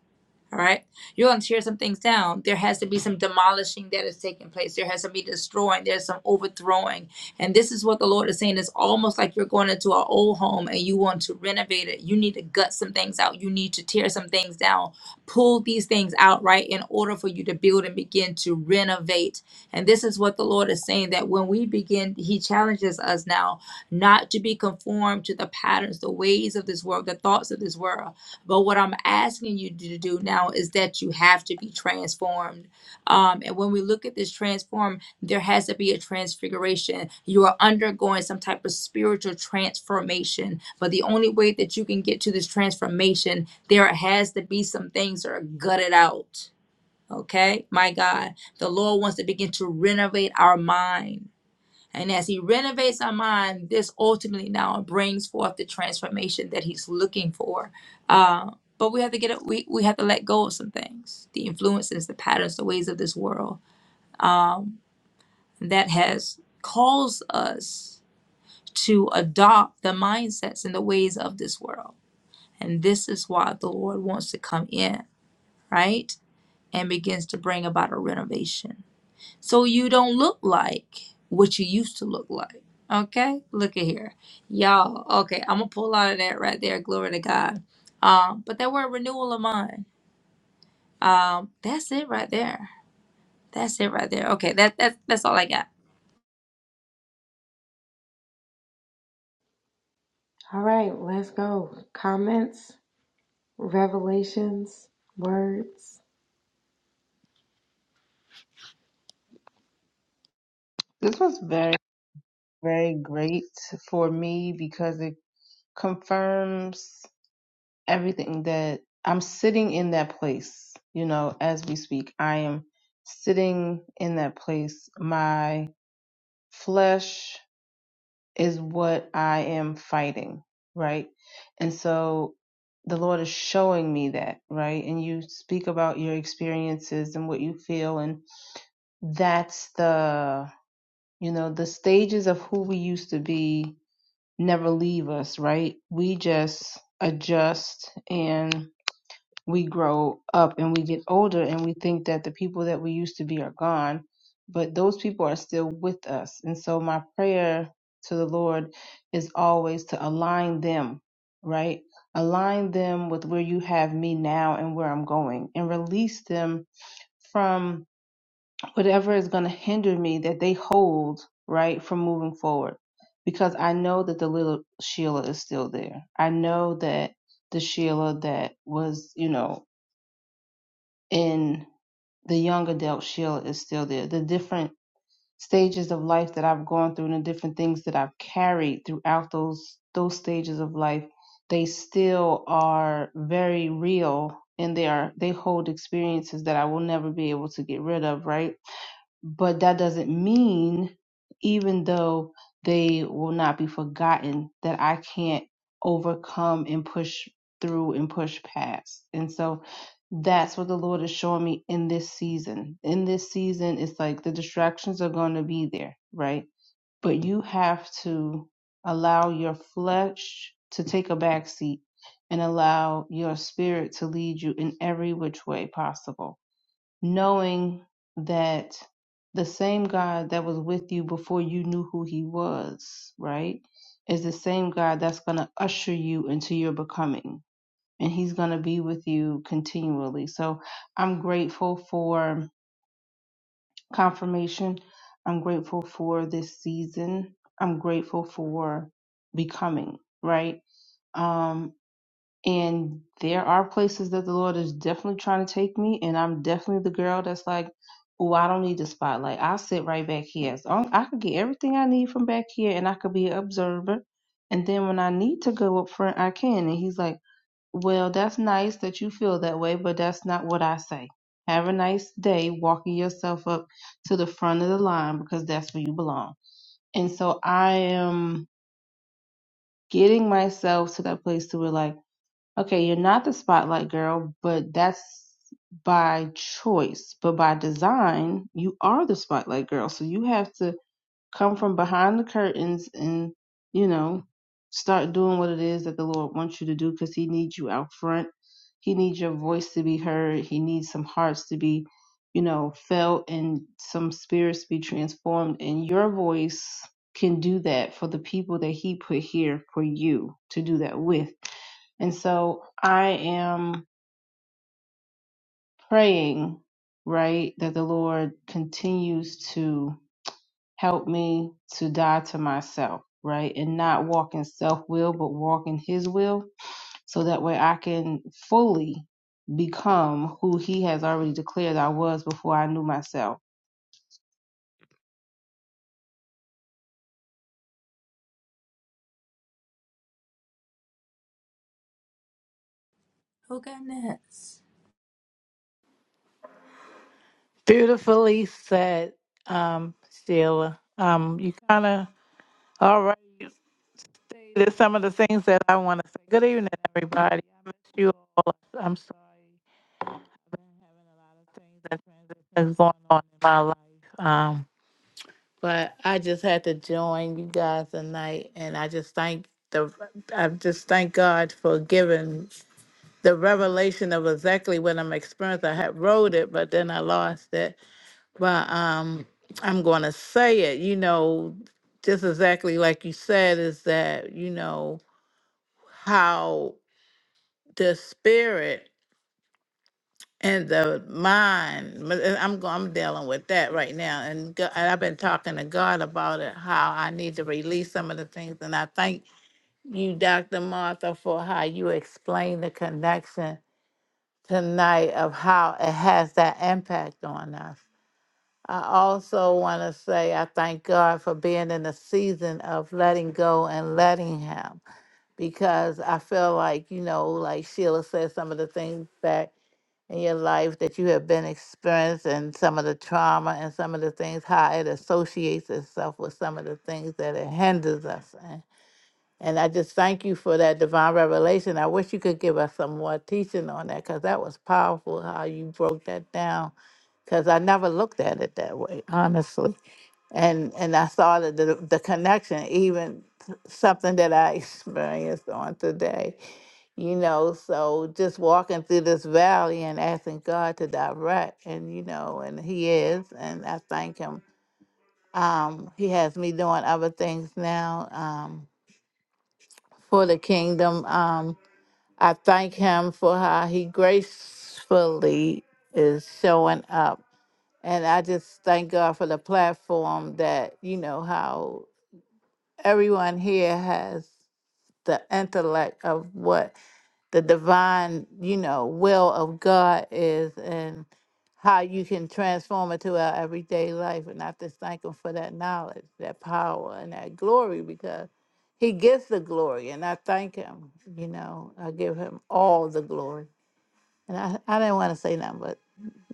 A: All right. You're going to tear some things down. There has to be some demolishing that is taking place. There has to be destroying. There's some overthrowing. And this is what the Lord is saying. It's almost like you're going into an old home and you want to renovate it. You need to gut some things out. You need to tear some things down. Pull these things out, right, in order for you to build and begin to renovate. And this is what the Lord is saying that when we begin, He challenges us now not to be conformed to the patterns, the ways of this world, the thoughts of this world but what I'm asking you to do now is that you have to be transformed. Um, and when we look at this transform, there has to be a transfiguration. You are undergoing some type of spiritual transformation. But the only way that you can get to this transformation, there has to be some things that are gutted out. Okay, my God, the Lord wants to begin to renovate our mind. And as He renovates our mind, this ultimately now brings forth the transformation that He's looking for. Uh, but we have to get it. We, we have to let go of some things, the influences, the patterns, the ways of this world um, that has caused us to adopt the mindsets and the ways of this world. And this is why the Lord wants to come in, right, and begins to bring about a renovation so you don't look like what you used to look like. Okay, look at here, y'all. Okay, I'm gonna pull out of that right there. Glory to God. Um, but that word renewal of mind. Um, that's it right there. That's it right there. Okay, that that's that's all I got.
B: all right let's go comments revelations words
C: This was very, very great for me because it confirms everything that I'm sitting in that place. You know, as we speak, I am sitting in that place. My flesh is what I am fighting, right? And so the Lord is showing me that, right? And you speak about your experiences and what you feel, and that's the, you know, the stages of who we used to be never leave us, right? We just adjust and we grow up and we get older and we think that the people that we used to be are gone, but those people are still with us. And so my prayer to the Lord is always to align them, right? Align them with where you have me now and where I'm going and release them from whatever is going to hinder me that they hold, right, from moving forward. Because I know that the little Sheila is still there. I know that the Sheila that was, you know, and the young adult shield is still there. The different stages of life that I've gone through and the different things that I've carried throughout those those stages of life, they still are very real and they are they hold experiences that I will never be able to get rid of, right? but that doesn't mean even though they will not be forgotten that i can't overcome and push through and push past and so that's what the lord is showing me in this season in this season it's like the distractions are going to be there right but you have to allow your flesh to take a back seat and allow your spirit to lead you in every which way possible knowing that the same God that was with you before you knew who he was, right, is the same God that's going to usher you into your becoming. And he's going to be with you continually. So I'm grateful for confirmation. I'm grateful for this season. I'm grateful for becoming, right? Um, and there are places that the Lord is definitely trying to take me, and I'm definitely the girl that's like, "Oh, I don't need the spotlight. I'll sit right back here. As long I could get everything I need from back here, and I could be an observer. And then when I need to go up front, I can." And He's like, "Well, that's nice that you feel that way, but that's not what I say. Have a nice day walking yourself up to the front of the line because that's where you belong." And so I am getting myself to that place to where like. Okay, you're not the spotlight girl, but that's by choice. But by design, you are the spotlight girl. So you have to come from behind the curtains and you know start doing what it is that the lord wants you to do because he needs you out front he needs your voice to be heard he needs some hearts to be you know felt and some spirits to be transformed and your voice can do that for the people that he put here for you to do that with and so i am praying right that the lord continues to help me to die to myself, right? And not walk in self will, but walk in His will. So that way I can fully become who He has already declared I was before I knew myself.
A: Who got next?
F: Beautifully said, um, Sheila. Um, you kind of already stated some of the things that I want to say. Good evening, everybody. I miss you all. I'm sorry. I've been having a lot of things that transitions going on in my life. Um, but I just had to join you guys tonight, and I just thank the. I just thank God for giving the revelation of exactly what I'm experiencing. I had wrote it, but then I lost it But um, I'm going to say it, you know, just exactly like you said, is that, you know, how the spirit and the mind, but, uh, I'm, go- I'm dealing with that right now. And, go- and I've been talking to God about it, how I need to release some of the things. And I thank you, Dr. Martha, for how you explained the connection tonight of how it has that impact on us I also want to say I thank God for being in the season of letting go and letting Him because I feel like, you know, like Sheila said, some of the things back in your life that you have been experiencing, and some of the trauma and some of the things, how it associates itself with some of the things that it hinders us in. And I just thank you for that divine revelation. I wish you could give us some more teaching on that because that was powerful how you broke that down because I never looked at it that way, honestly and and I saw the, the the connection, even something that I <laughs> experienced on today, you know. So just walking through this valley and asking God to direct, and you know, and He is, and I thank Him. Um, he has me doing other things now um, for the kingdom. Um, I thank Him for how He gracefully is showing up. And I just thank God for the platform that, you know, how everyone here has the intellect of what the divine, you know, will of God is and how you can transform it to our everyday life. And I just thank him for that knowledge, that power, and that glory because he gets the glory. And I thank him, you know, I give him all the glory. And I, I didn't want to say nothing, but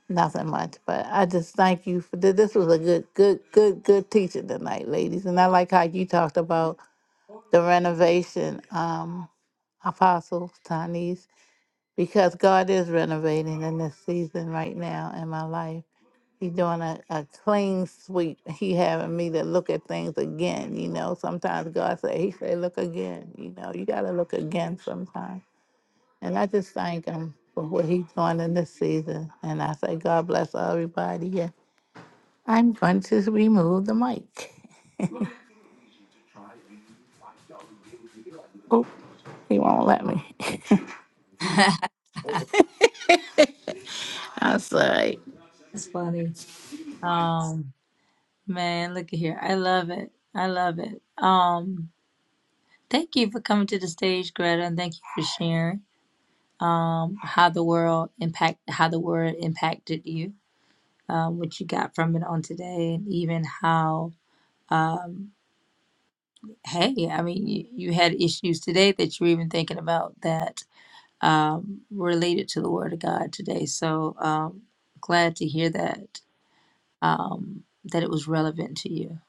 F: nothing much. But I just thank you for this. This was a good, good, good, good teaching tonight, ladies. And I like how you talked about the renovation, um, Apostle Tanis, because God is renovating in this season right now in my life. He's doing a, a clean sweep. He having me to look at things again. You know, sometimes God say, He say, look again. You know, you got to look again sometimes. And I just thank Him for what He's doing in this season. And I say, God bless everybody here. I'm going to remove the mic. Oh, He won't let me.
A: <laughs>
F: <laughs> I say,
A: that's funny. Um, man, look at here. I love it. I love it. Um, thank you for coming to the stage, Greta, and thank you for sharing um how the world impact how the word impacted you um, what you got from it on today, and even how, um, hey, I mean, you, you had issues today that you were even thinking about that um, related to the Word of God today. So um, glad to hear that um, that it was relevant to you.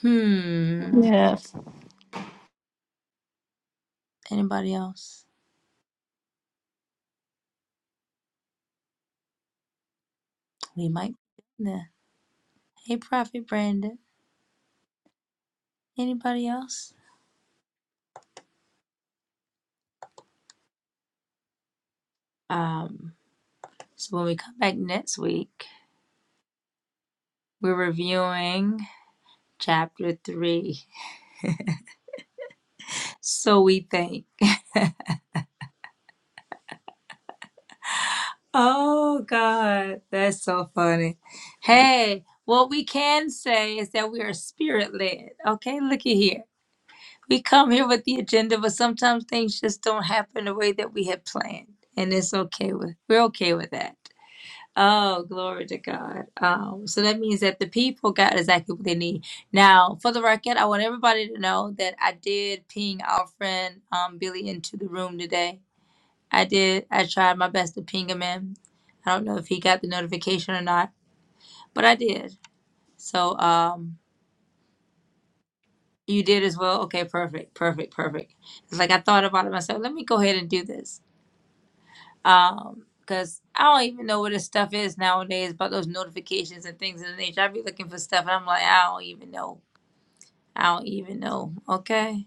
A: Hmm.
F: yes.
A: Anybody else? We might. Nah. Hey, Prophet Brandon. Anybody else? Um. So when we come back next week, we're reviewing chapter three. <laughs> So we think. Oh God, that's so funny. Hey, what we can say is that we are spirit led. Okay, looky here. We come here with the agenda, but sometimes things just don't happen the way that we had planned, and it's okay with we're okay with that. Oh, glory to God. Um, so that means that the people got exactly what they need. Now, for the record, I want everybody to know that I did ping our friend um, Billy into the room today I did. I tried my best to ping him in. I don't know if he got the notification or not, but I did. So um, you did as well. Okay, perfect, perfect, perfect. It's like I thought about it myself. Let me go ahead and do this. Um, because I don't even know what this stuff is nowadays about those notifications and things of the nature. I be looking for stuff and I'm like, I don't even know. I don't even know. Okay,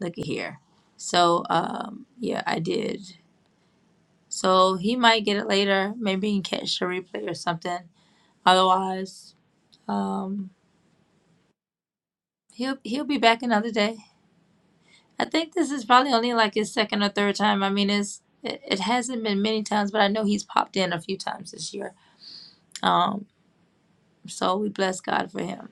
A: look at here. So um, yeah, I did. So he might get it later. Maybe he can catch the replay or something Otherwise, um, he'll he'll be back another day. I think this is probably only like his second or third time. I mean, it's it, it hasn't been many times, but I know he's popped in a few times this year. Um, so we bless God for him.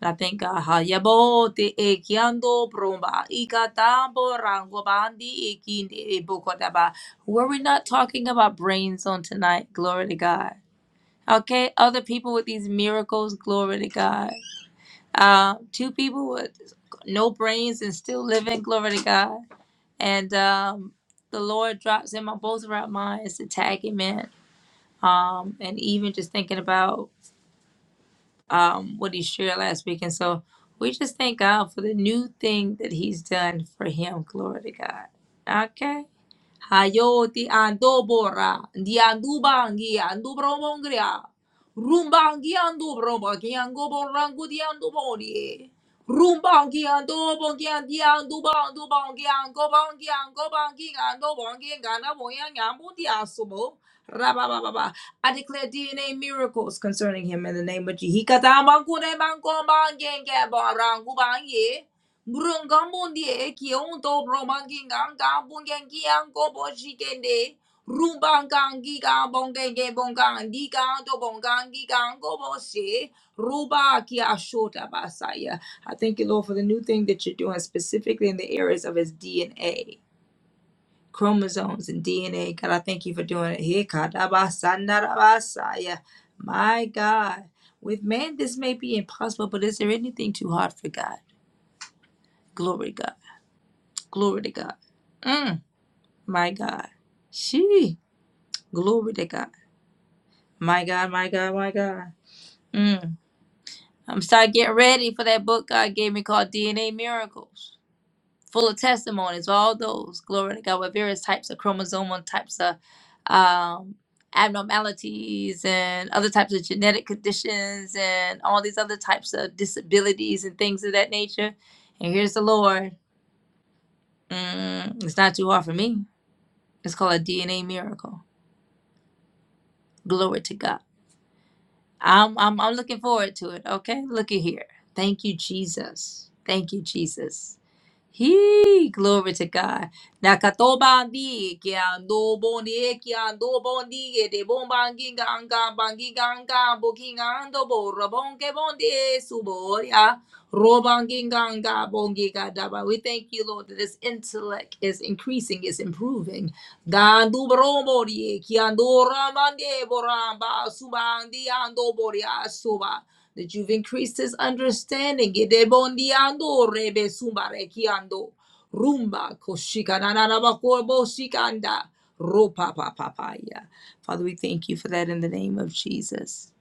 A: And I thank God. Hayabo te ekiando brumba ikatambo rango bandi ikinde ebokotaba. Were we not talking about brains on tonight? Glory to God. Okay, other people with these miracles, glory to God. Uh, two people with no brains and still living. Glory to God. And um, the Lord drops in my both of our minds the tag him in. Um, and even just thinking about um, what he shared last week. And so we just thank God for the new thing that he's done for him. Glory to God. Okay. Hayoti andobora, diandubangi, andubromongria, rumbangi andubrobangi, angoboranguti andubori, rumbangi andobongi, andiandubandubangi, angobangi, angobangi, andobangi, ganaboyang, ambutiasubo, rabababa. I declare DNA miracles concerning him in the name of Jesus. Hikatamangunemangomangengebarangubangi. Brungamundie kionto romanginga bungengian gobo shikende. Rumbangangiga bongenge bongandiga do bongangiga gobo she. Ruba kia shota basaya. I thank you, Lord, for the new thing that you're doing specifically in the areas of his DNA. Chromosomes and DNA. God, I thank you for doing it. Here, Kadabasandabasaya. My God. With man, this may be impossible, but is there anything too hard for God? Glory, God. Glory to God. Mm, my God. She. Glory to God. My God, my God, my God. Mm. I'm starting getting ready for that book God gave me called DNA Miracles. Full of testimonies, all those. Glory to God with various types of chromosomal types of um, abnormalities and other types of genetic conditions and all these other types of disabilities and things of that nature. And here's the Lord. Mm, it's not too hard for me. It's called a DNA miracle. Glory to God. I'm I'm I'm looking forward to it. Okay. Look at here. Thank you, Jesus. Thank you, Jesus. He, glory to God. Nakatobandi, kiando bondi, kiando bondi, de bombangi, ganga, bangi, ganga, bokingando, bo, rabonke bondi, suboria, robangi, ganga, bongi, daba. We thank you, Lord, that this intellect is increasing, is improving. Gandu bromori, kiando ramande, boramba, subandi, ando boria, suba that you've increased his understanding. Gedebondiando rebe sumbarekiando. Rumba koshikananarabakobo shikanda. Ropa pa pa pa ya. Father, we thank you for that in the name of Jesus.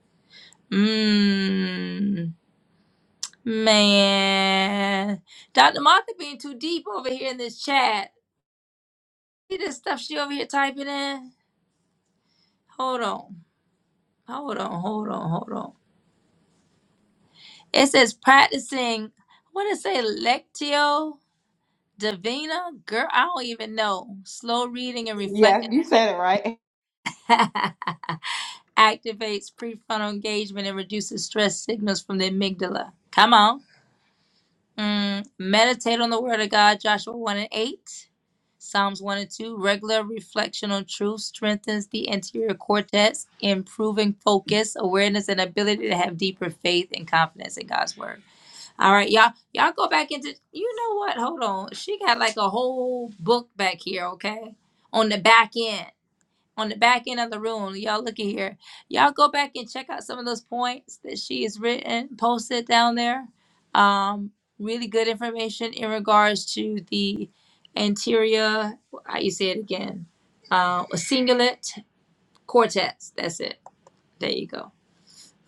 A: Mmm. Man. Dr. Martha being too deep over here in this chat. See this stuff she over here typing in? Hold on. Hold on. Hold on. Hold on. It says practicing. What does it say? Lectio? Davina, girl, I don't even know. Slow reading and
B: Yes,
A: reflecting
B: you said it right. <laughs>
A: activates prefrontal engagement and reduces stress signals from the amygdala. Come on. Mm, meditate on the word of God, Joshua 1 and 8. Psalms 1 and 2. Regular reflection on truth strengthens the anterior cortex, improving focus, awareness, and ability to have deeper faith and confidence in God's word. All right, y'all, y'all go back into you know what? Hold on. She got like a whole book back here, okay? On the back end. On the back end of the room. Y'all look at here. Y'all go back and check out some of those points that she has written, posted down there. Um, really good information in regards to the anterior how you say it again? Uh cingulate cortex. That's it. There you go.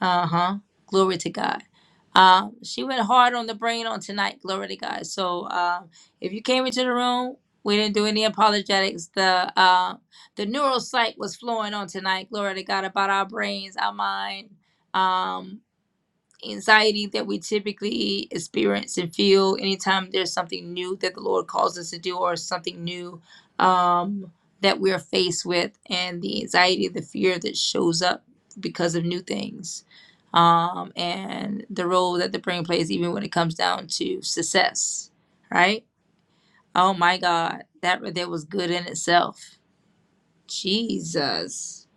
A: Uh huh. Glory to God. Uh, she went hard on the brain on tonight. Glory to God. So uh, if you came into the room, we didn't do any apologetics. The uh, the neuropsych was flowing on tonight. Glory to God about our brains, our mind. Um anxiety that we typically experience and feel anytime there's something new that the Lord calls us to do or something new um, that we're faced with, and the anxiety, the fear that shows up because of new things, um, and the role that the brain plays, even when it comes down to success, right? Oh my God, that right there was good in itself. Jesus.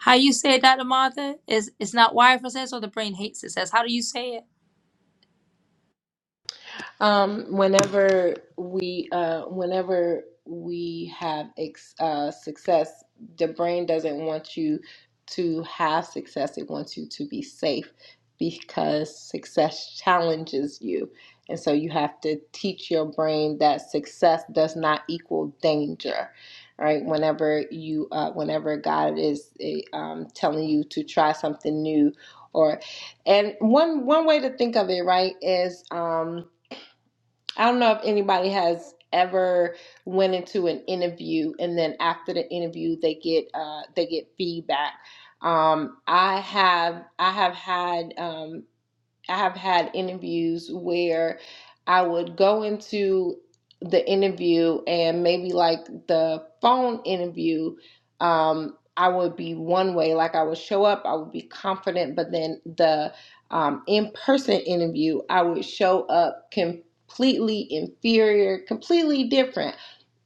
A: How you say it, Dr. Martha? Is it's not wired for success or the brain hates success? How do you say it?
B: Um, whenever we, uh, whenever we have ex- uh, success, the brain doesn't want you to have success. It wants you to be safe because success challenges you. And so you have to teach your brain that success does not equal danger, right? Whenever you, uh, whenever God is eh, um, telling you to try something new, or and one one way to think of it, right, is um, I don't know if anybody has ever went into an interview and then after the interview they get uh, they get feedback. Um, I have I have had um, I have had interviews where I would go into the interview and maybe like the phone interview, um, I would be one way, like I would show up, I would be confident, but then the um, in person interview, I would show up completely inferior, completely different.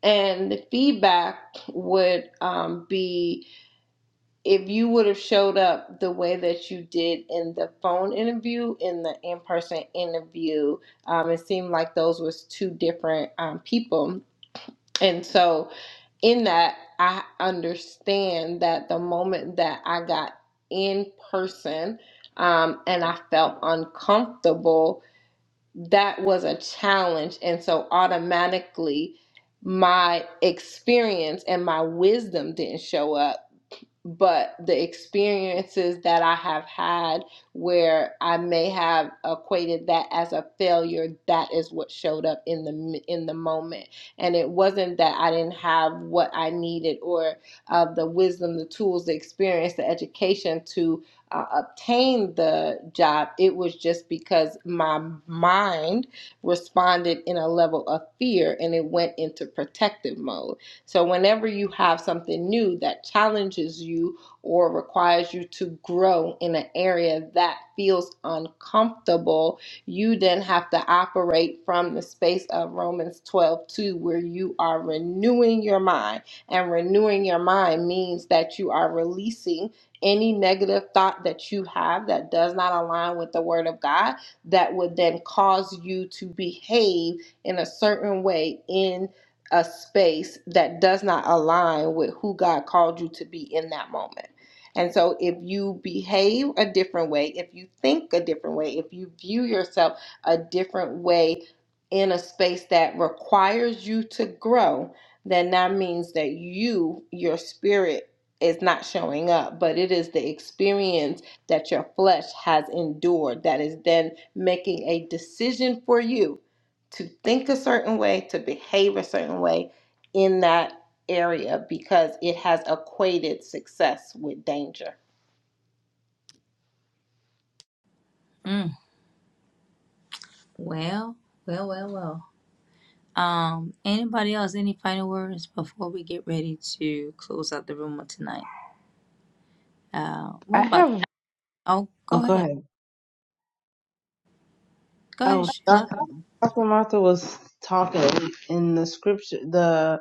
B: And the feedback would um, be, if you would have showed up the way that you did in the phone interview, in the in person interview, um, it seemed like those was two different um, people. And so, in that, I understand that the moment that I got in person um, and I felt uncomfortable, that was a challenge. And so, automatically, my experience and my wisdom didn't show up but the experiences that I have had where I may have equated that as a failure, that is what showed up in the in the moment. And it wasn't that I didn't have what I needed or uh, the wisdom, the tools, the experience, the education to uh, obtain the job. It was just because my mind responded in a level of fear and it went into protective mode so, whenever you have something new that challenges you or requires you to grow in an area that feels uncomfortable, you then have to operate from the space of Romans 12 2, where you are renewing your mind. And renewing your mind means that you are releasing any negative thought that you have that does not align with the Word of God that would then cause you to behave in a certain way in a space that does not align with who God called you to be in that moment. And so if you behave a different way, if you think a different way, if you view yourself a different way in a space that requires you to grow, then that means that you, your spirit, is not showing up, but it is the experience that your flesh has endured that is then making a decision for you to think a certain way, to behave a certain way in that area because it has equated success with danger.
A: Mm. Well, well, well, well. Um, anybody else? Any final words before we get ready to close out the room of tonight? Uh,
C: I
A: we're about.
C: have,
A: Oh,
C: oh,
A: go
C: go
A: ahead.
C: ahead.
A: Go ahead,
C: Oh,
A: Sheila.
C: Dr. Dr. Martha was talking in the scripture, the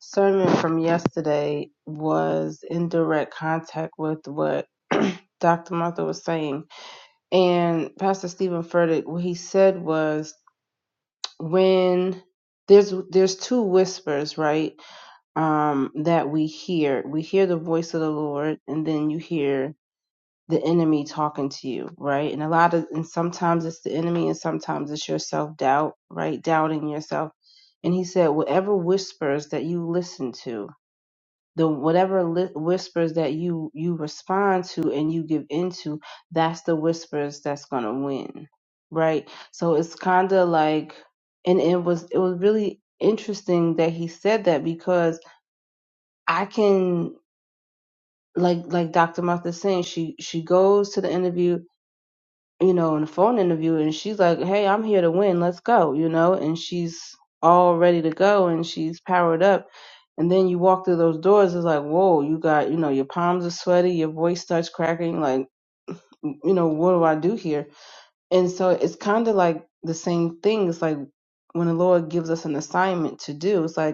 C: sermon from yesterday was in direct contact with what <clears throat> Dr. Martha was saying. And Pastor Stephen Furtick, what he said was when there's there's two whispers right um that we hear we hear the voice of the lord and then you hear the enemy talking to you right and a lot of and sometimes it's the enemy and sometimes it's your self doubt right doubting yourself and he said whatever whispers that you listen to the whatever li- whispers that you you respond to and you give into that's the whispers that's going to win right so it's kind of like and it was it was really interesting that he said that because i can like like dr martha's saying she she goes to the interview you know in the phone interview and she's like hey i'm here to win let's go you know and she's all ready to go and she's powered up and then you walk through those doors, it's like, whoa, you got, you know, your palms are sweaty, your voice starts cracking, like, you know, what do I do here? And so it's kind of like the same thing. It's like when the Lord gives us an assignment to do, it's like,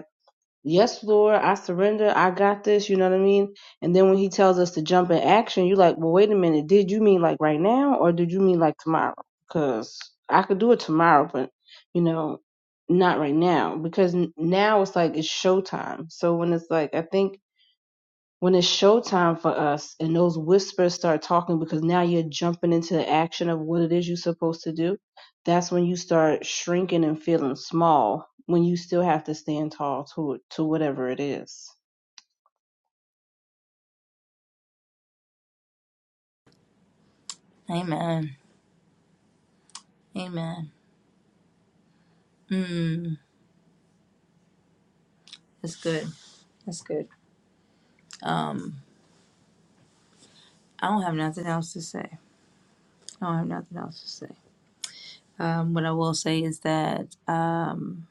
C: yes, Lord, I surrender. I got this. You know what I mean? And then when he tells us to jump in action, you're like, well, wait a minute. Did you mean like right now or did you mean like tomorrow? Because I could do it tomorrow, but, you know, not right now. Because n- now it's like it's showtime. So when it's like, I think when it's showtime for us and those whispers start talking because now you're jumping into the action of what it is you're supposed to do, that's when you start shrinking and feeling small when you still have to stand tall to it- to whatever it is.
A: Amen. Amen. Mm, that's good. That's good. Um, I don't have nothing else to say. I don't have nothing else to say. Um, what I will say is that um,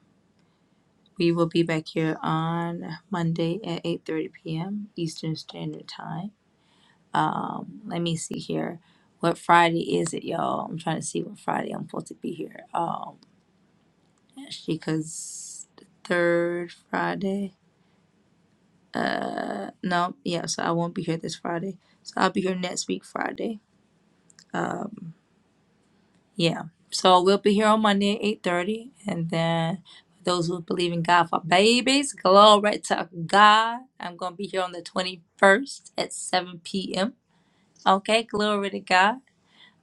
A: we will be back here on Monday at 8:30 p.m. Eastern Standard Time. Um, let me see here. What Friday is it, y'all? I'm trying to see what Friday I'm supposed to be here. Um, because the third Friday. Uh, no, yeah. So I won't be here this Friday. So I'll be here next week Friday. Yeah. So we'll be here on Monday at eight thirty, and then for those who believe in God for babies, glory to God. I'm gonna be here on the twenty first at seven p.m. Okay, glory to God.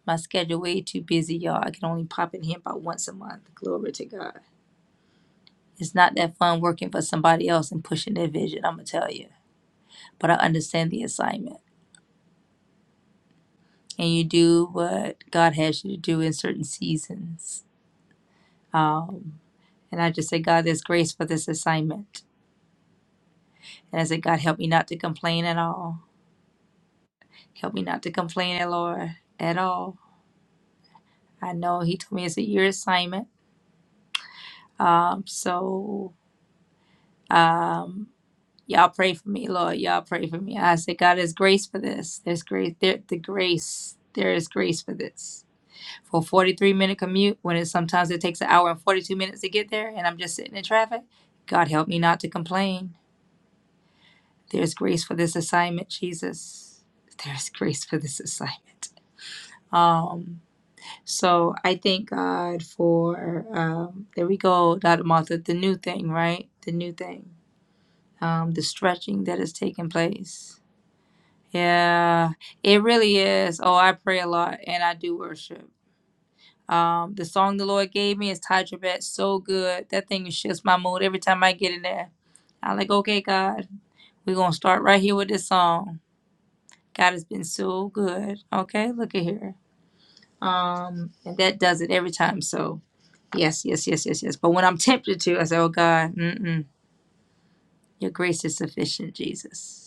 A: My schedule way too busy, y'all. I can only pop in here about once a month. Glory to God. It's not that fun working for somebody else and pushing their vision, I'm gonna tell you. But I understand the assignment. And you do what God has you to do in certain seasons. Um, and I just say, God, there's grace for this assignment. And I say, God, help me not to complain at all. Help me not to complain, Lord, at all. I know He told me it's a year assignment. Um, so um. Y'all pray for me, Lord. Y'all pray for me. I say, God, there's grace for this. There's grace. There, the grace. There is grace for this. For a 43 minute commute, when it sometimes it takes an hour and 42 minutes to get there, and I'm just sitting in traffic, God help me not to complain. There's grace for this assignment, Jesus. There's grace for this assignment. Um, so I thank God for um, there we go, Dr. Martha, the new thing, right? The new thing, um, the stretching that has taken place Yeah, it really is. Oh, I pray a lot and I do worship. Um, the song the Lord gave me is Ty Tribbett, so good. That thing shifts my mood every time I get in there. I'm like, okay, God, we're gonna start right here with this song. God has been so good. Okay, look at here. Um, and that does it every time. So yes, yes, yes, yes, yes. But when I'm tempted to, I say, oh God, mm-mm, your grace is sufficient, Jesus.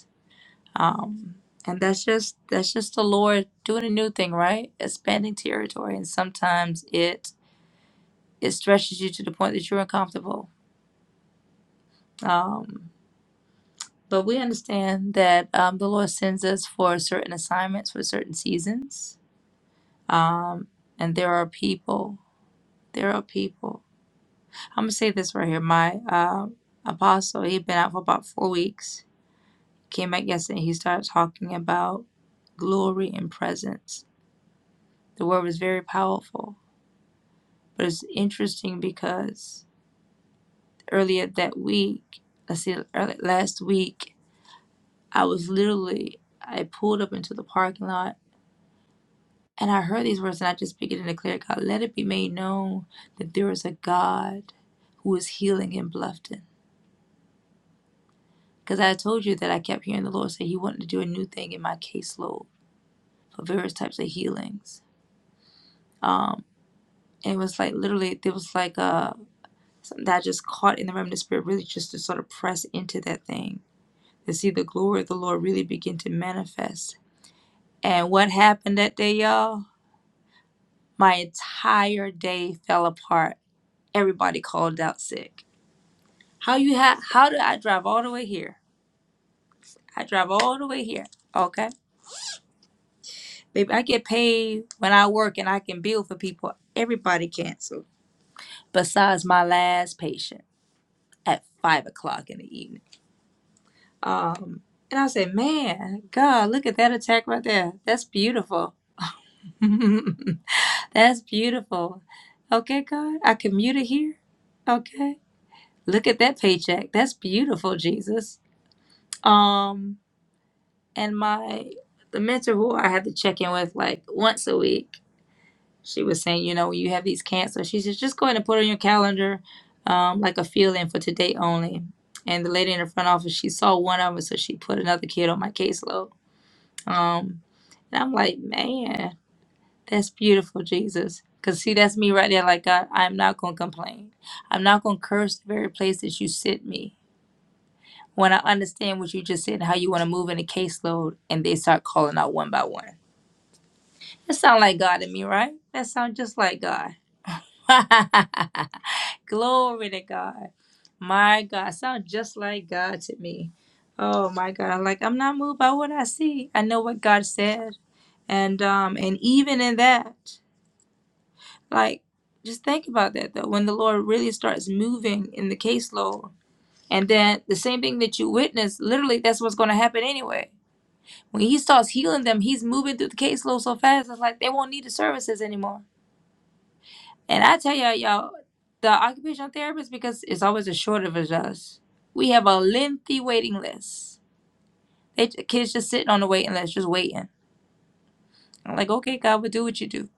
A: um and that's just that's just the lord doing a new thing right expanding territory and sometimes it it stretches you to the point that you're uncomfortable um but we understand that um, the lord sends us for certain assignments for certain seasons um and there are people there are people i'm gonna say this right here my um apostle he'd been out for about four weeks came back yesterday he started talking about glory and presence the word was very powerful But it's interesting because earlier that week, I see early, last week, I was literally, I pulled up into the parking lot and I heard these words and I just began to declare, God, let it be made known that there is a God who is healing in Bluffton. Because I told you that I kept hearing the Lord say he wanted to do a new thing in my caseload for various types of healings. Um, and it was like literally, there was like a, something that I just caught in the realm of the spirit, really just to sort of press into that thing and see the glory of the Lord really begin to manifest. And what happened that day, y'all? My entire day fell apart. Everybody called out sick. How you ha- how did I drive all the way here? I drive all the way here. Okay. Baby, I get paid when I work and I can bill for people. Everybody canceled. Besides my last patient at five o'clock in the evening. Um and I said, Man, God, look at that attack right there. That's beautiful. <laughs> That's beautiful. Okay, God, I commuted here. Okay. Look at that paycheck. That's beautiful, Jesus. Um, and my the mentor who I had to check in with like once a week, she was saying, you know, you have these cancers, she says, just go ahead and put on your calendar, um, like a fill in for today only. And the lady in the front office, she saw one of them, so she put another kid on my caseload. Um, and I'm like, man. That's beautiful, Jesus. Because see, that's me right there. Like, God, I'm not going to complain. I'm not going to curse the very place that you sent me. When I understand what you just said, how you want to move in a caseload, and they start calling out one by one. That sound like God to me, right? That sound just like God. <laughs> Glory to God. My God, sound just like God to me. Oh my God, I'm like I'm not moved by what I see. I know what God said, and um, and even in that. Like, just think about that though. When the Lord really starts moving in the caseload, and then the same thing that you witness, literally, that's what's going to happen anyway. When He starts healing them, He's moving through the caseload so fast, it's like they won't need the services anymore. And I tell y'all, y'all, the occupational therapist, because it's always a shortage of us, we have a lengthy waiting list. They, kids just sitting on the waiting list, just waiting. I'm like, okay, God, will do what you do.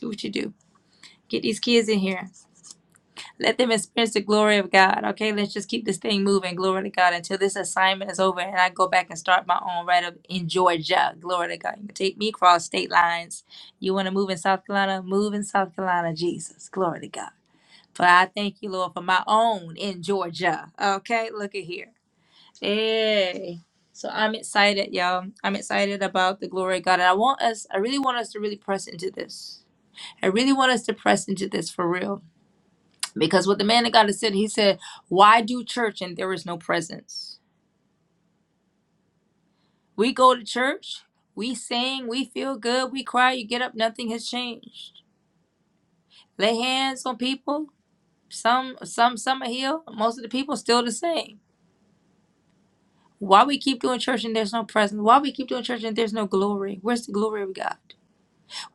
A: Do what you do. Get these kids in here. Let them experience the glory of God. Okay, let's just keep this thing moving. Glory to God until this assignment is over and I go back and start my own right up in Georgia. Glory to God. You can take me across state lines. You want to move in South Carolina? Move in South Carolina, Jesus. Glory to God. For I thank you, Lord, for my own in Georgia. Okay, look at here. Hey. So I'm excited, y'all. I'm excited about the glory of God. And I want us, I really want us to really press into this. I really want us to press into this for real because what the man of God has said, he said, Why do church and there is no presence? We go to church, we sing, we feel good, we cry, you get up, nothing has changed. Lay hands on people, some some some are healed, most of the people still the same. Why we keep doing church and there's no presence? Why we keep doing church and there's no glory? Where's the glory of God?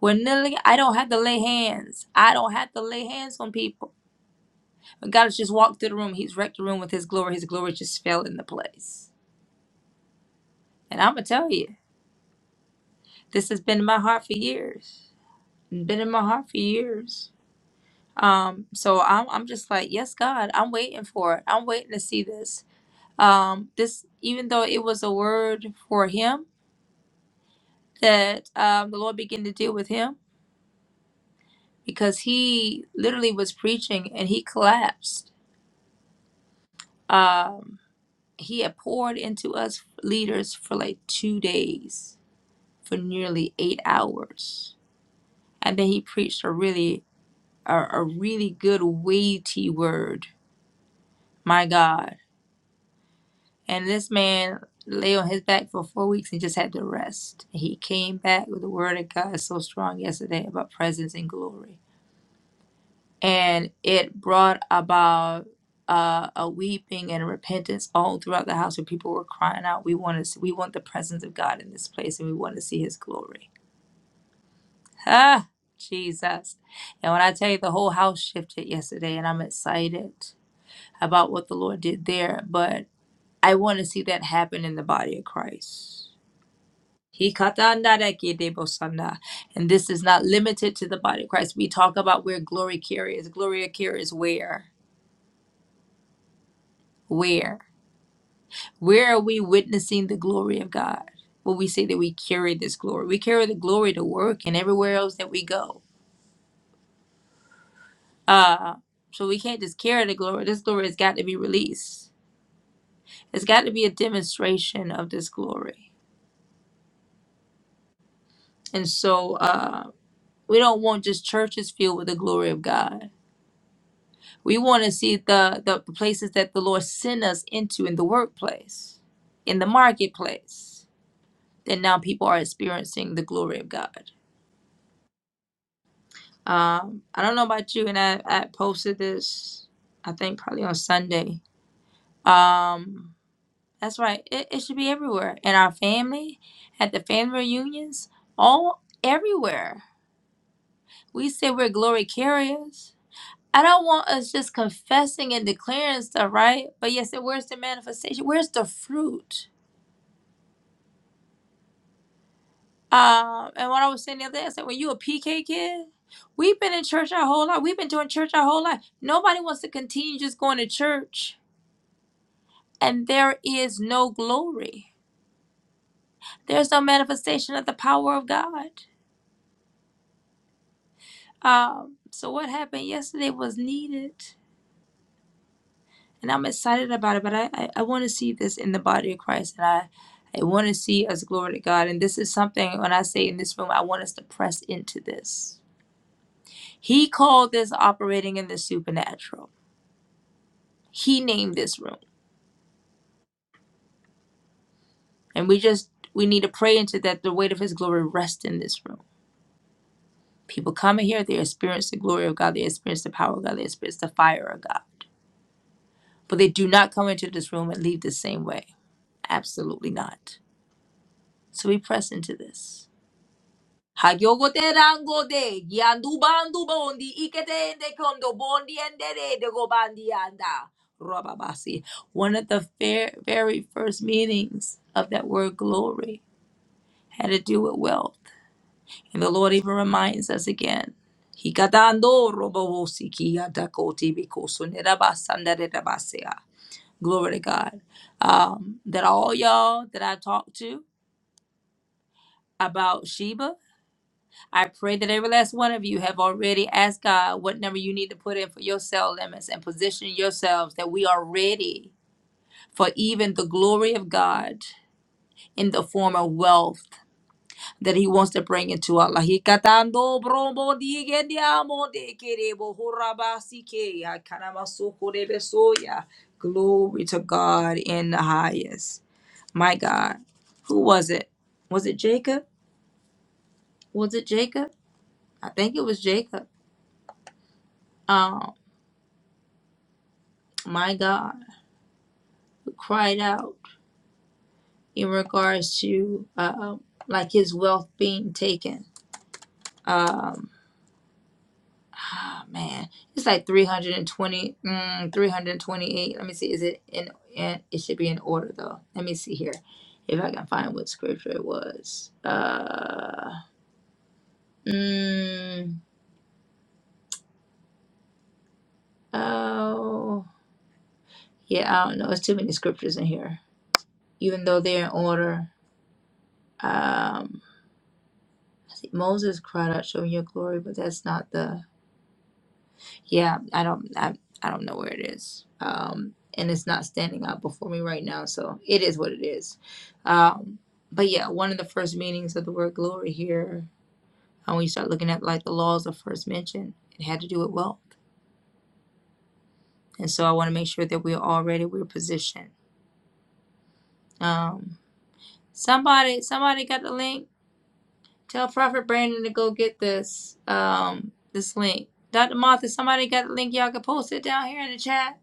A: We're kneeling. I don't have to lay hands. I don't have to lay hands on people. But God has just walked through the room. He's wrecked the room with his glory. His glory just fell in the place. And I'm gonna tell you. This has been in my heart for years. Been in my heart for years. Um, so I'm I'm just like, yes, God, I'm waiting for it. I'm waiting to see this. Um, this even though it was a word for him that um, the Lord began to deal with him because he literally was preaching and he collapsed. Um, he had poured into us leaders for like two days, for nearly eight hours, and then he preached a really a, a really good weighty word. My God. And this man lay on his back for four weeks and just had to rest. He came back with the word of God so strong yesterday about presence and glory. And it brought about uh, a weeping and repentance all throughout the house where people were crying out, We want to see, we want the presence of God in this place and we want to see his glory. Ah, Jesus. And when I tell you the whole house shifted yesterday and I'm excited. about what the Lord did there, but I want to see that happen in the body of Christ. He katandarekedebosanda. And this is not limited to the body of Christ. We talk about where glory carries. Glory carries where? Where? Where are we witnessing the glory of God? When we say that we carry this glory, we carry the glory to work and everywhere else that we go. Uh, so we can't just carry the glory. This glory has got to be released. It's got to be a demonstration of this glory. And so, uh, We don't want just churches filled with the glory of God. We want to see the, the places that the Lord sent us into in the workplace, in the marketplace, that now people are experiencing the glory of God. Um, I don't know about you, and I, I posted this, I think probably on Sunday. Um, that's right. It, it should be everywhere in our family, at the family reunions, all everywhere. We say we're glory carriers I don't want us just confessing and declaring stuff, right? But yes, and where's the manifestation? Where's the fruit? Um, and what I was saying the other day, I said, when you a PK kid, we've been in church our whole life. We've been doing church our whole life. Nobody wants to continue just going to church, and there is no glory. There's no manifestation of the power of God. Um, so what happened yesterday was needed. and I'm excited about it. But I, I, I want to see this in the body of Christ, and I, I want to see us glory to God. And this is something when I say in this room, I want us to press into this. He called this operating in the supernatural. He named this room, and we just we need to pray into that. The weight of His glory rests in this room. People come in here, they experience the glory of God, they experience the power of God, they experience the fire of God. But they do not come into this room and leave the same way. Absolutely not. So we press into this. Hayogote rango de yandu bandu bondi ikete ende kondo bondi endere de go bandi anda. Rababasi. One of the fair, very first meanings of that word glory had to do with wealth. And the Lord even reminds us again. Hikatando robobosi ki atakoti bikoso nerabasanda nerabasea. Glory to God. Um, that all y'all that I talked to about Sheba I pray that every last one of you have already asked God what number you need to put in for your cell limits and position yourselves that we are ready for even the glory of God in the form of wealth that He wants to bring into our life. Hikatando bromo digendiamo dekerebo horabasike, akanamaso korebesoya. Glory to God in the highest. My God. Who was it? Was it Jacob? Was it Jacob? I think it was Jacob Um. my God, who cried out in regards to uh, like his wealth being taken. Um, ah, man, it's like 320, mm, 328. Let me see, is it in, in, it should be in order though. Let me see here if I can find what scripture it was. Uh, mm, oh, yeah, I don't know. It's too many scriptures in here, even though they're in order. Um, see, Moses cried out, showing your glory, but that's not the Yeah, I don't I, I don't know where it is. Um and it's not standing out before me right now, so it is what it is. Um but yeah, one of the first meanings of the word glory here, and when you start looking at like the laws of first mention, it had to do with wealth. And so I want to make sure that we're already we're positioned. Um somebody somebody got the link. Tell Prophet Brandon to go get this um this link. Dr. Martha, somebody got the link, y'all can post it down here in the chat.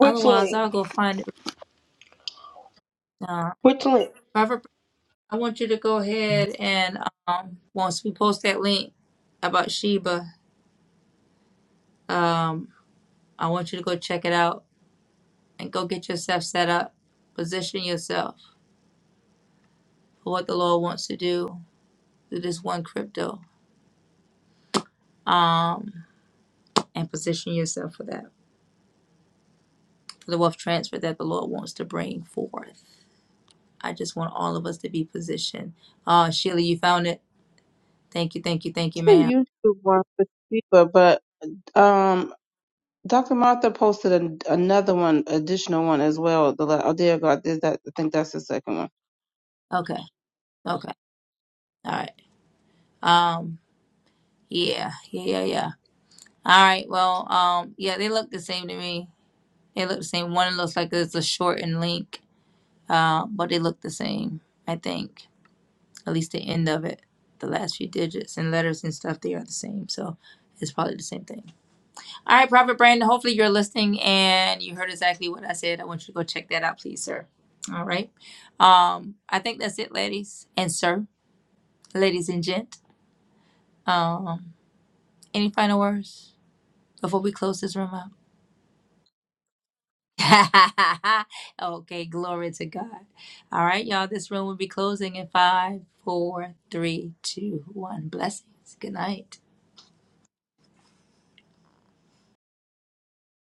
A: Otherwise I'll go find it. Uh, Prophet I want you to go ahead and um, once we post that link about Sheba, um, I want you to go check it out and go get yourself set up, position yourself for what the Lord wants to do through this one crypto, um, and position yourself for that, for the wealth transfer that the Lord wants to bring forth. I just want all of us to be positioned. Uh, Sheila, you found it. Thank you, thank you, thank
C: It's
A: you,
C: a
A: ma'am.
C: YouTube one for Sheba, but um, Dr. Martha posted an, another one, additional one as well. The la- oh, there you go, I did that. I think that's the second one
A: Okay, okay, all right. Um, yeah, yeah, yeah, yeah. All right. Well, um, yeah, they look the same to me. They look the same. One looks like it's a shortened link, uh, but they look the same. I think at least the end of it, the last few digits and letters and stuff, they are the same. So it's probably the same thing. All right, Prophet Brandon. Hopefully you're listening and you heard exactly what I said. I want you to go check that out, please, sir. All right. Um, I think that's it, ladies and sir, ladies and gent. Um, any final words before we close this room out? <laughs> okay, glory to God. All right, y'all, this room will be closing in five, four, three, two, one. Blessings. Good night.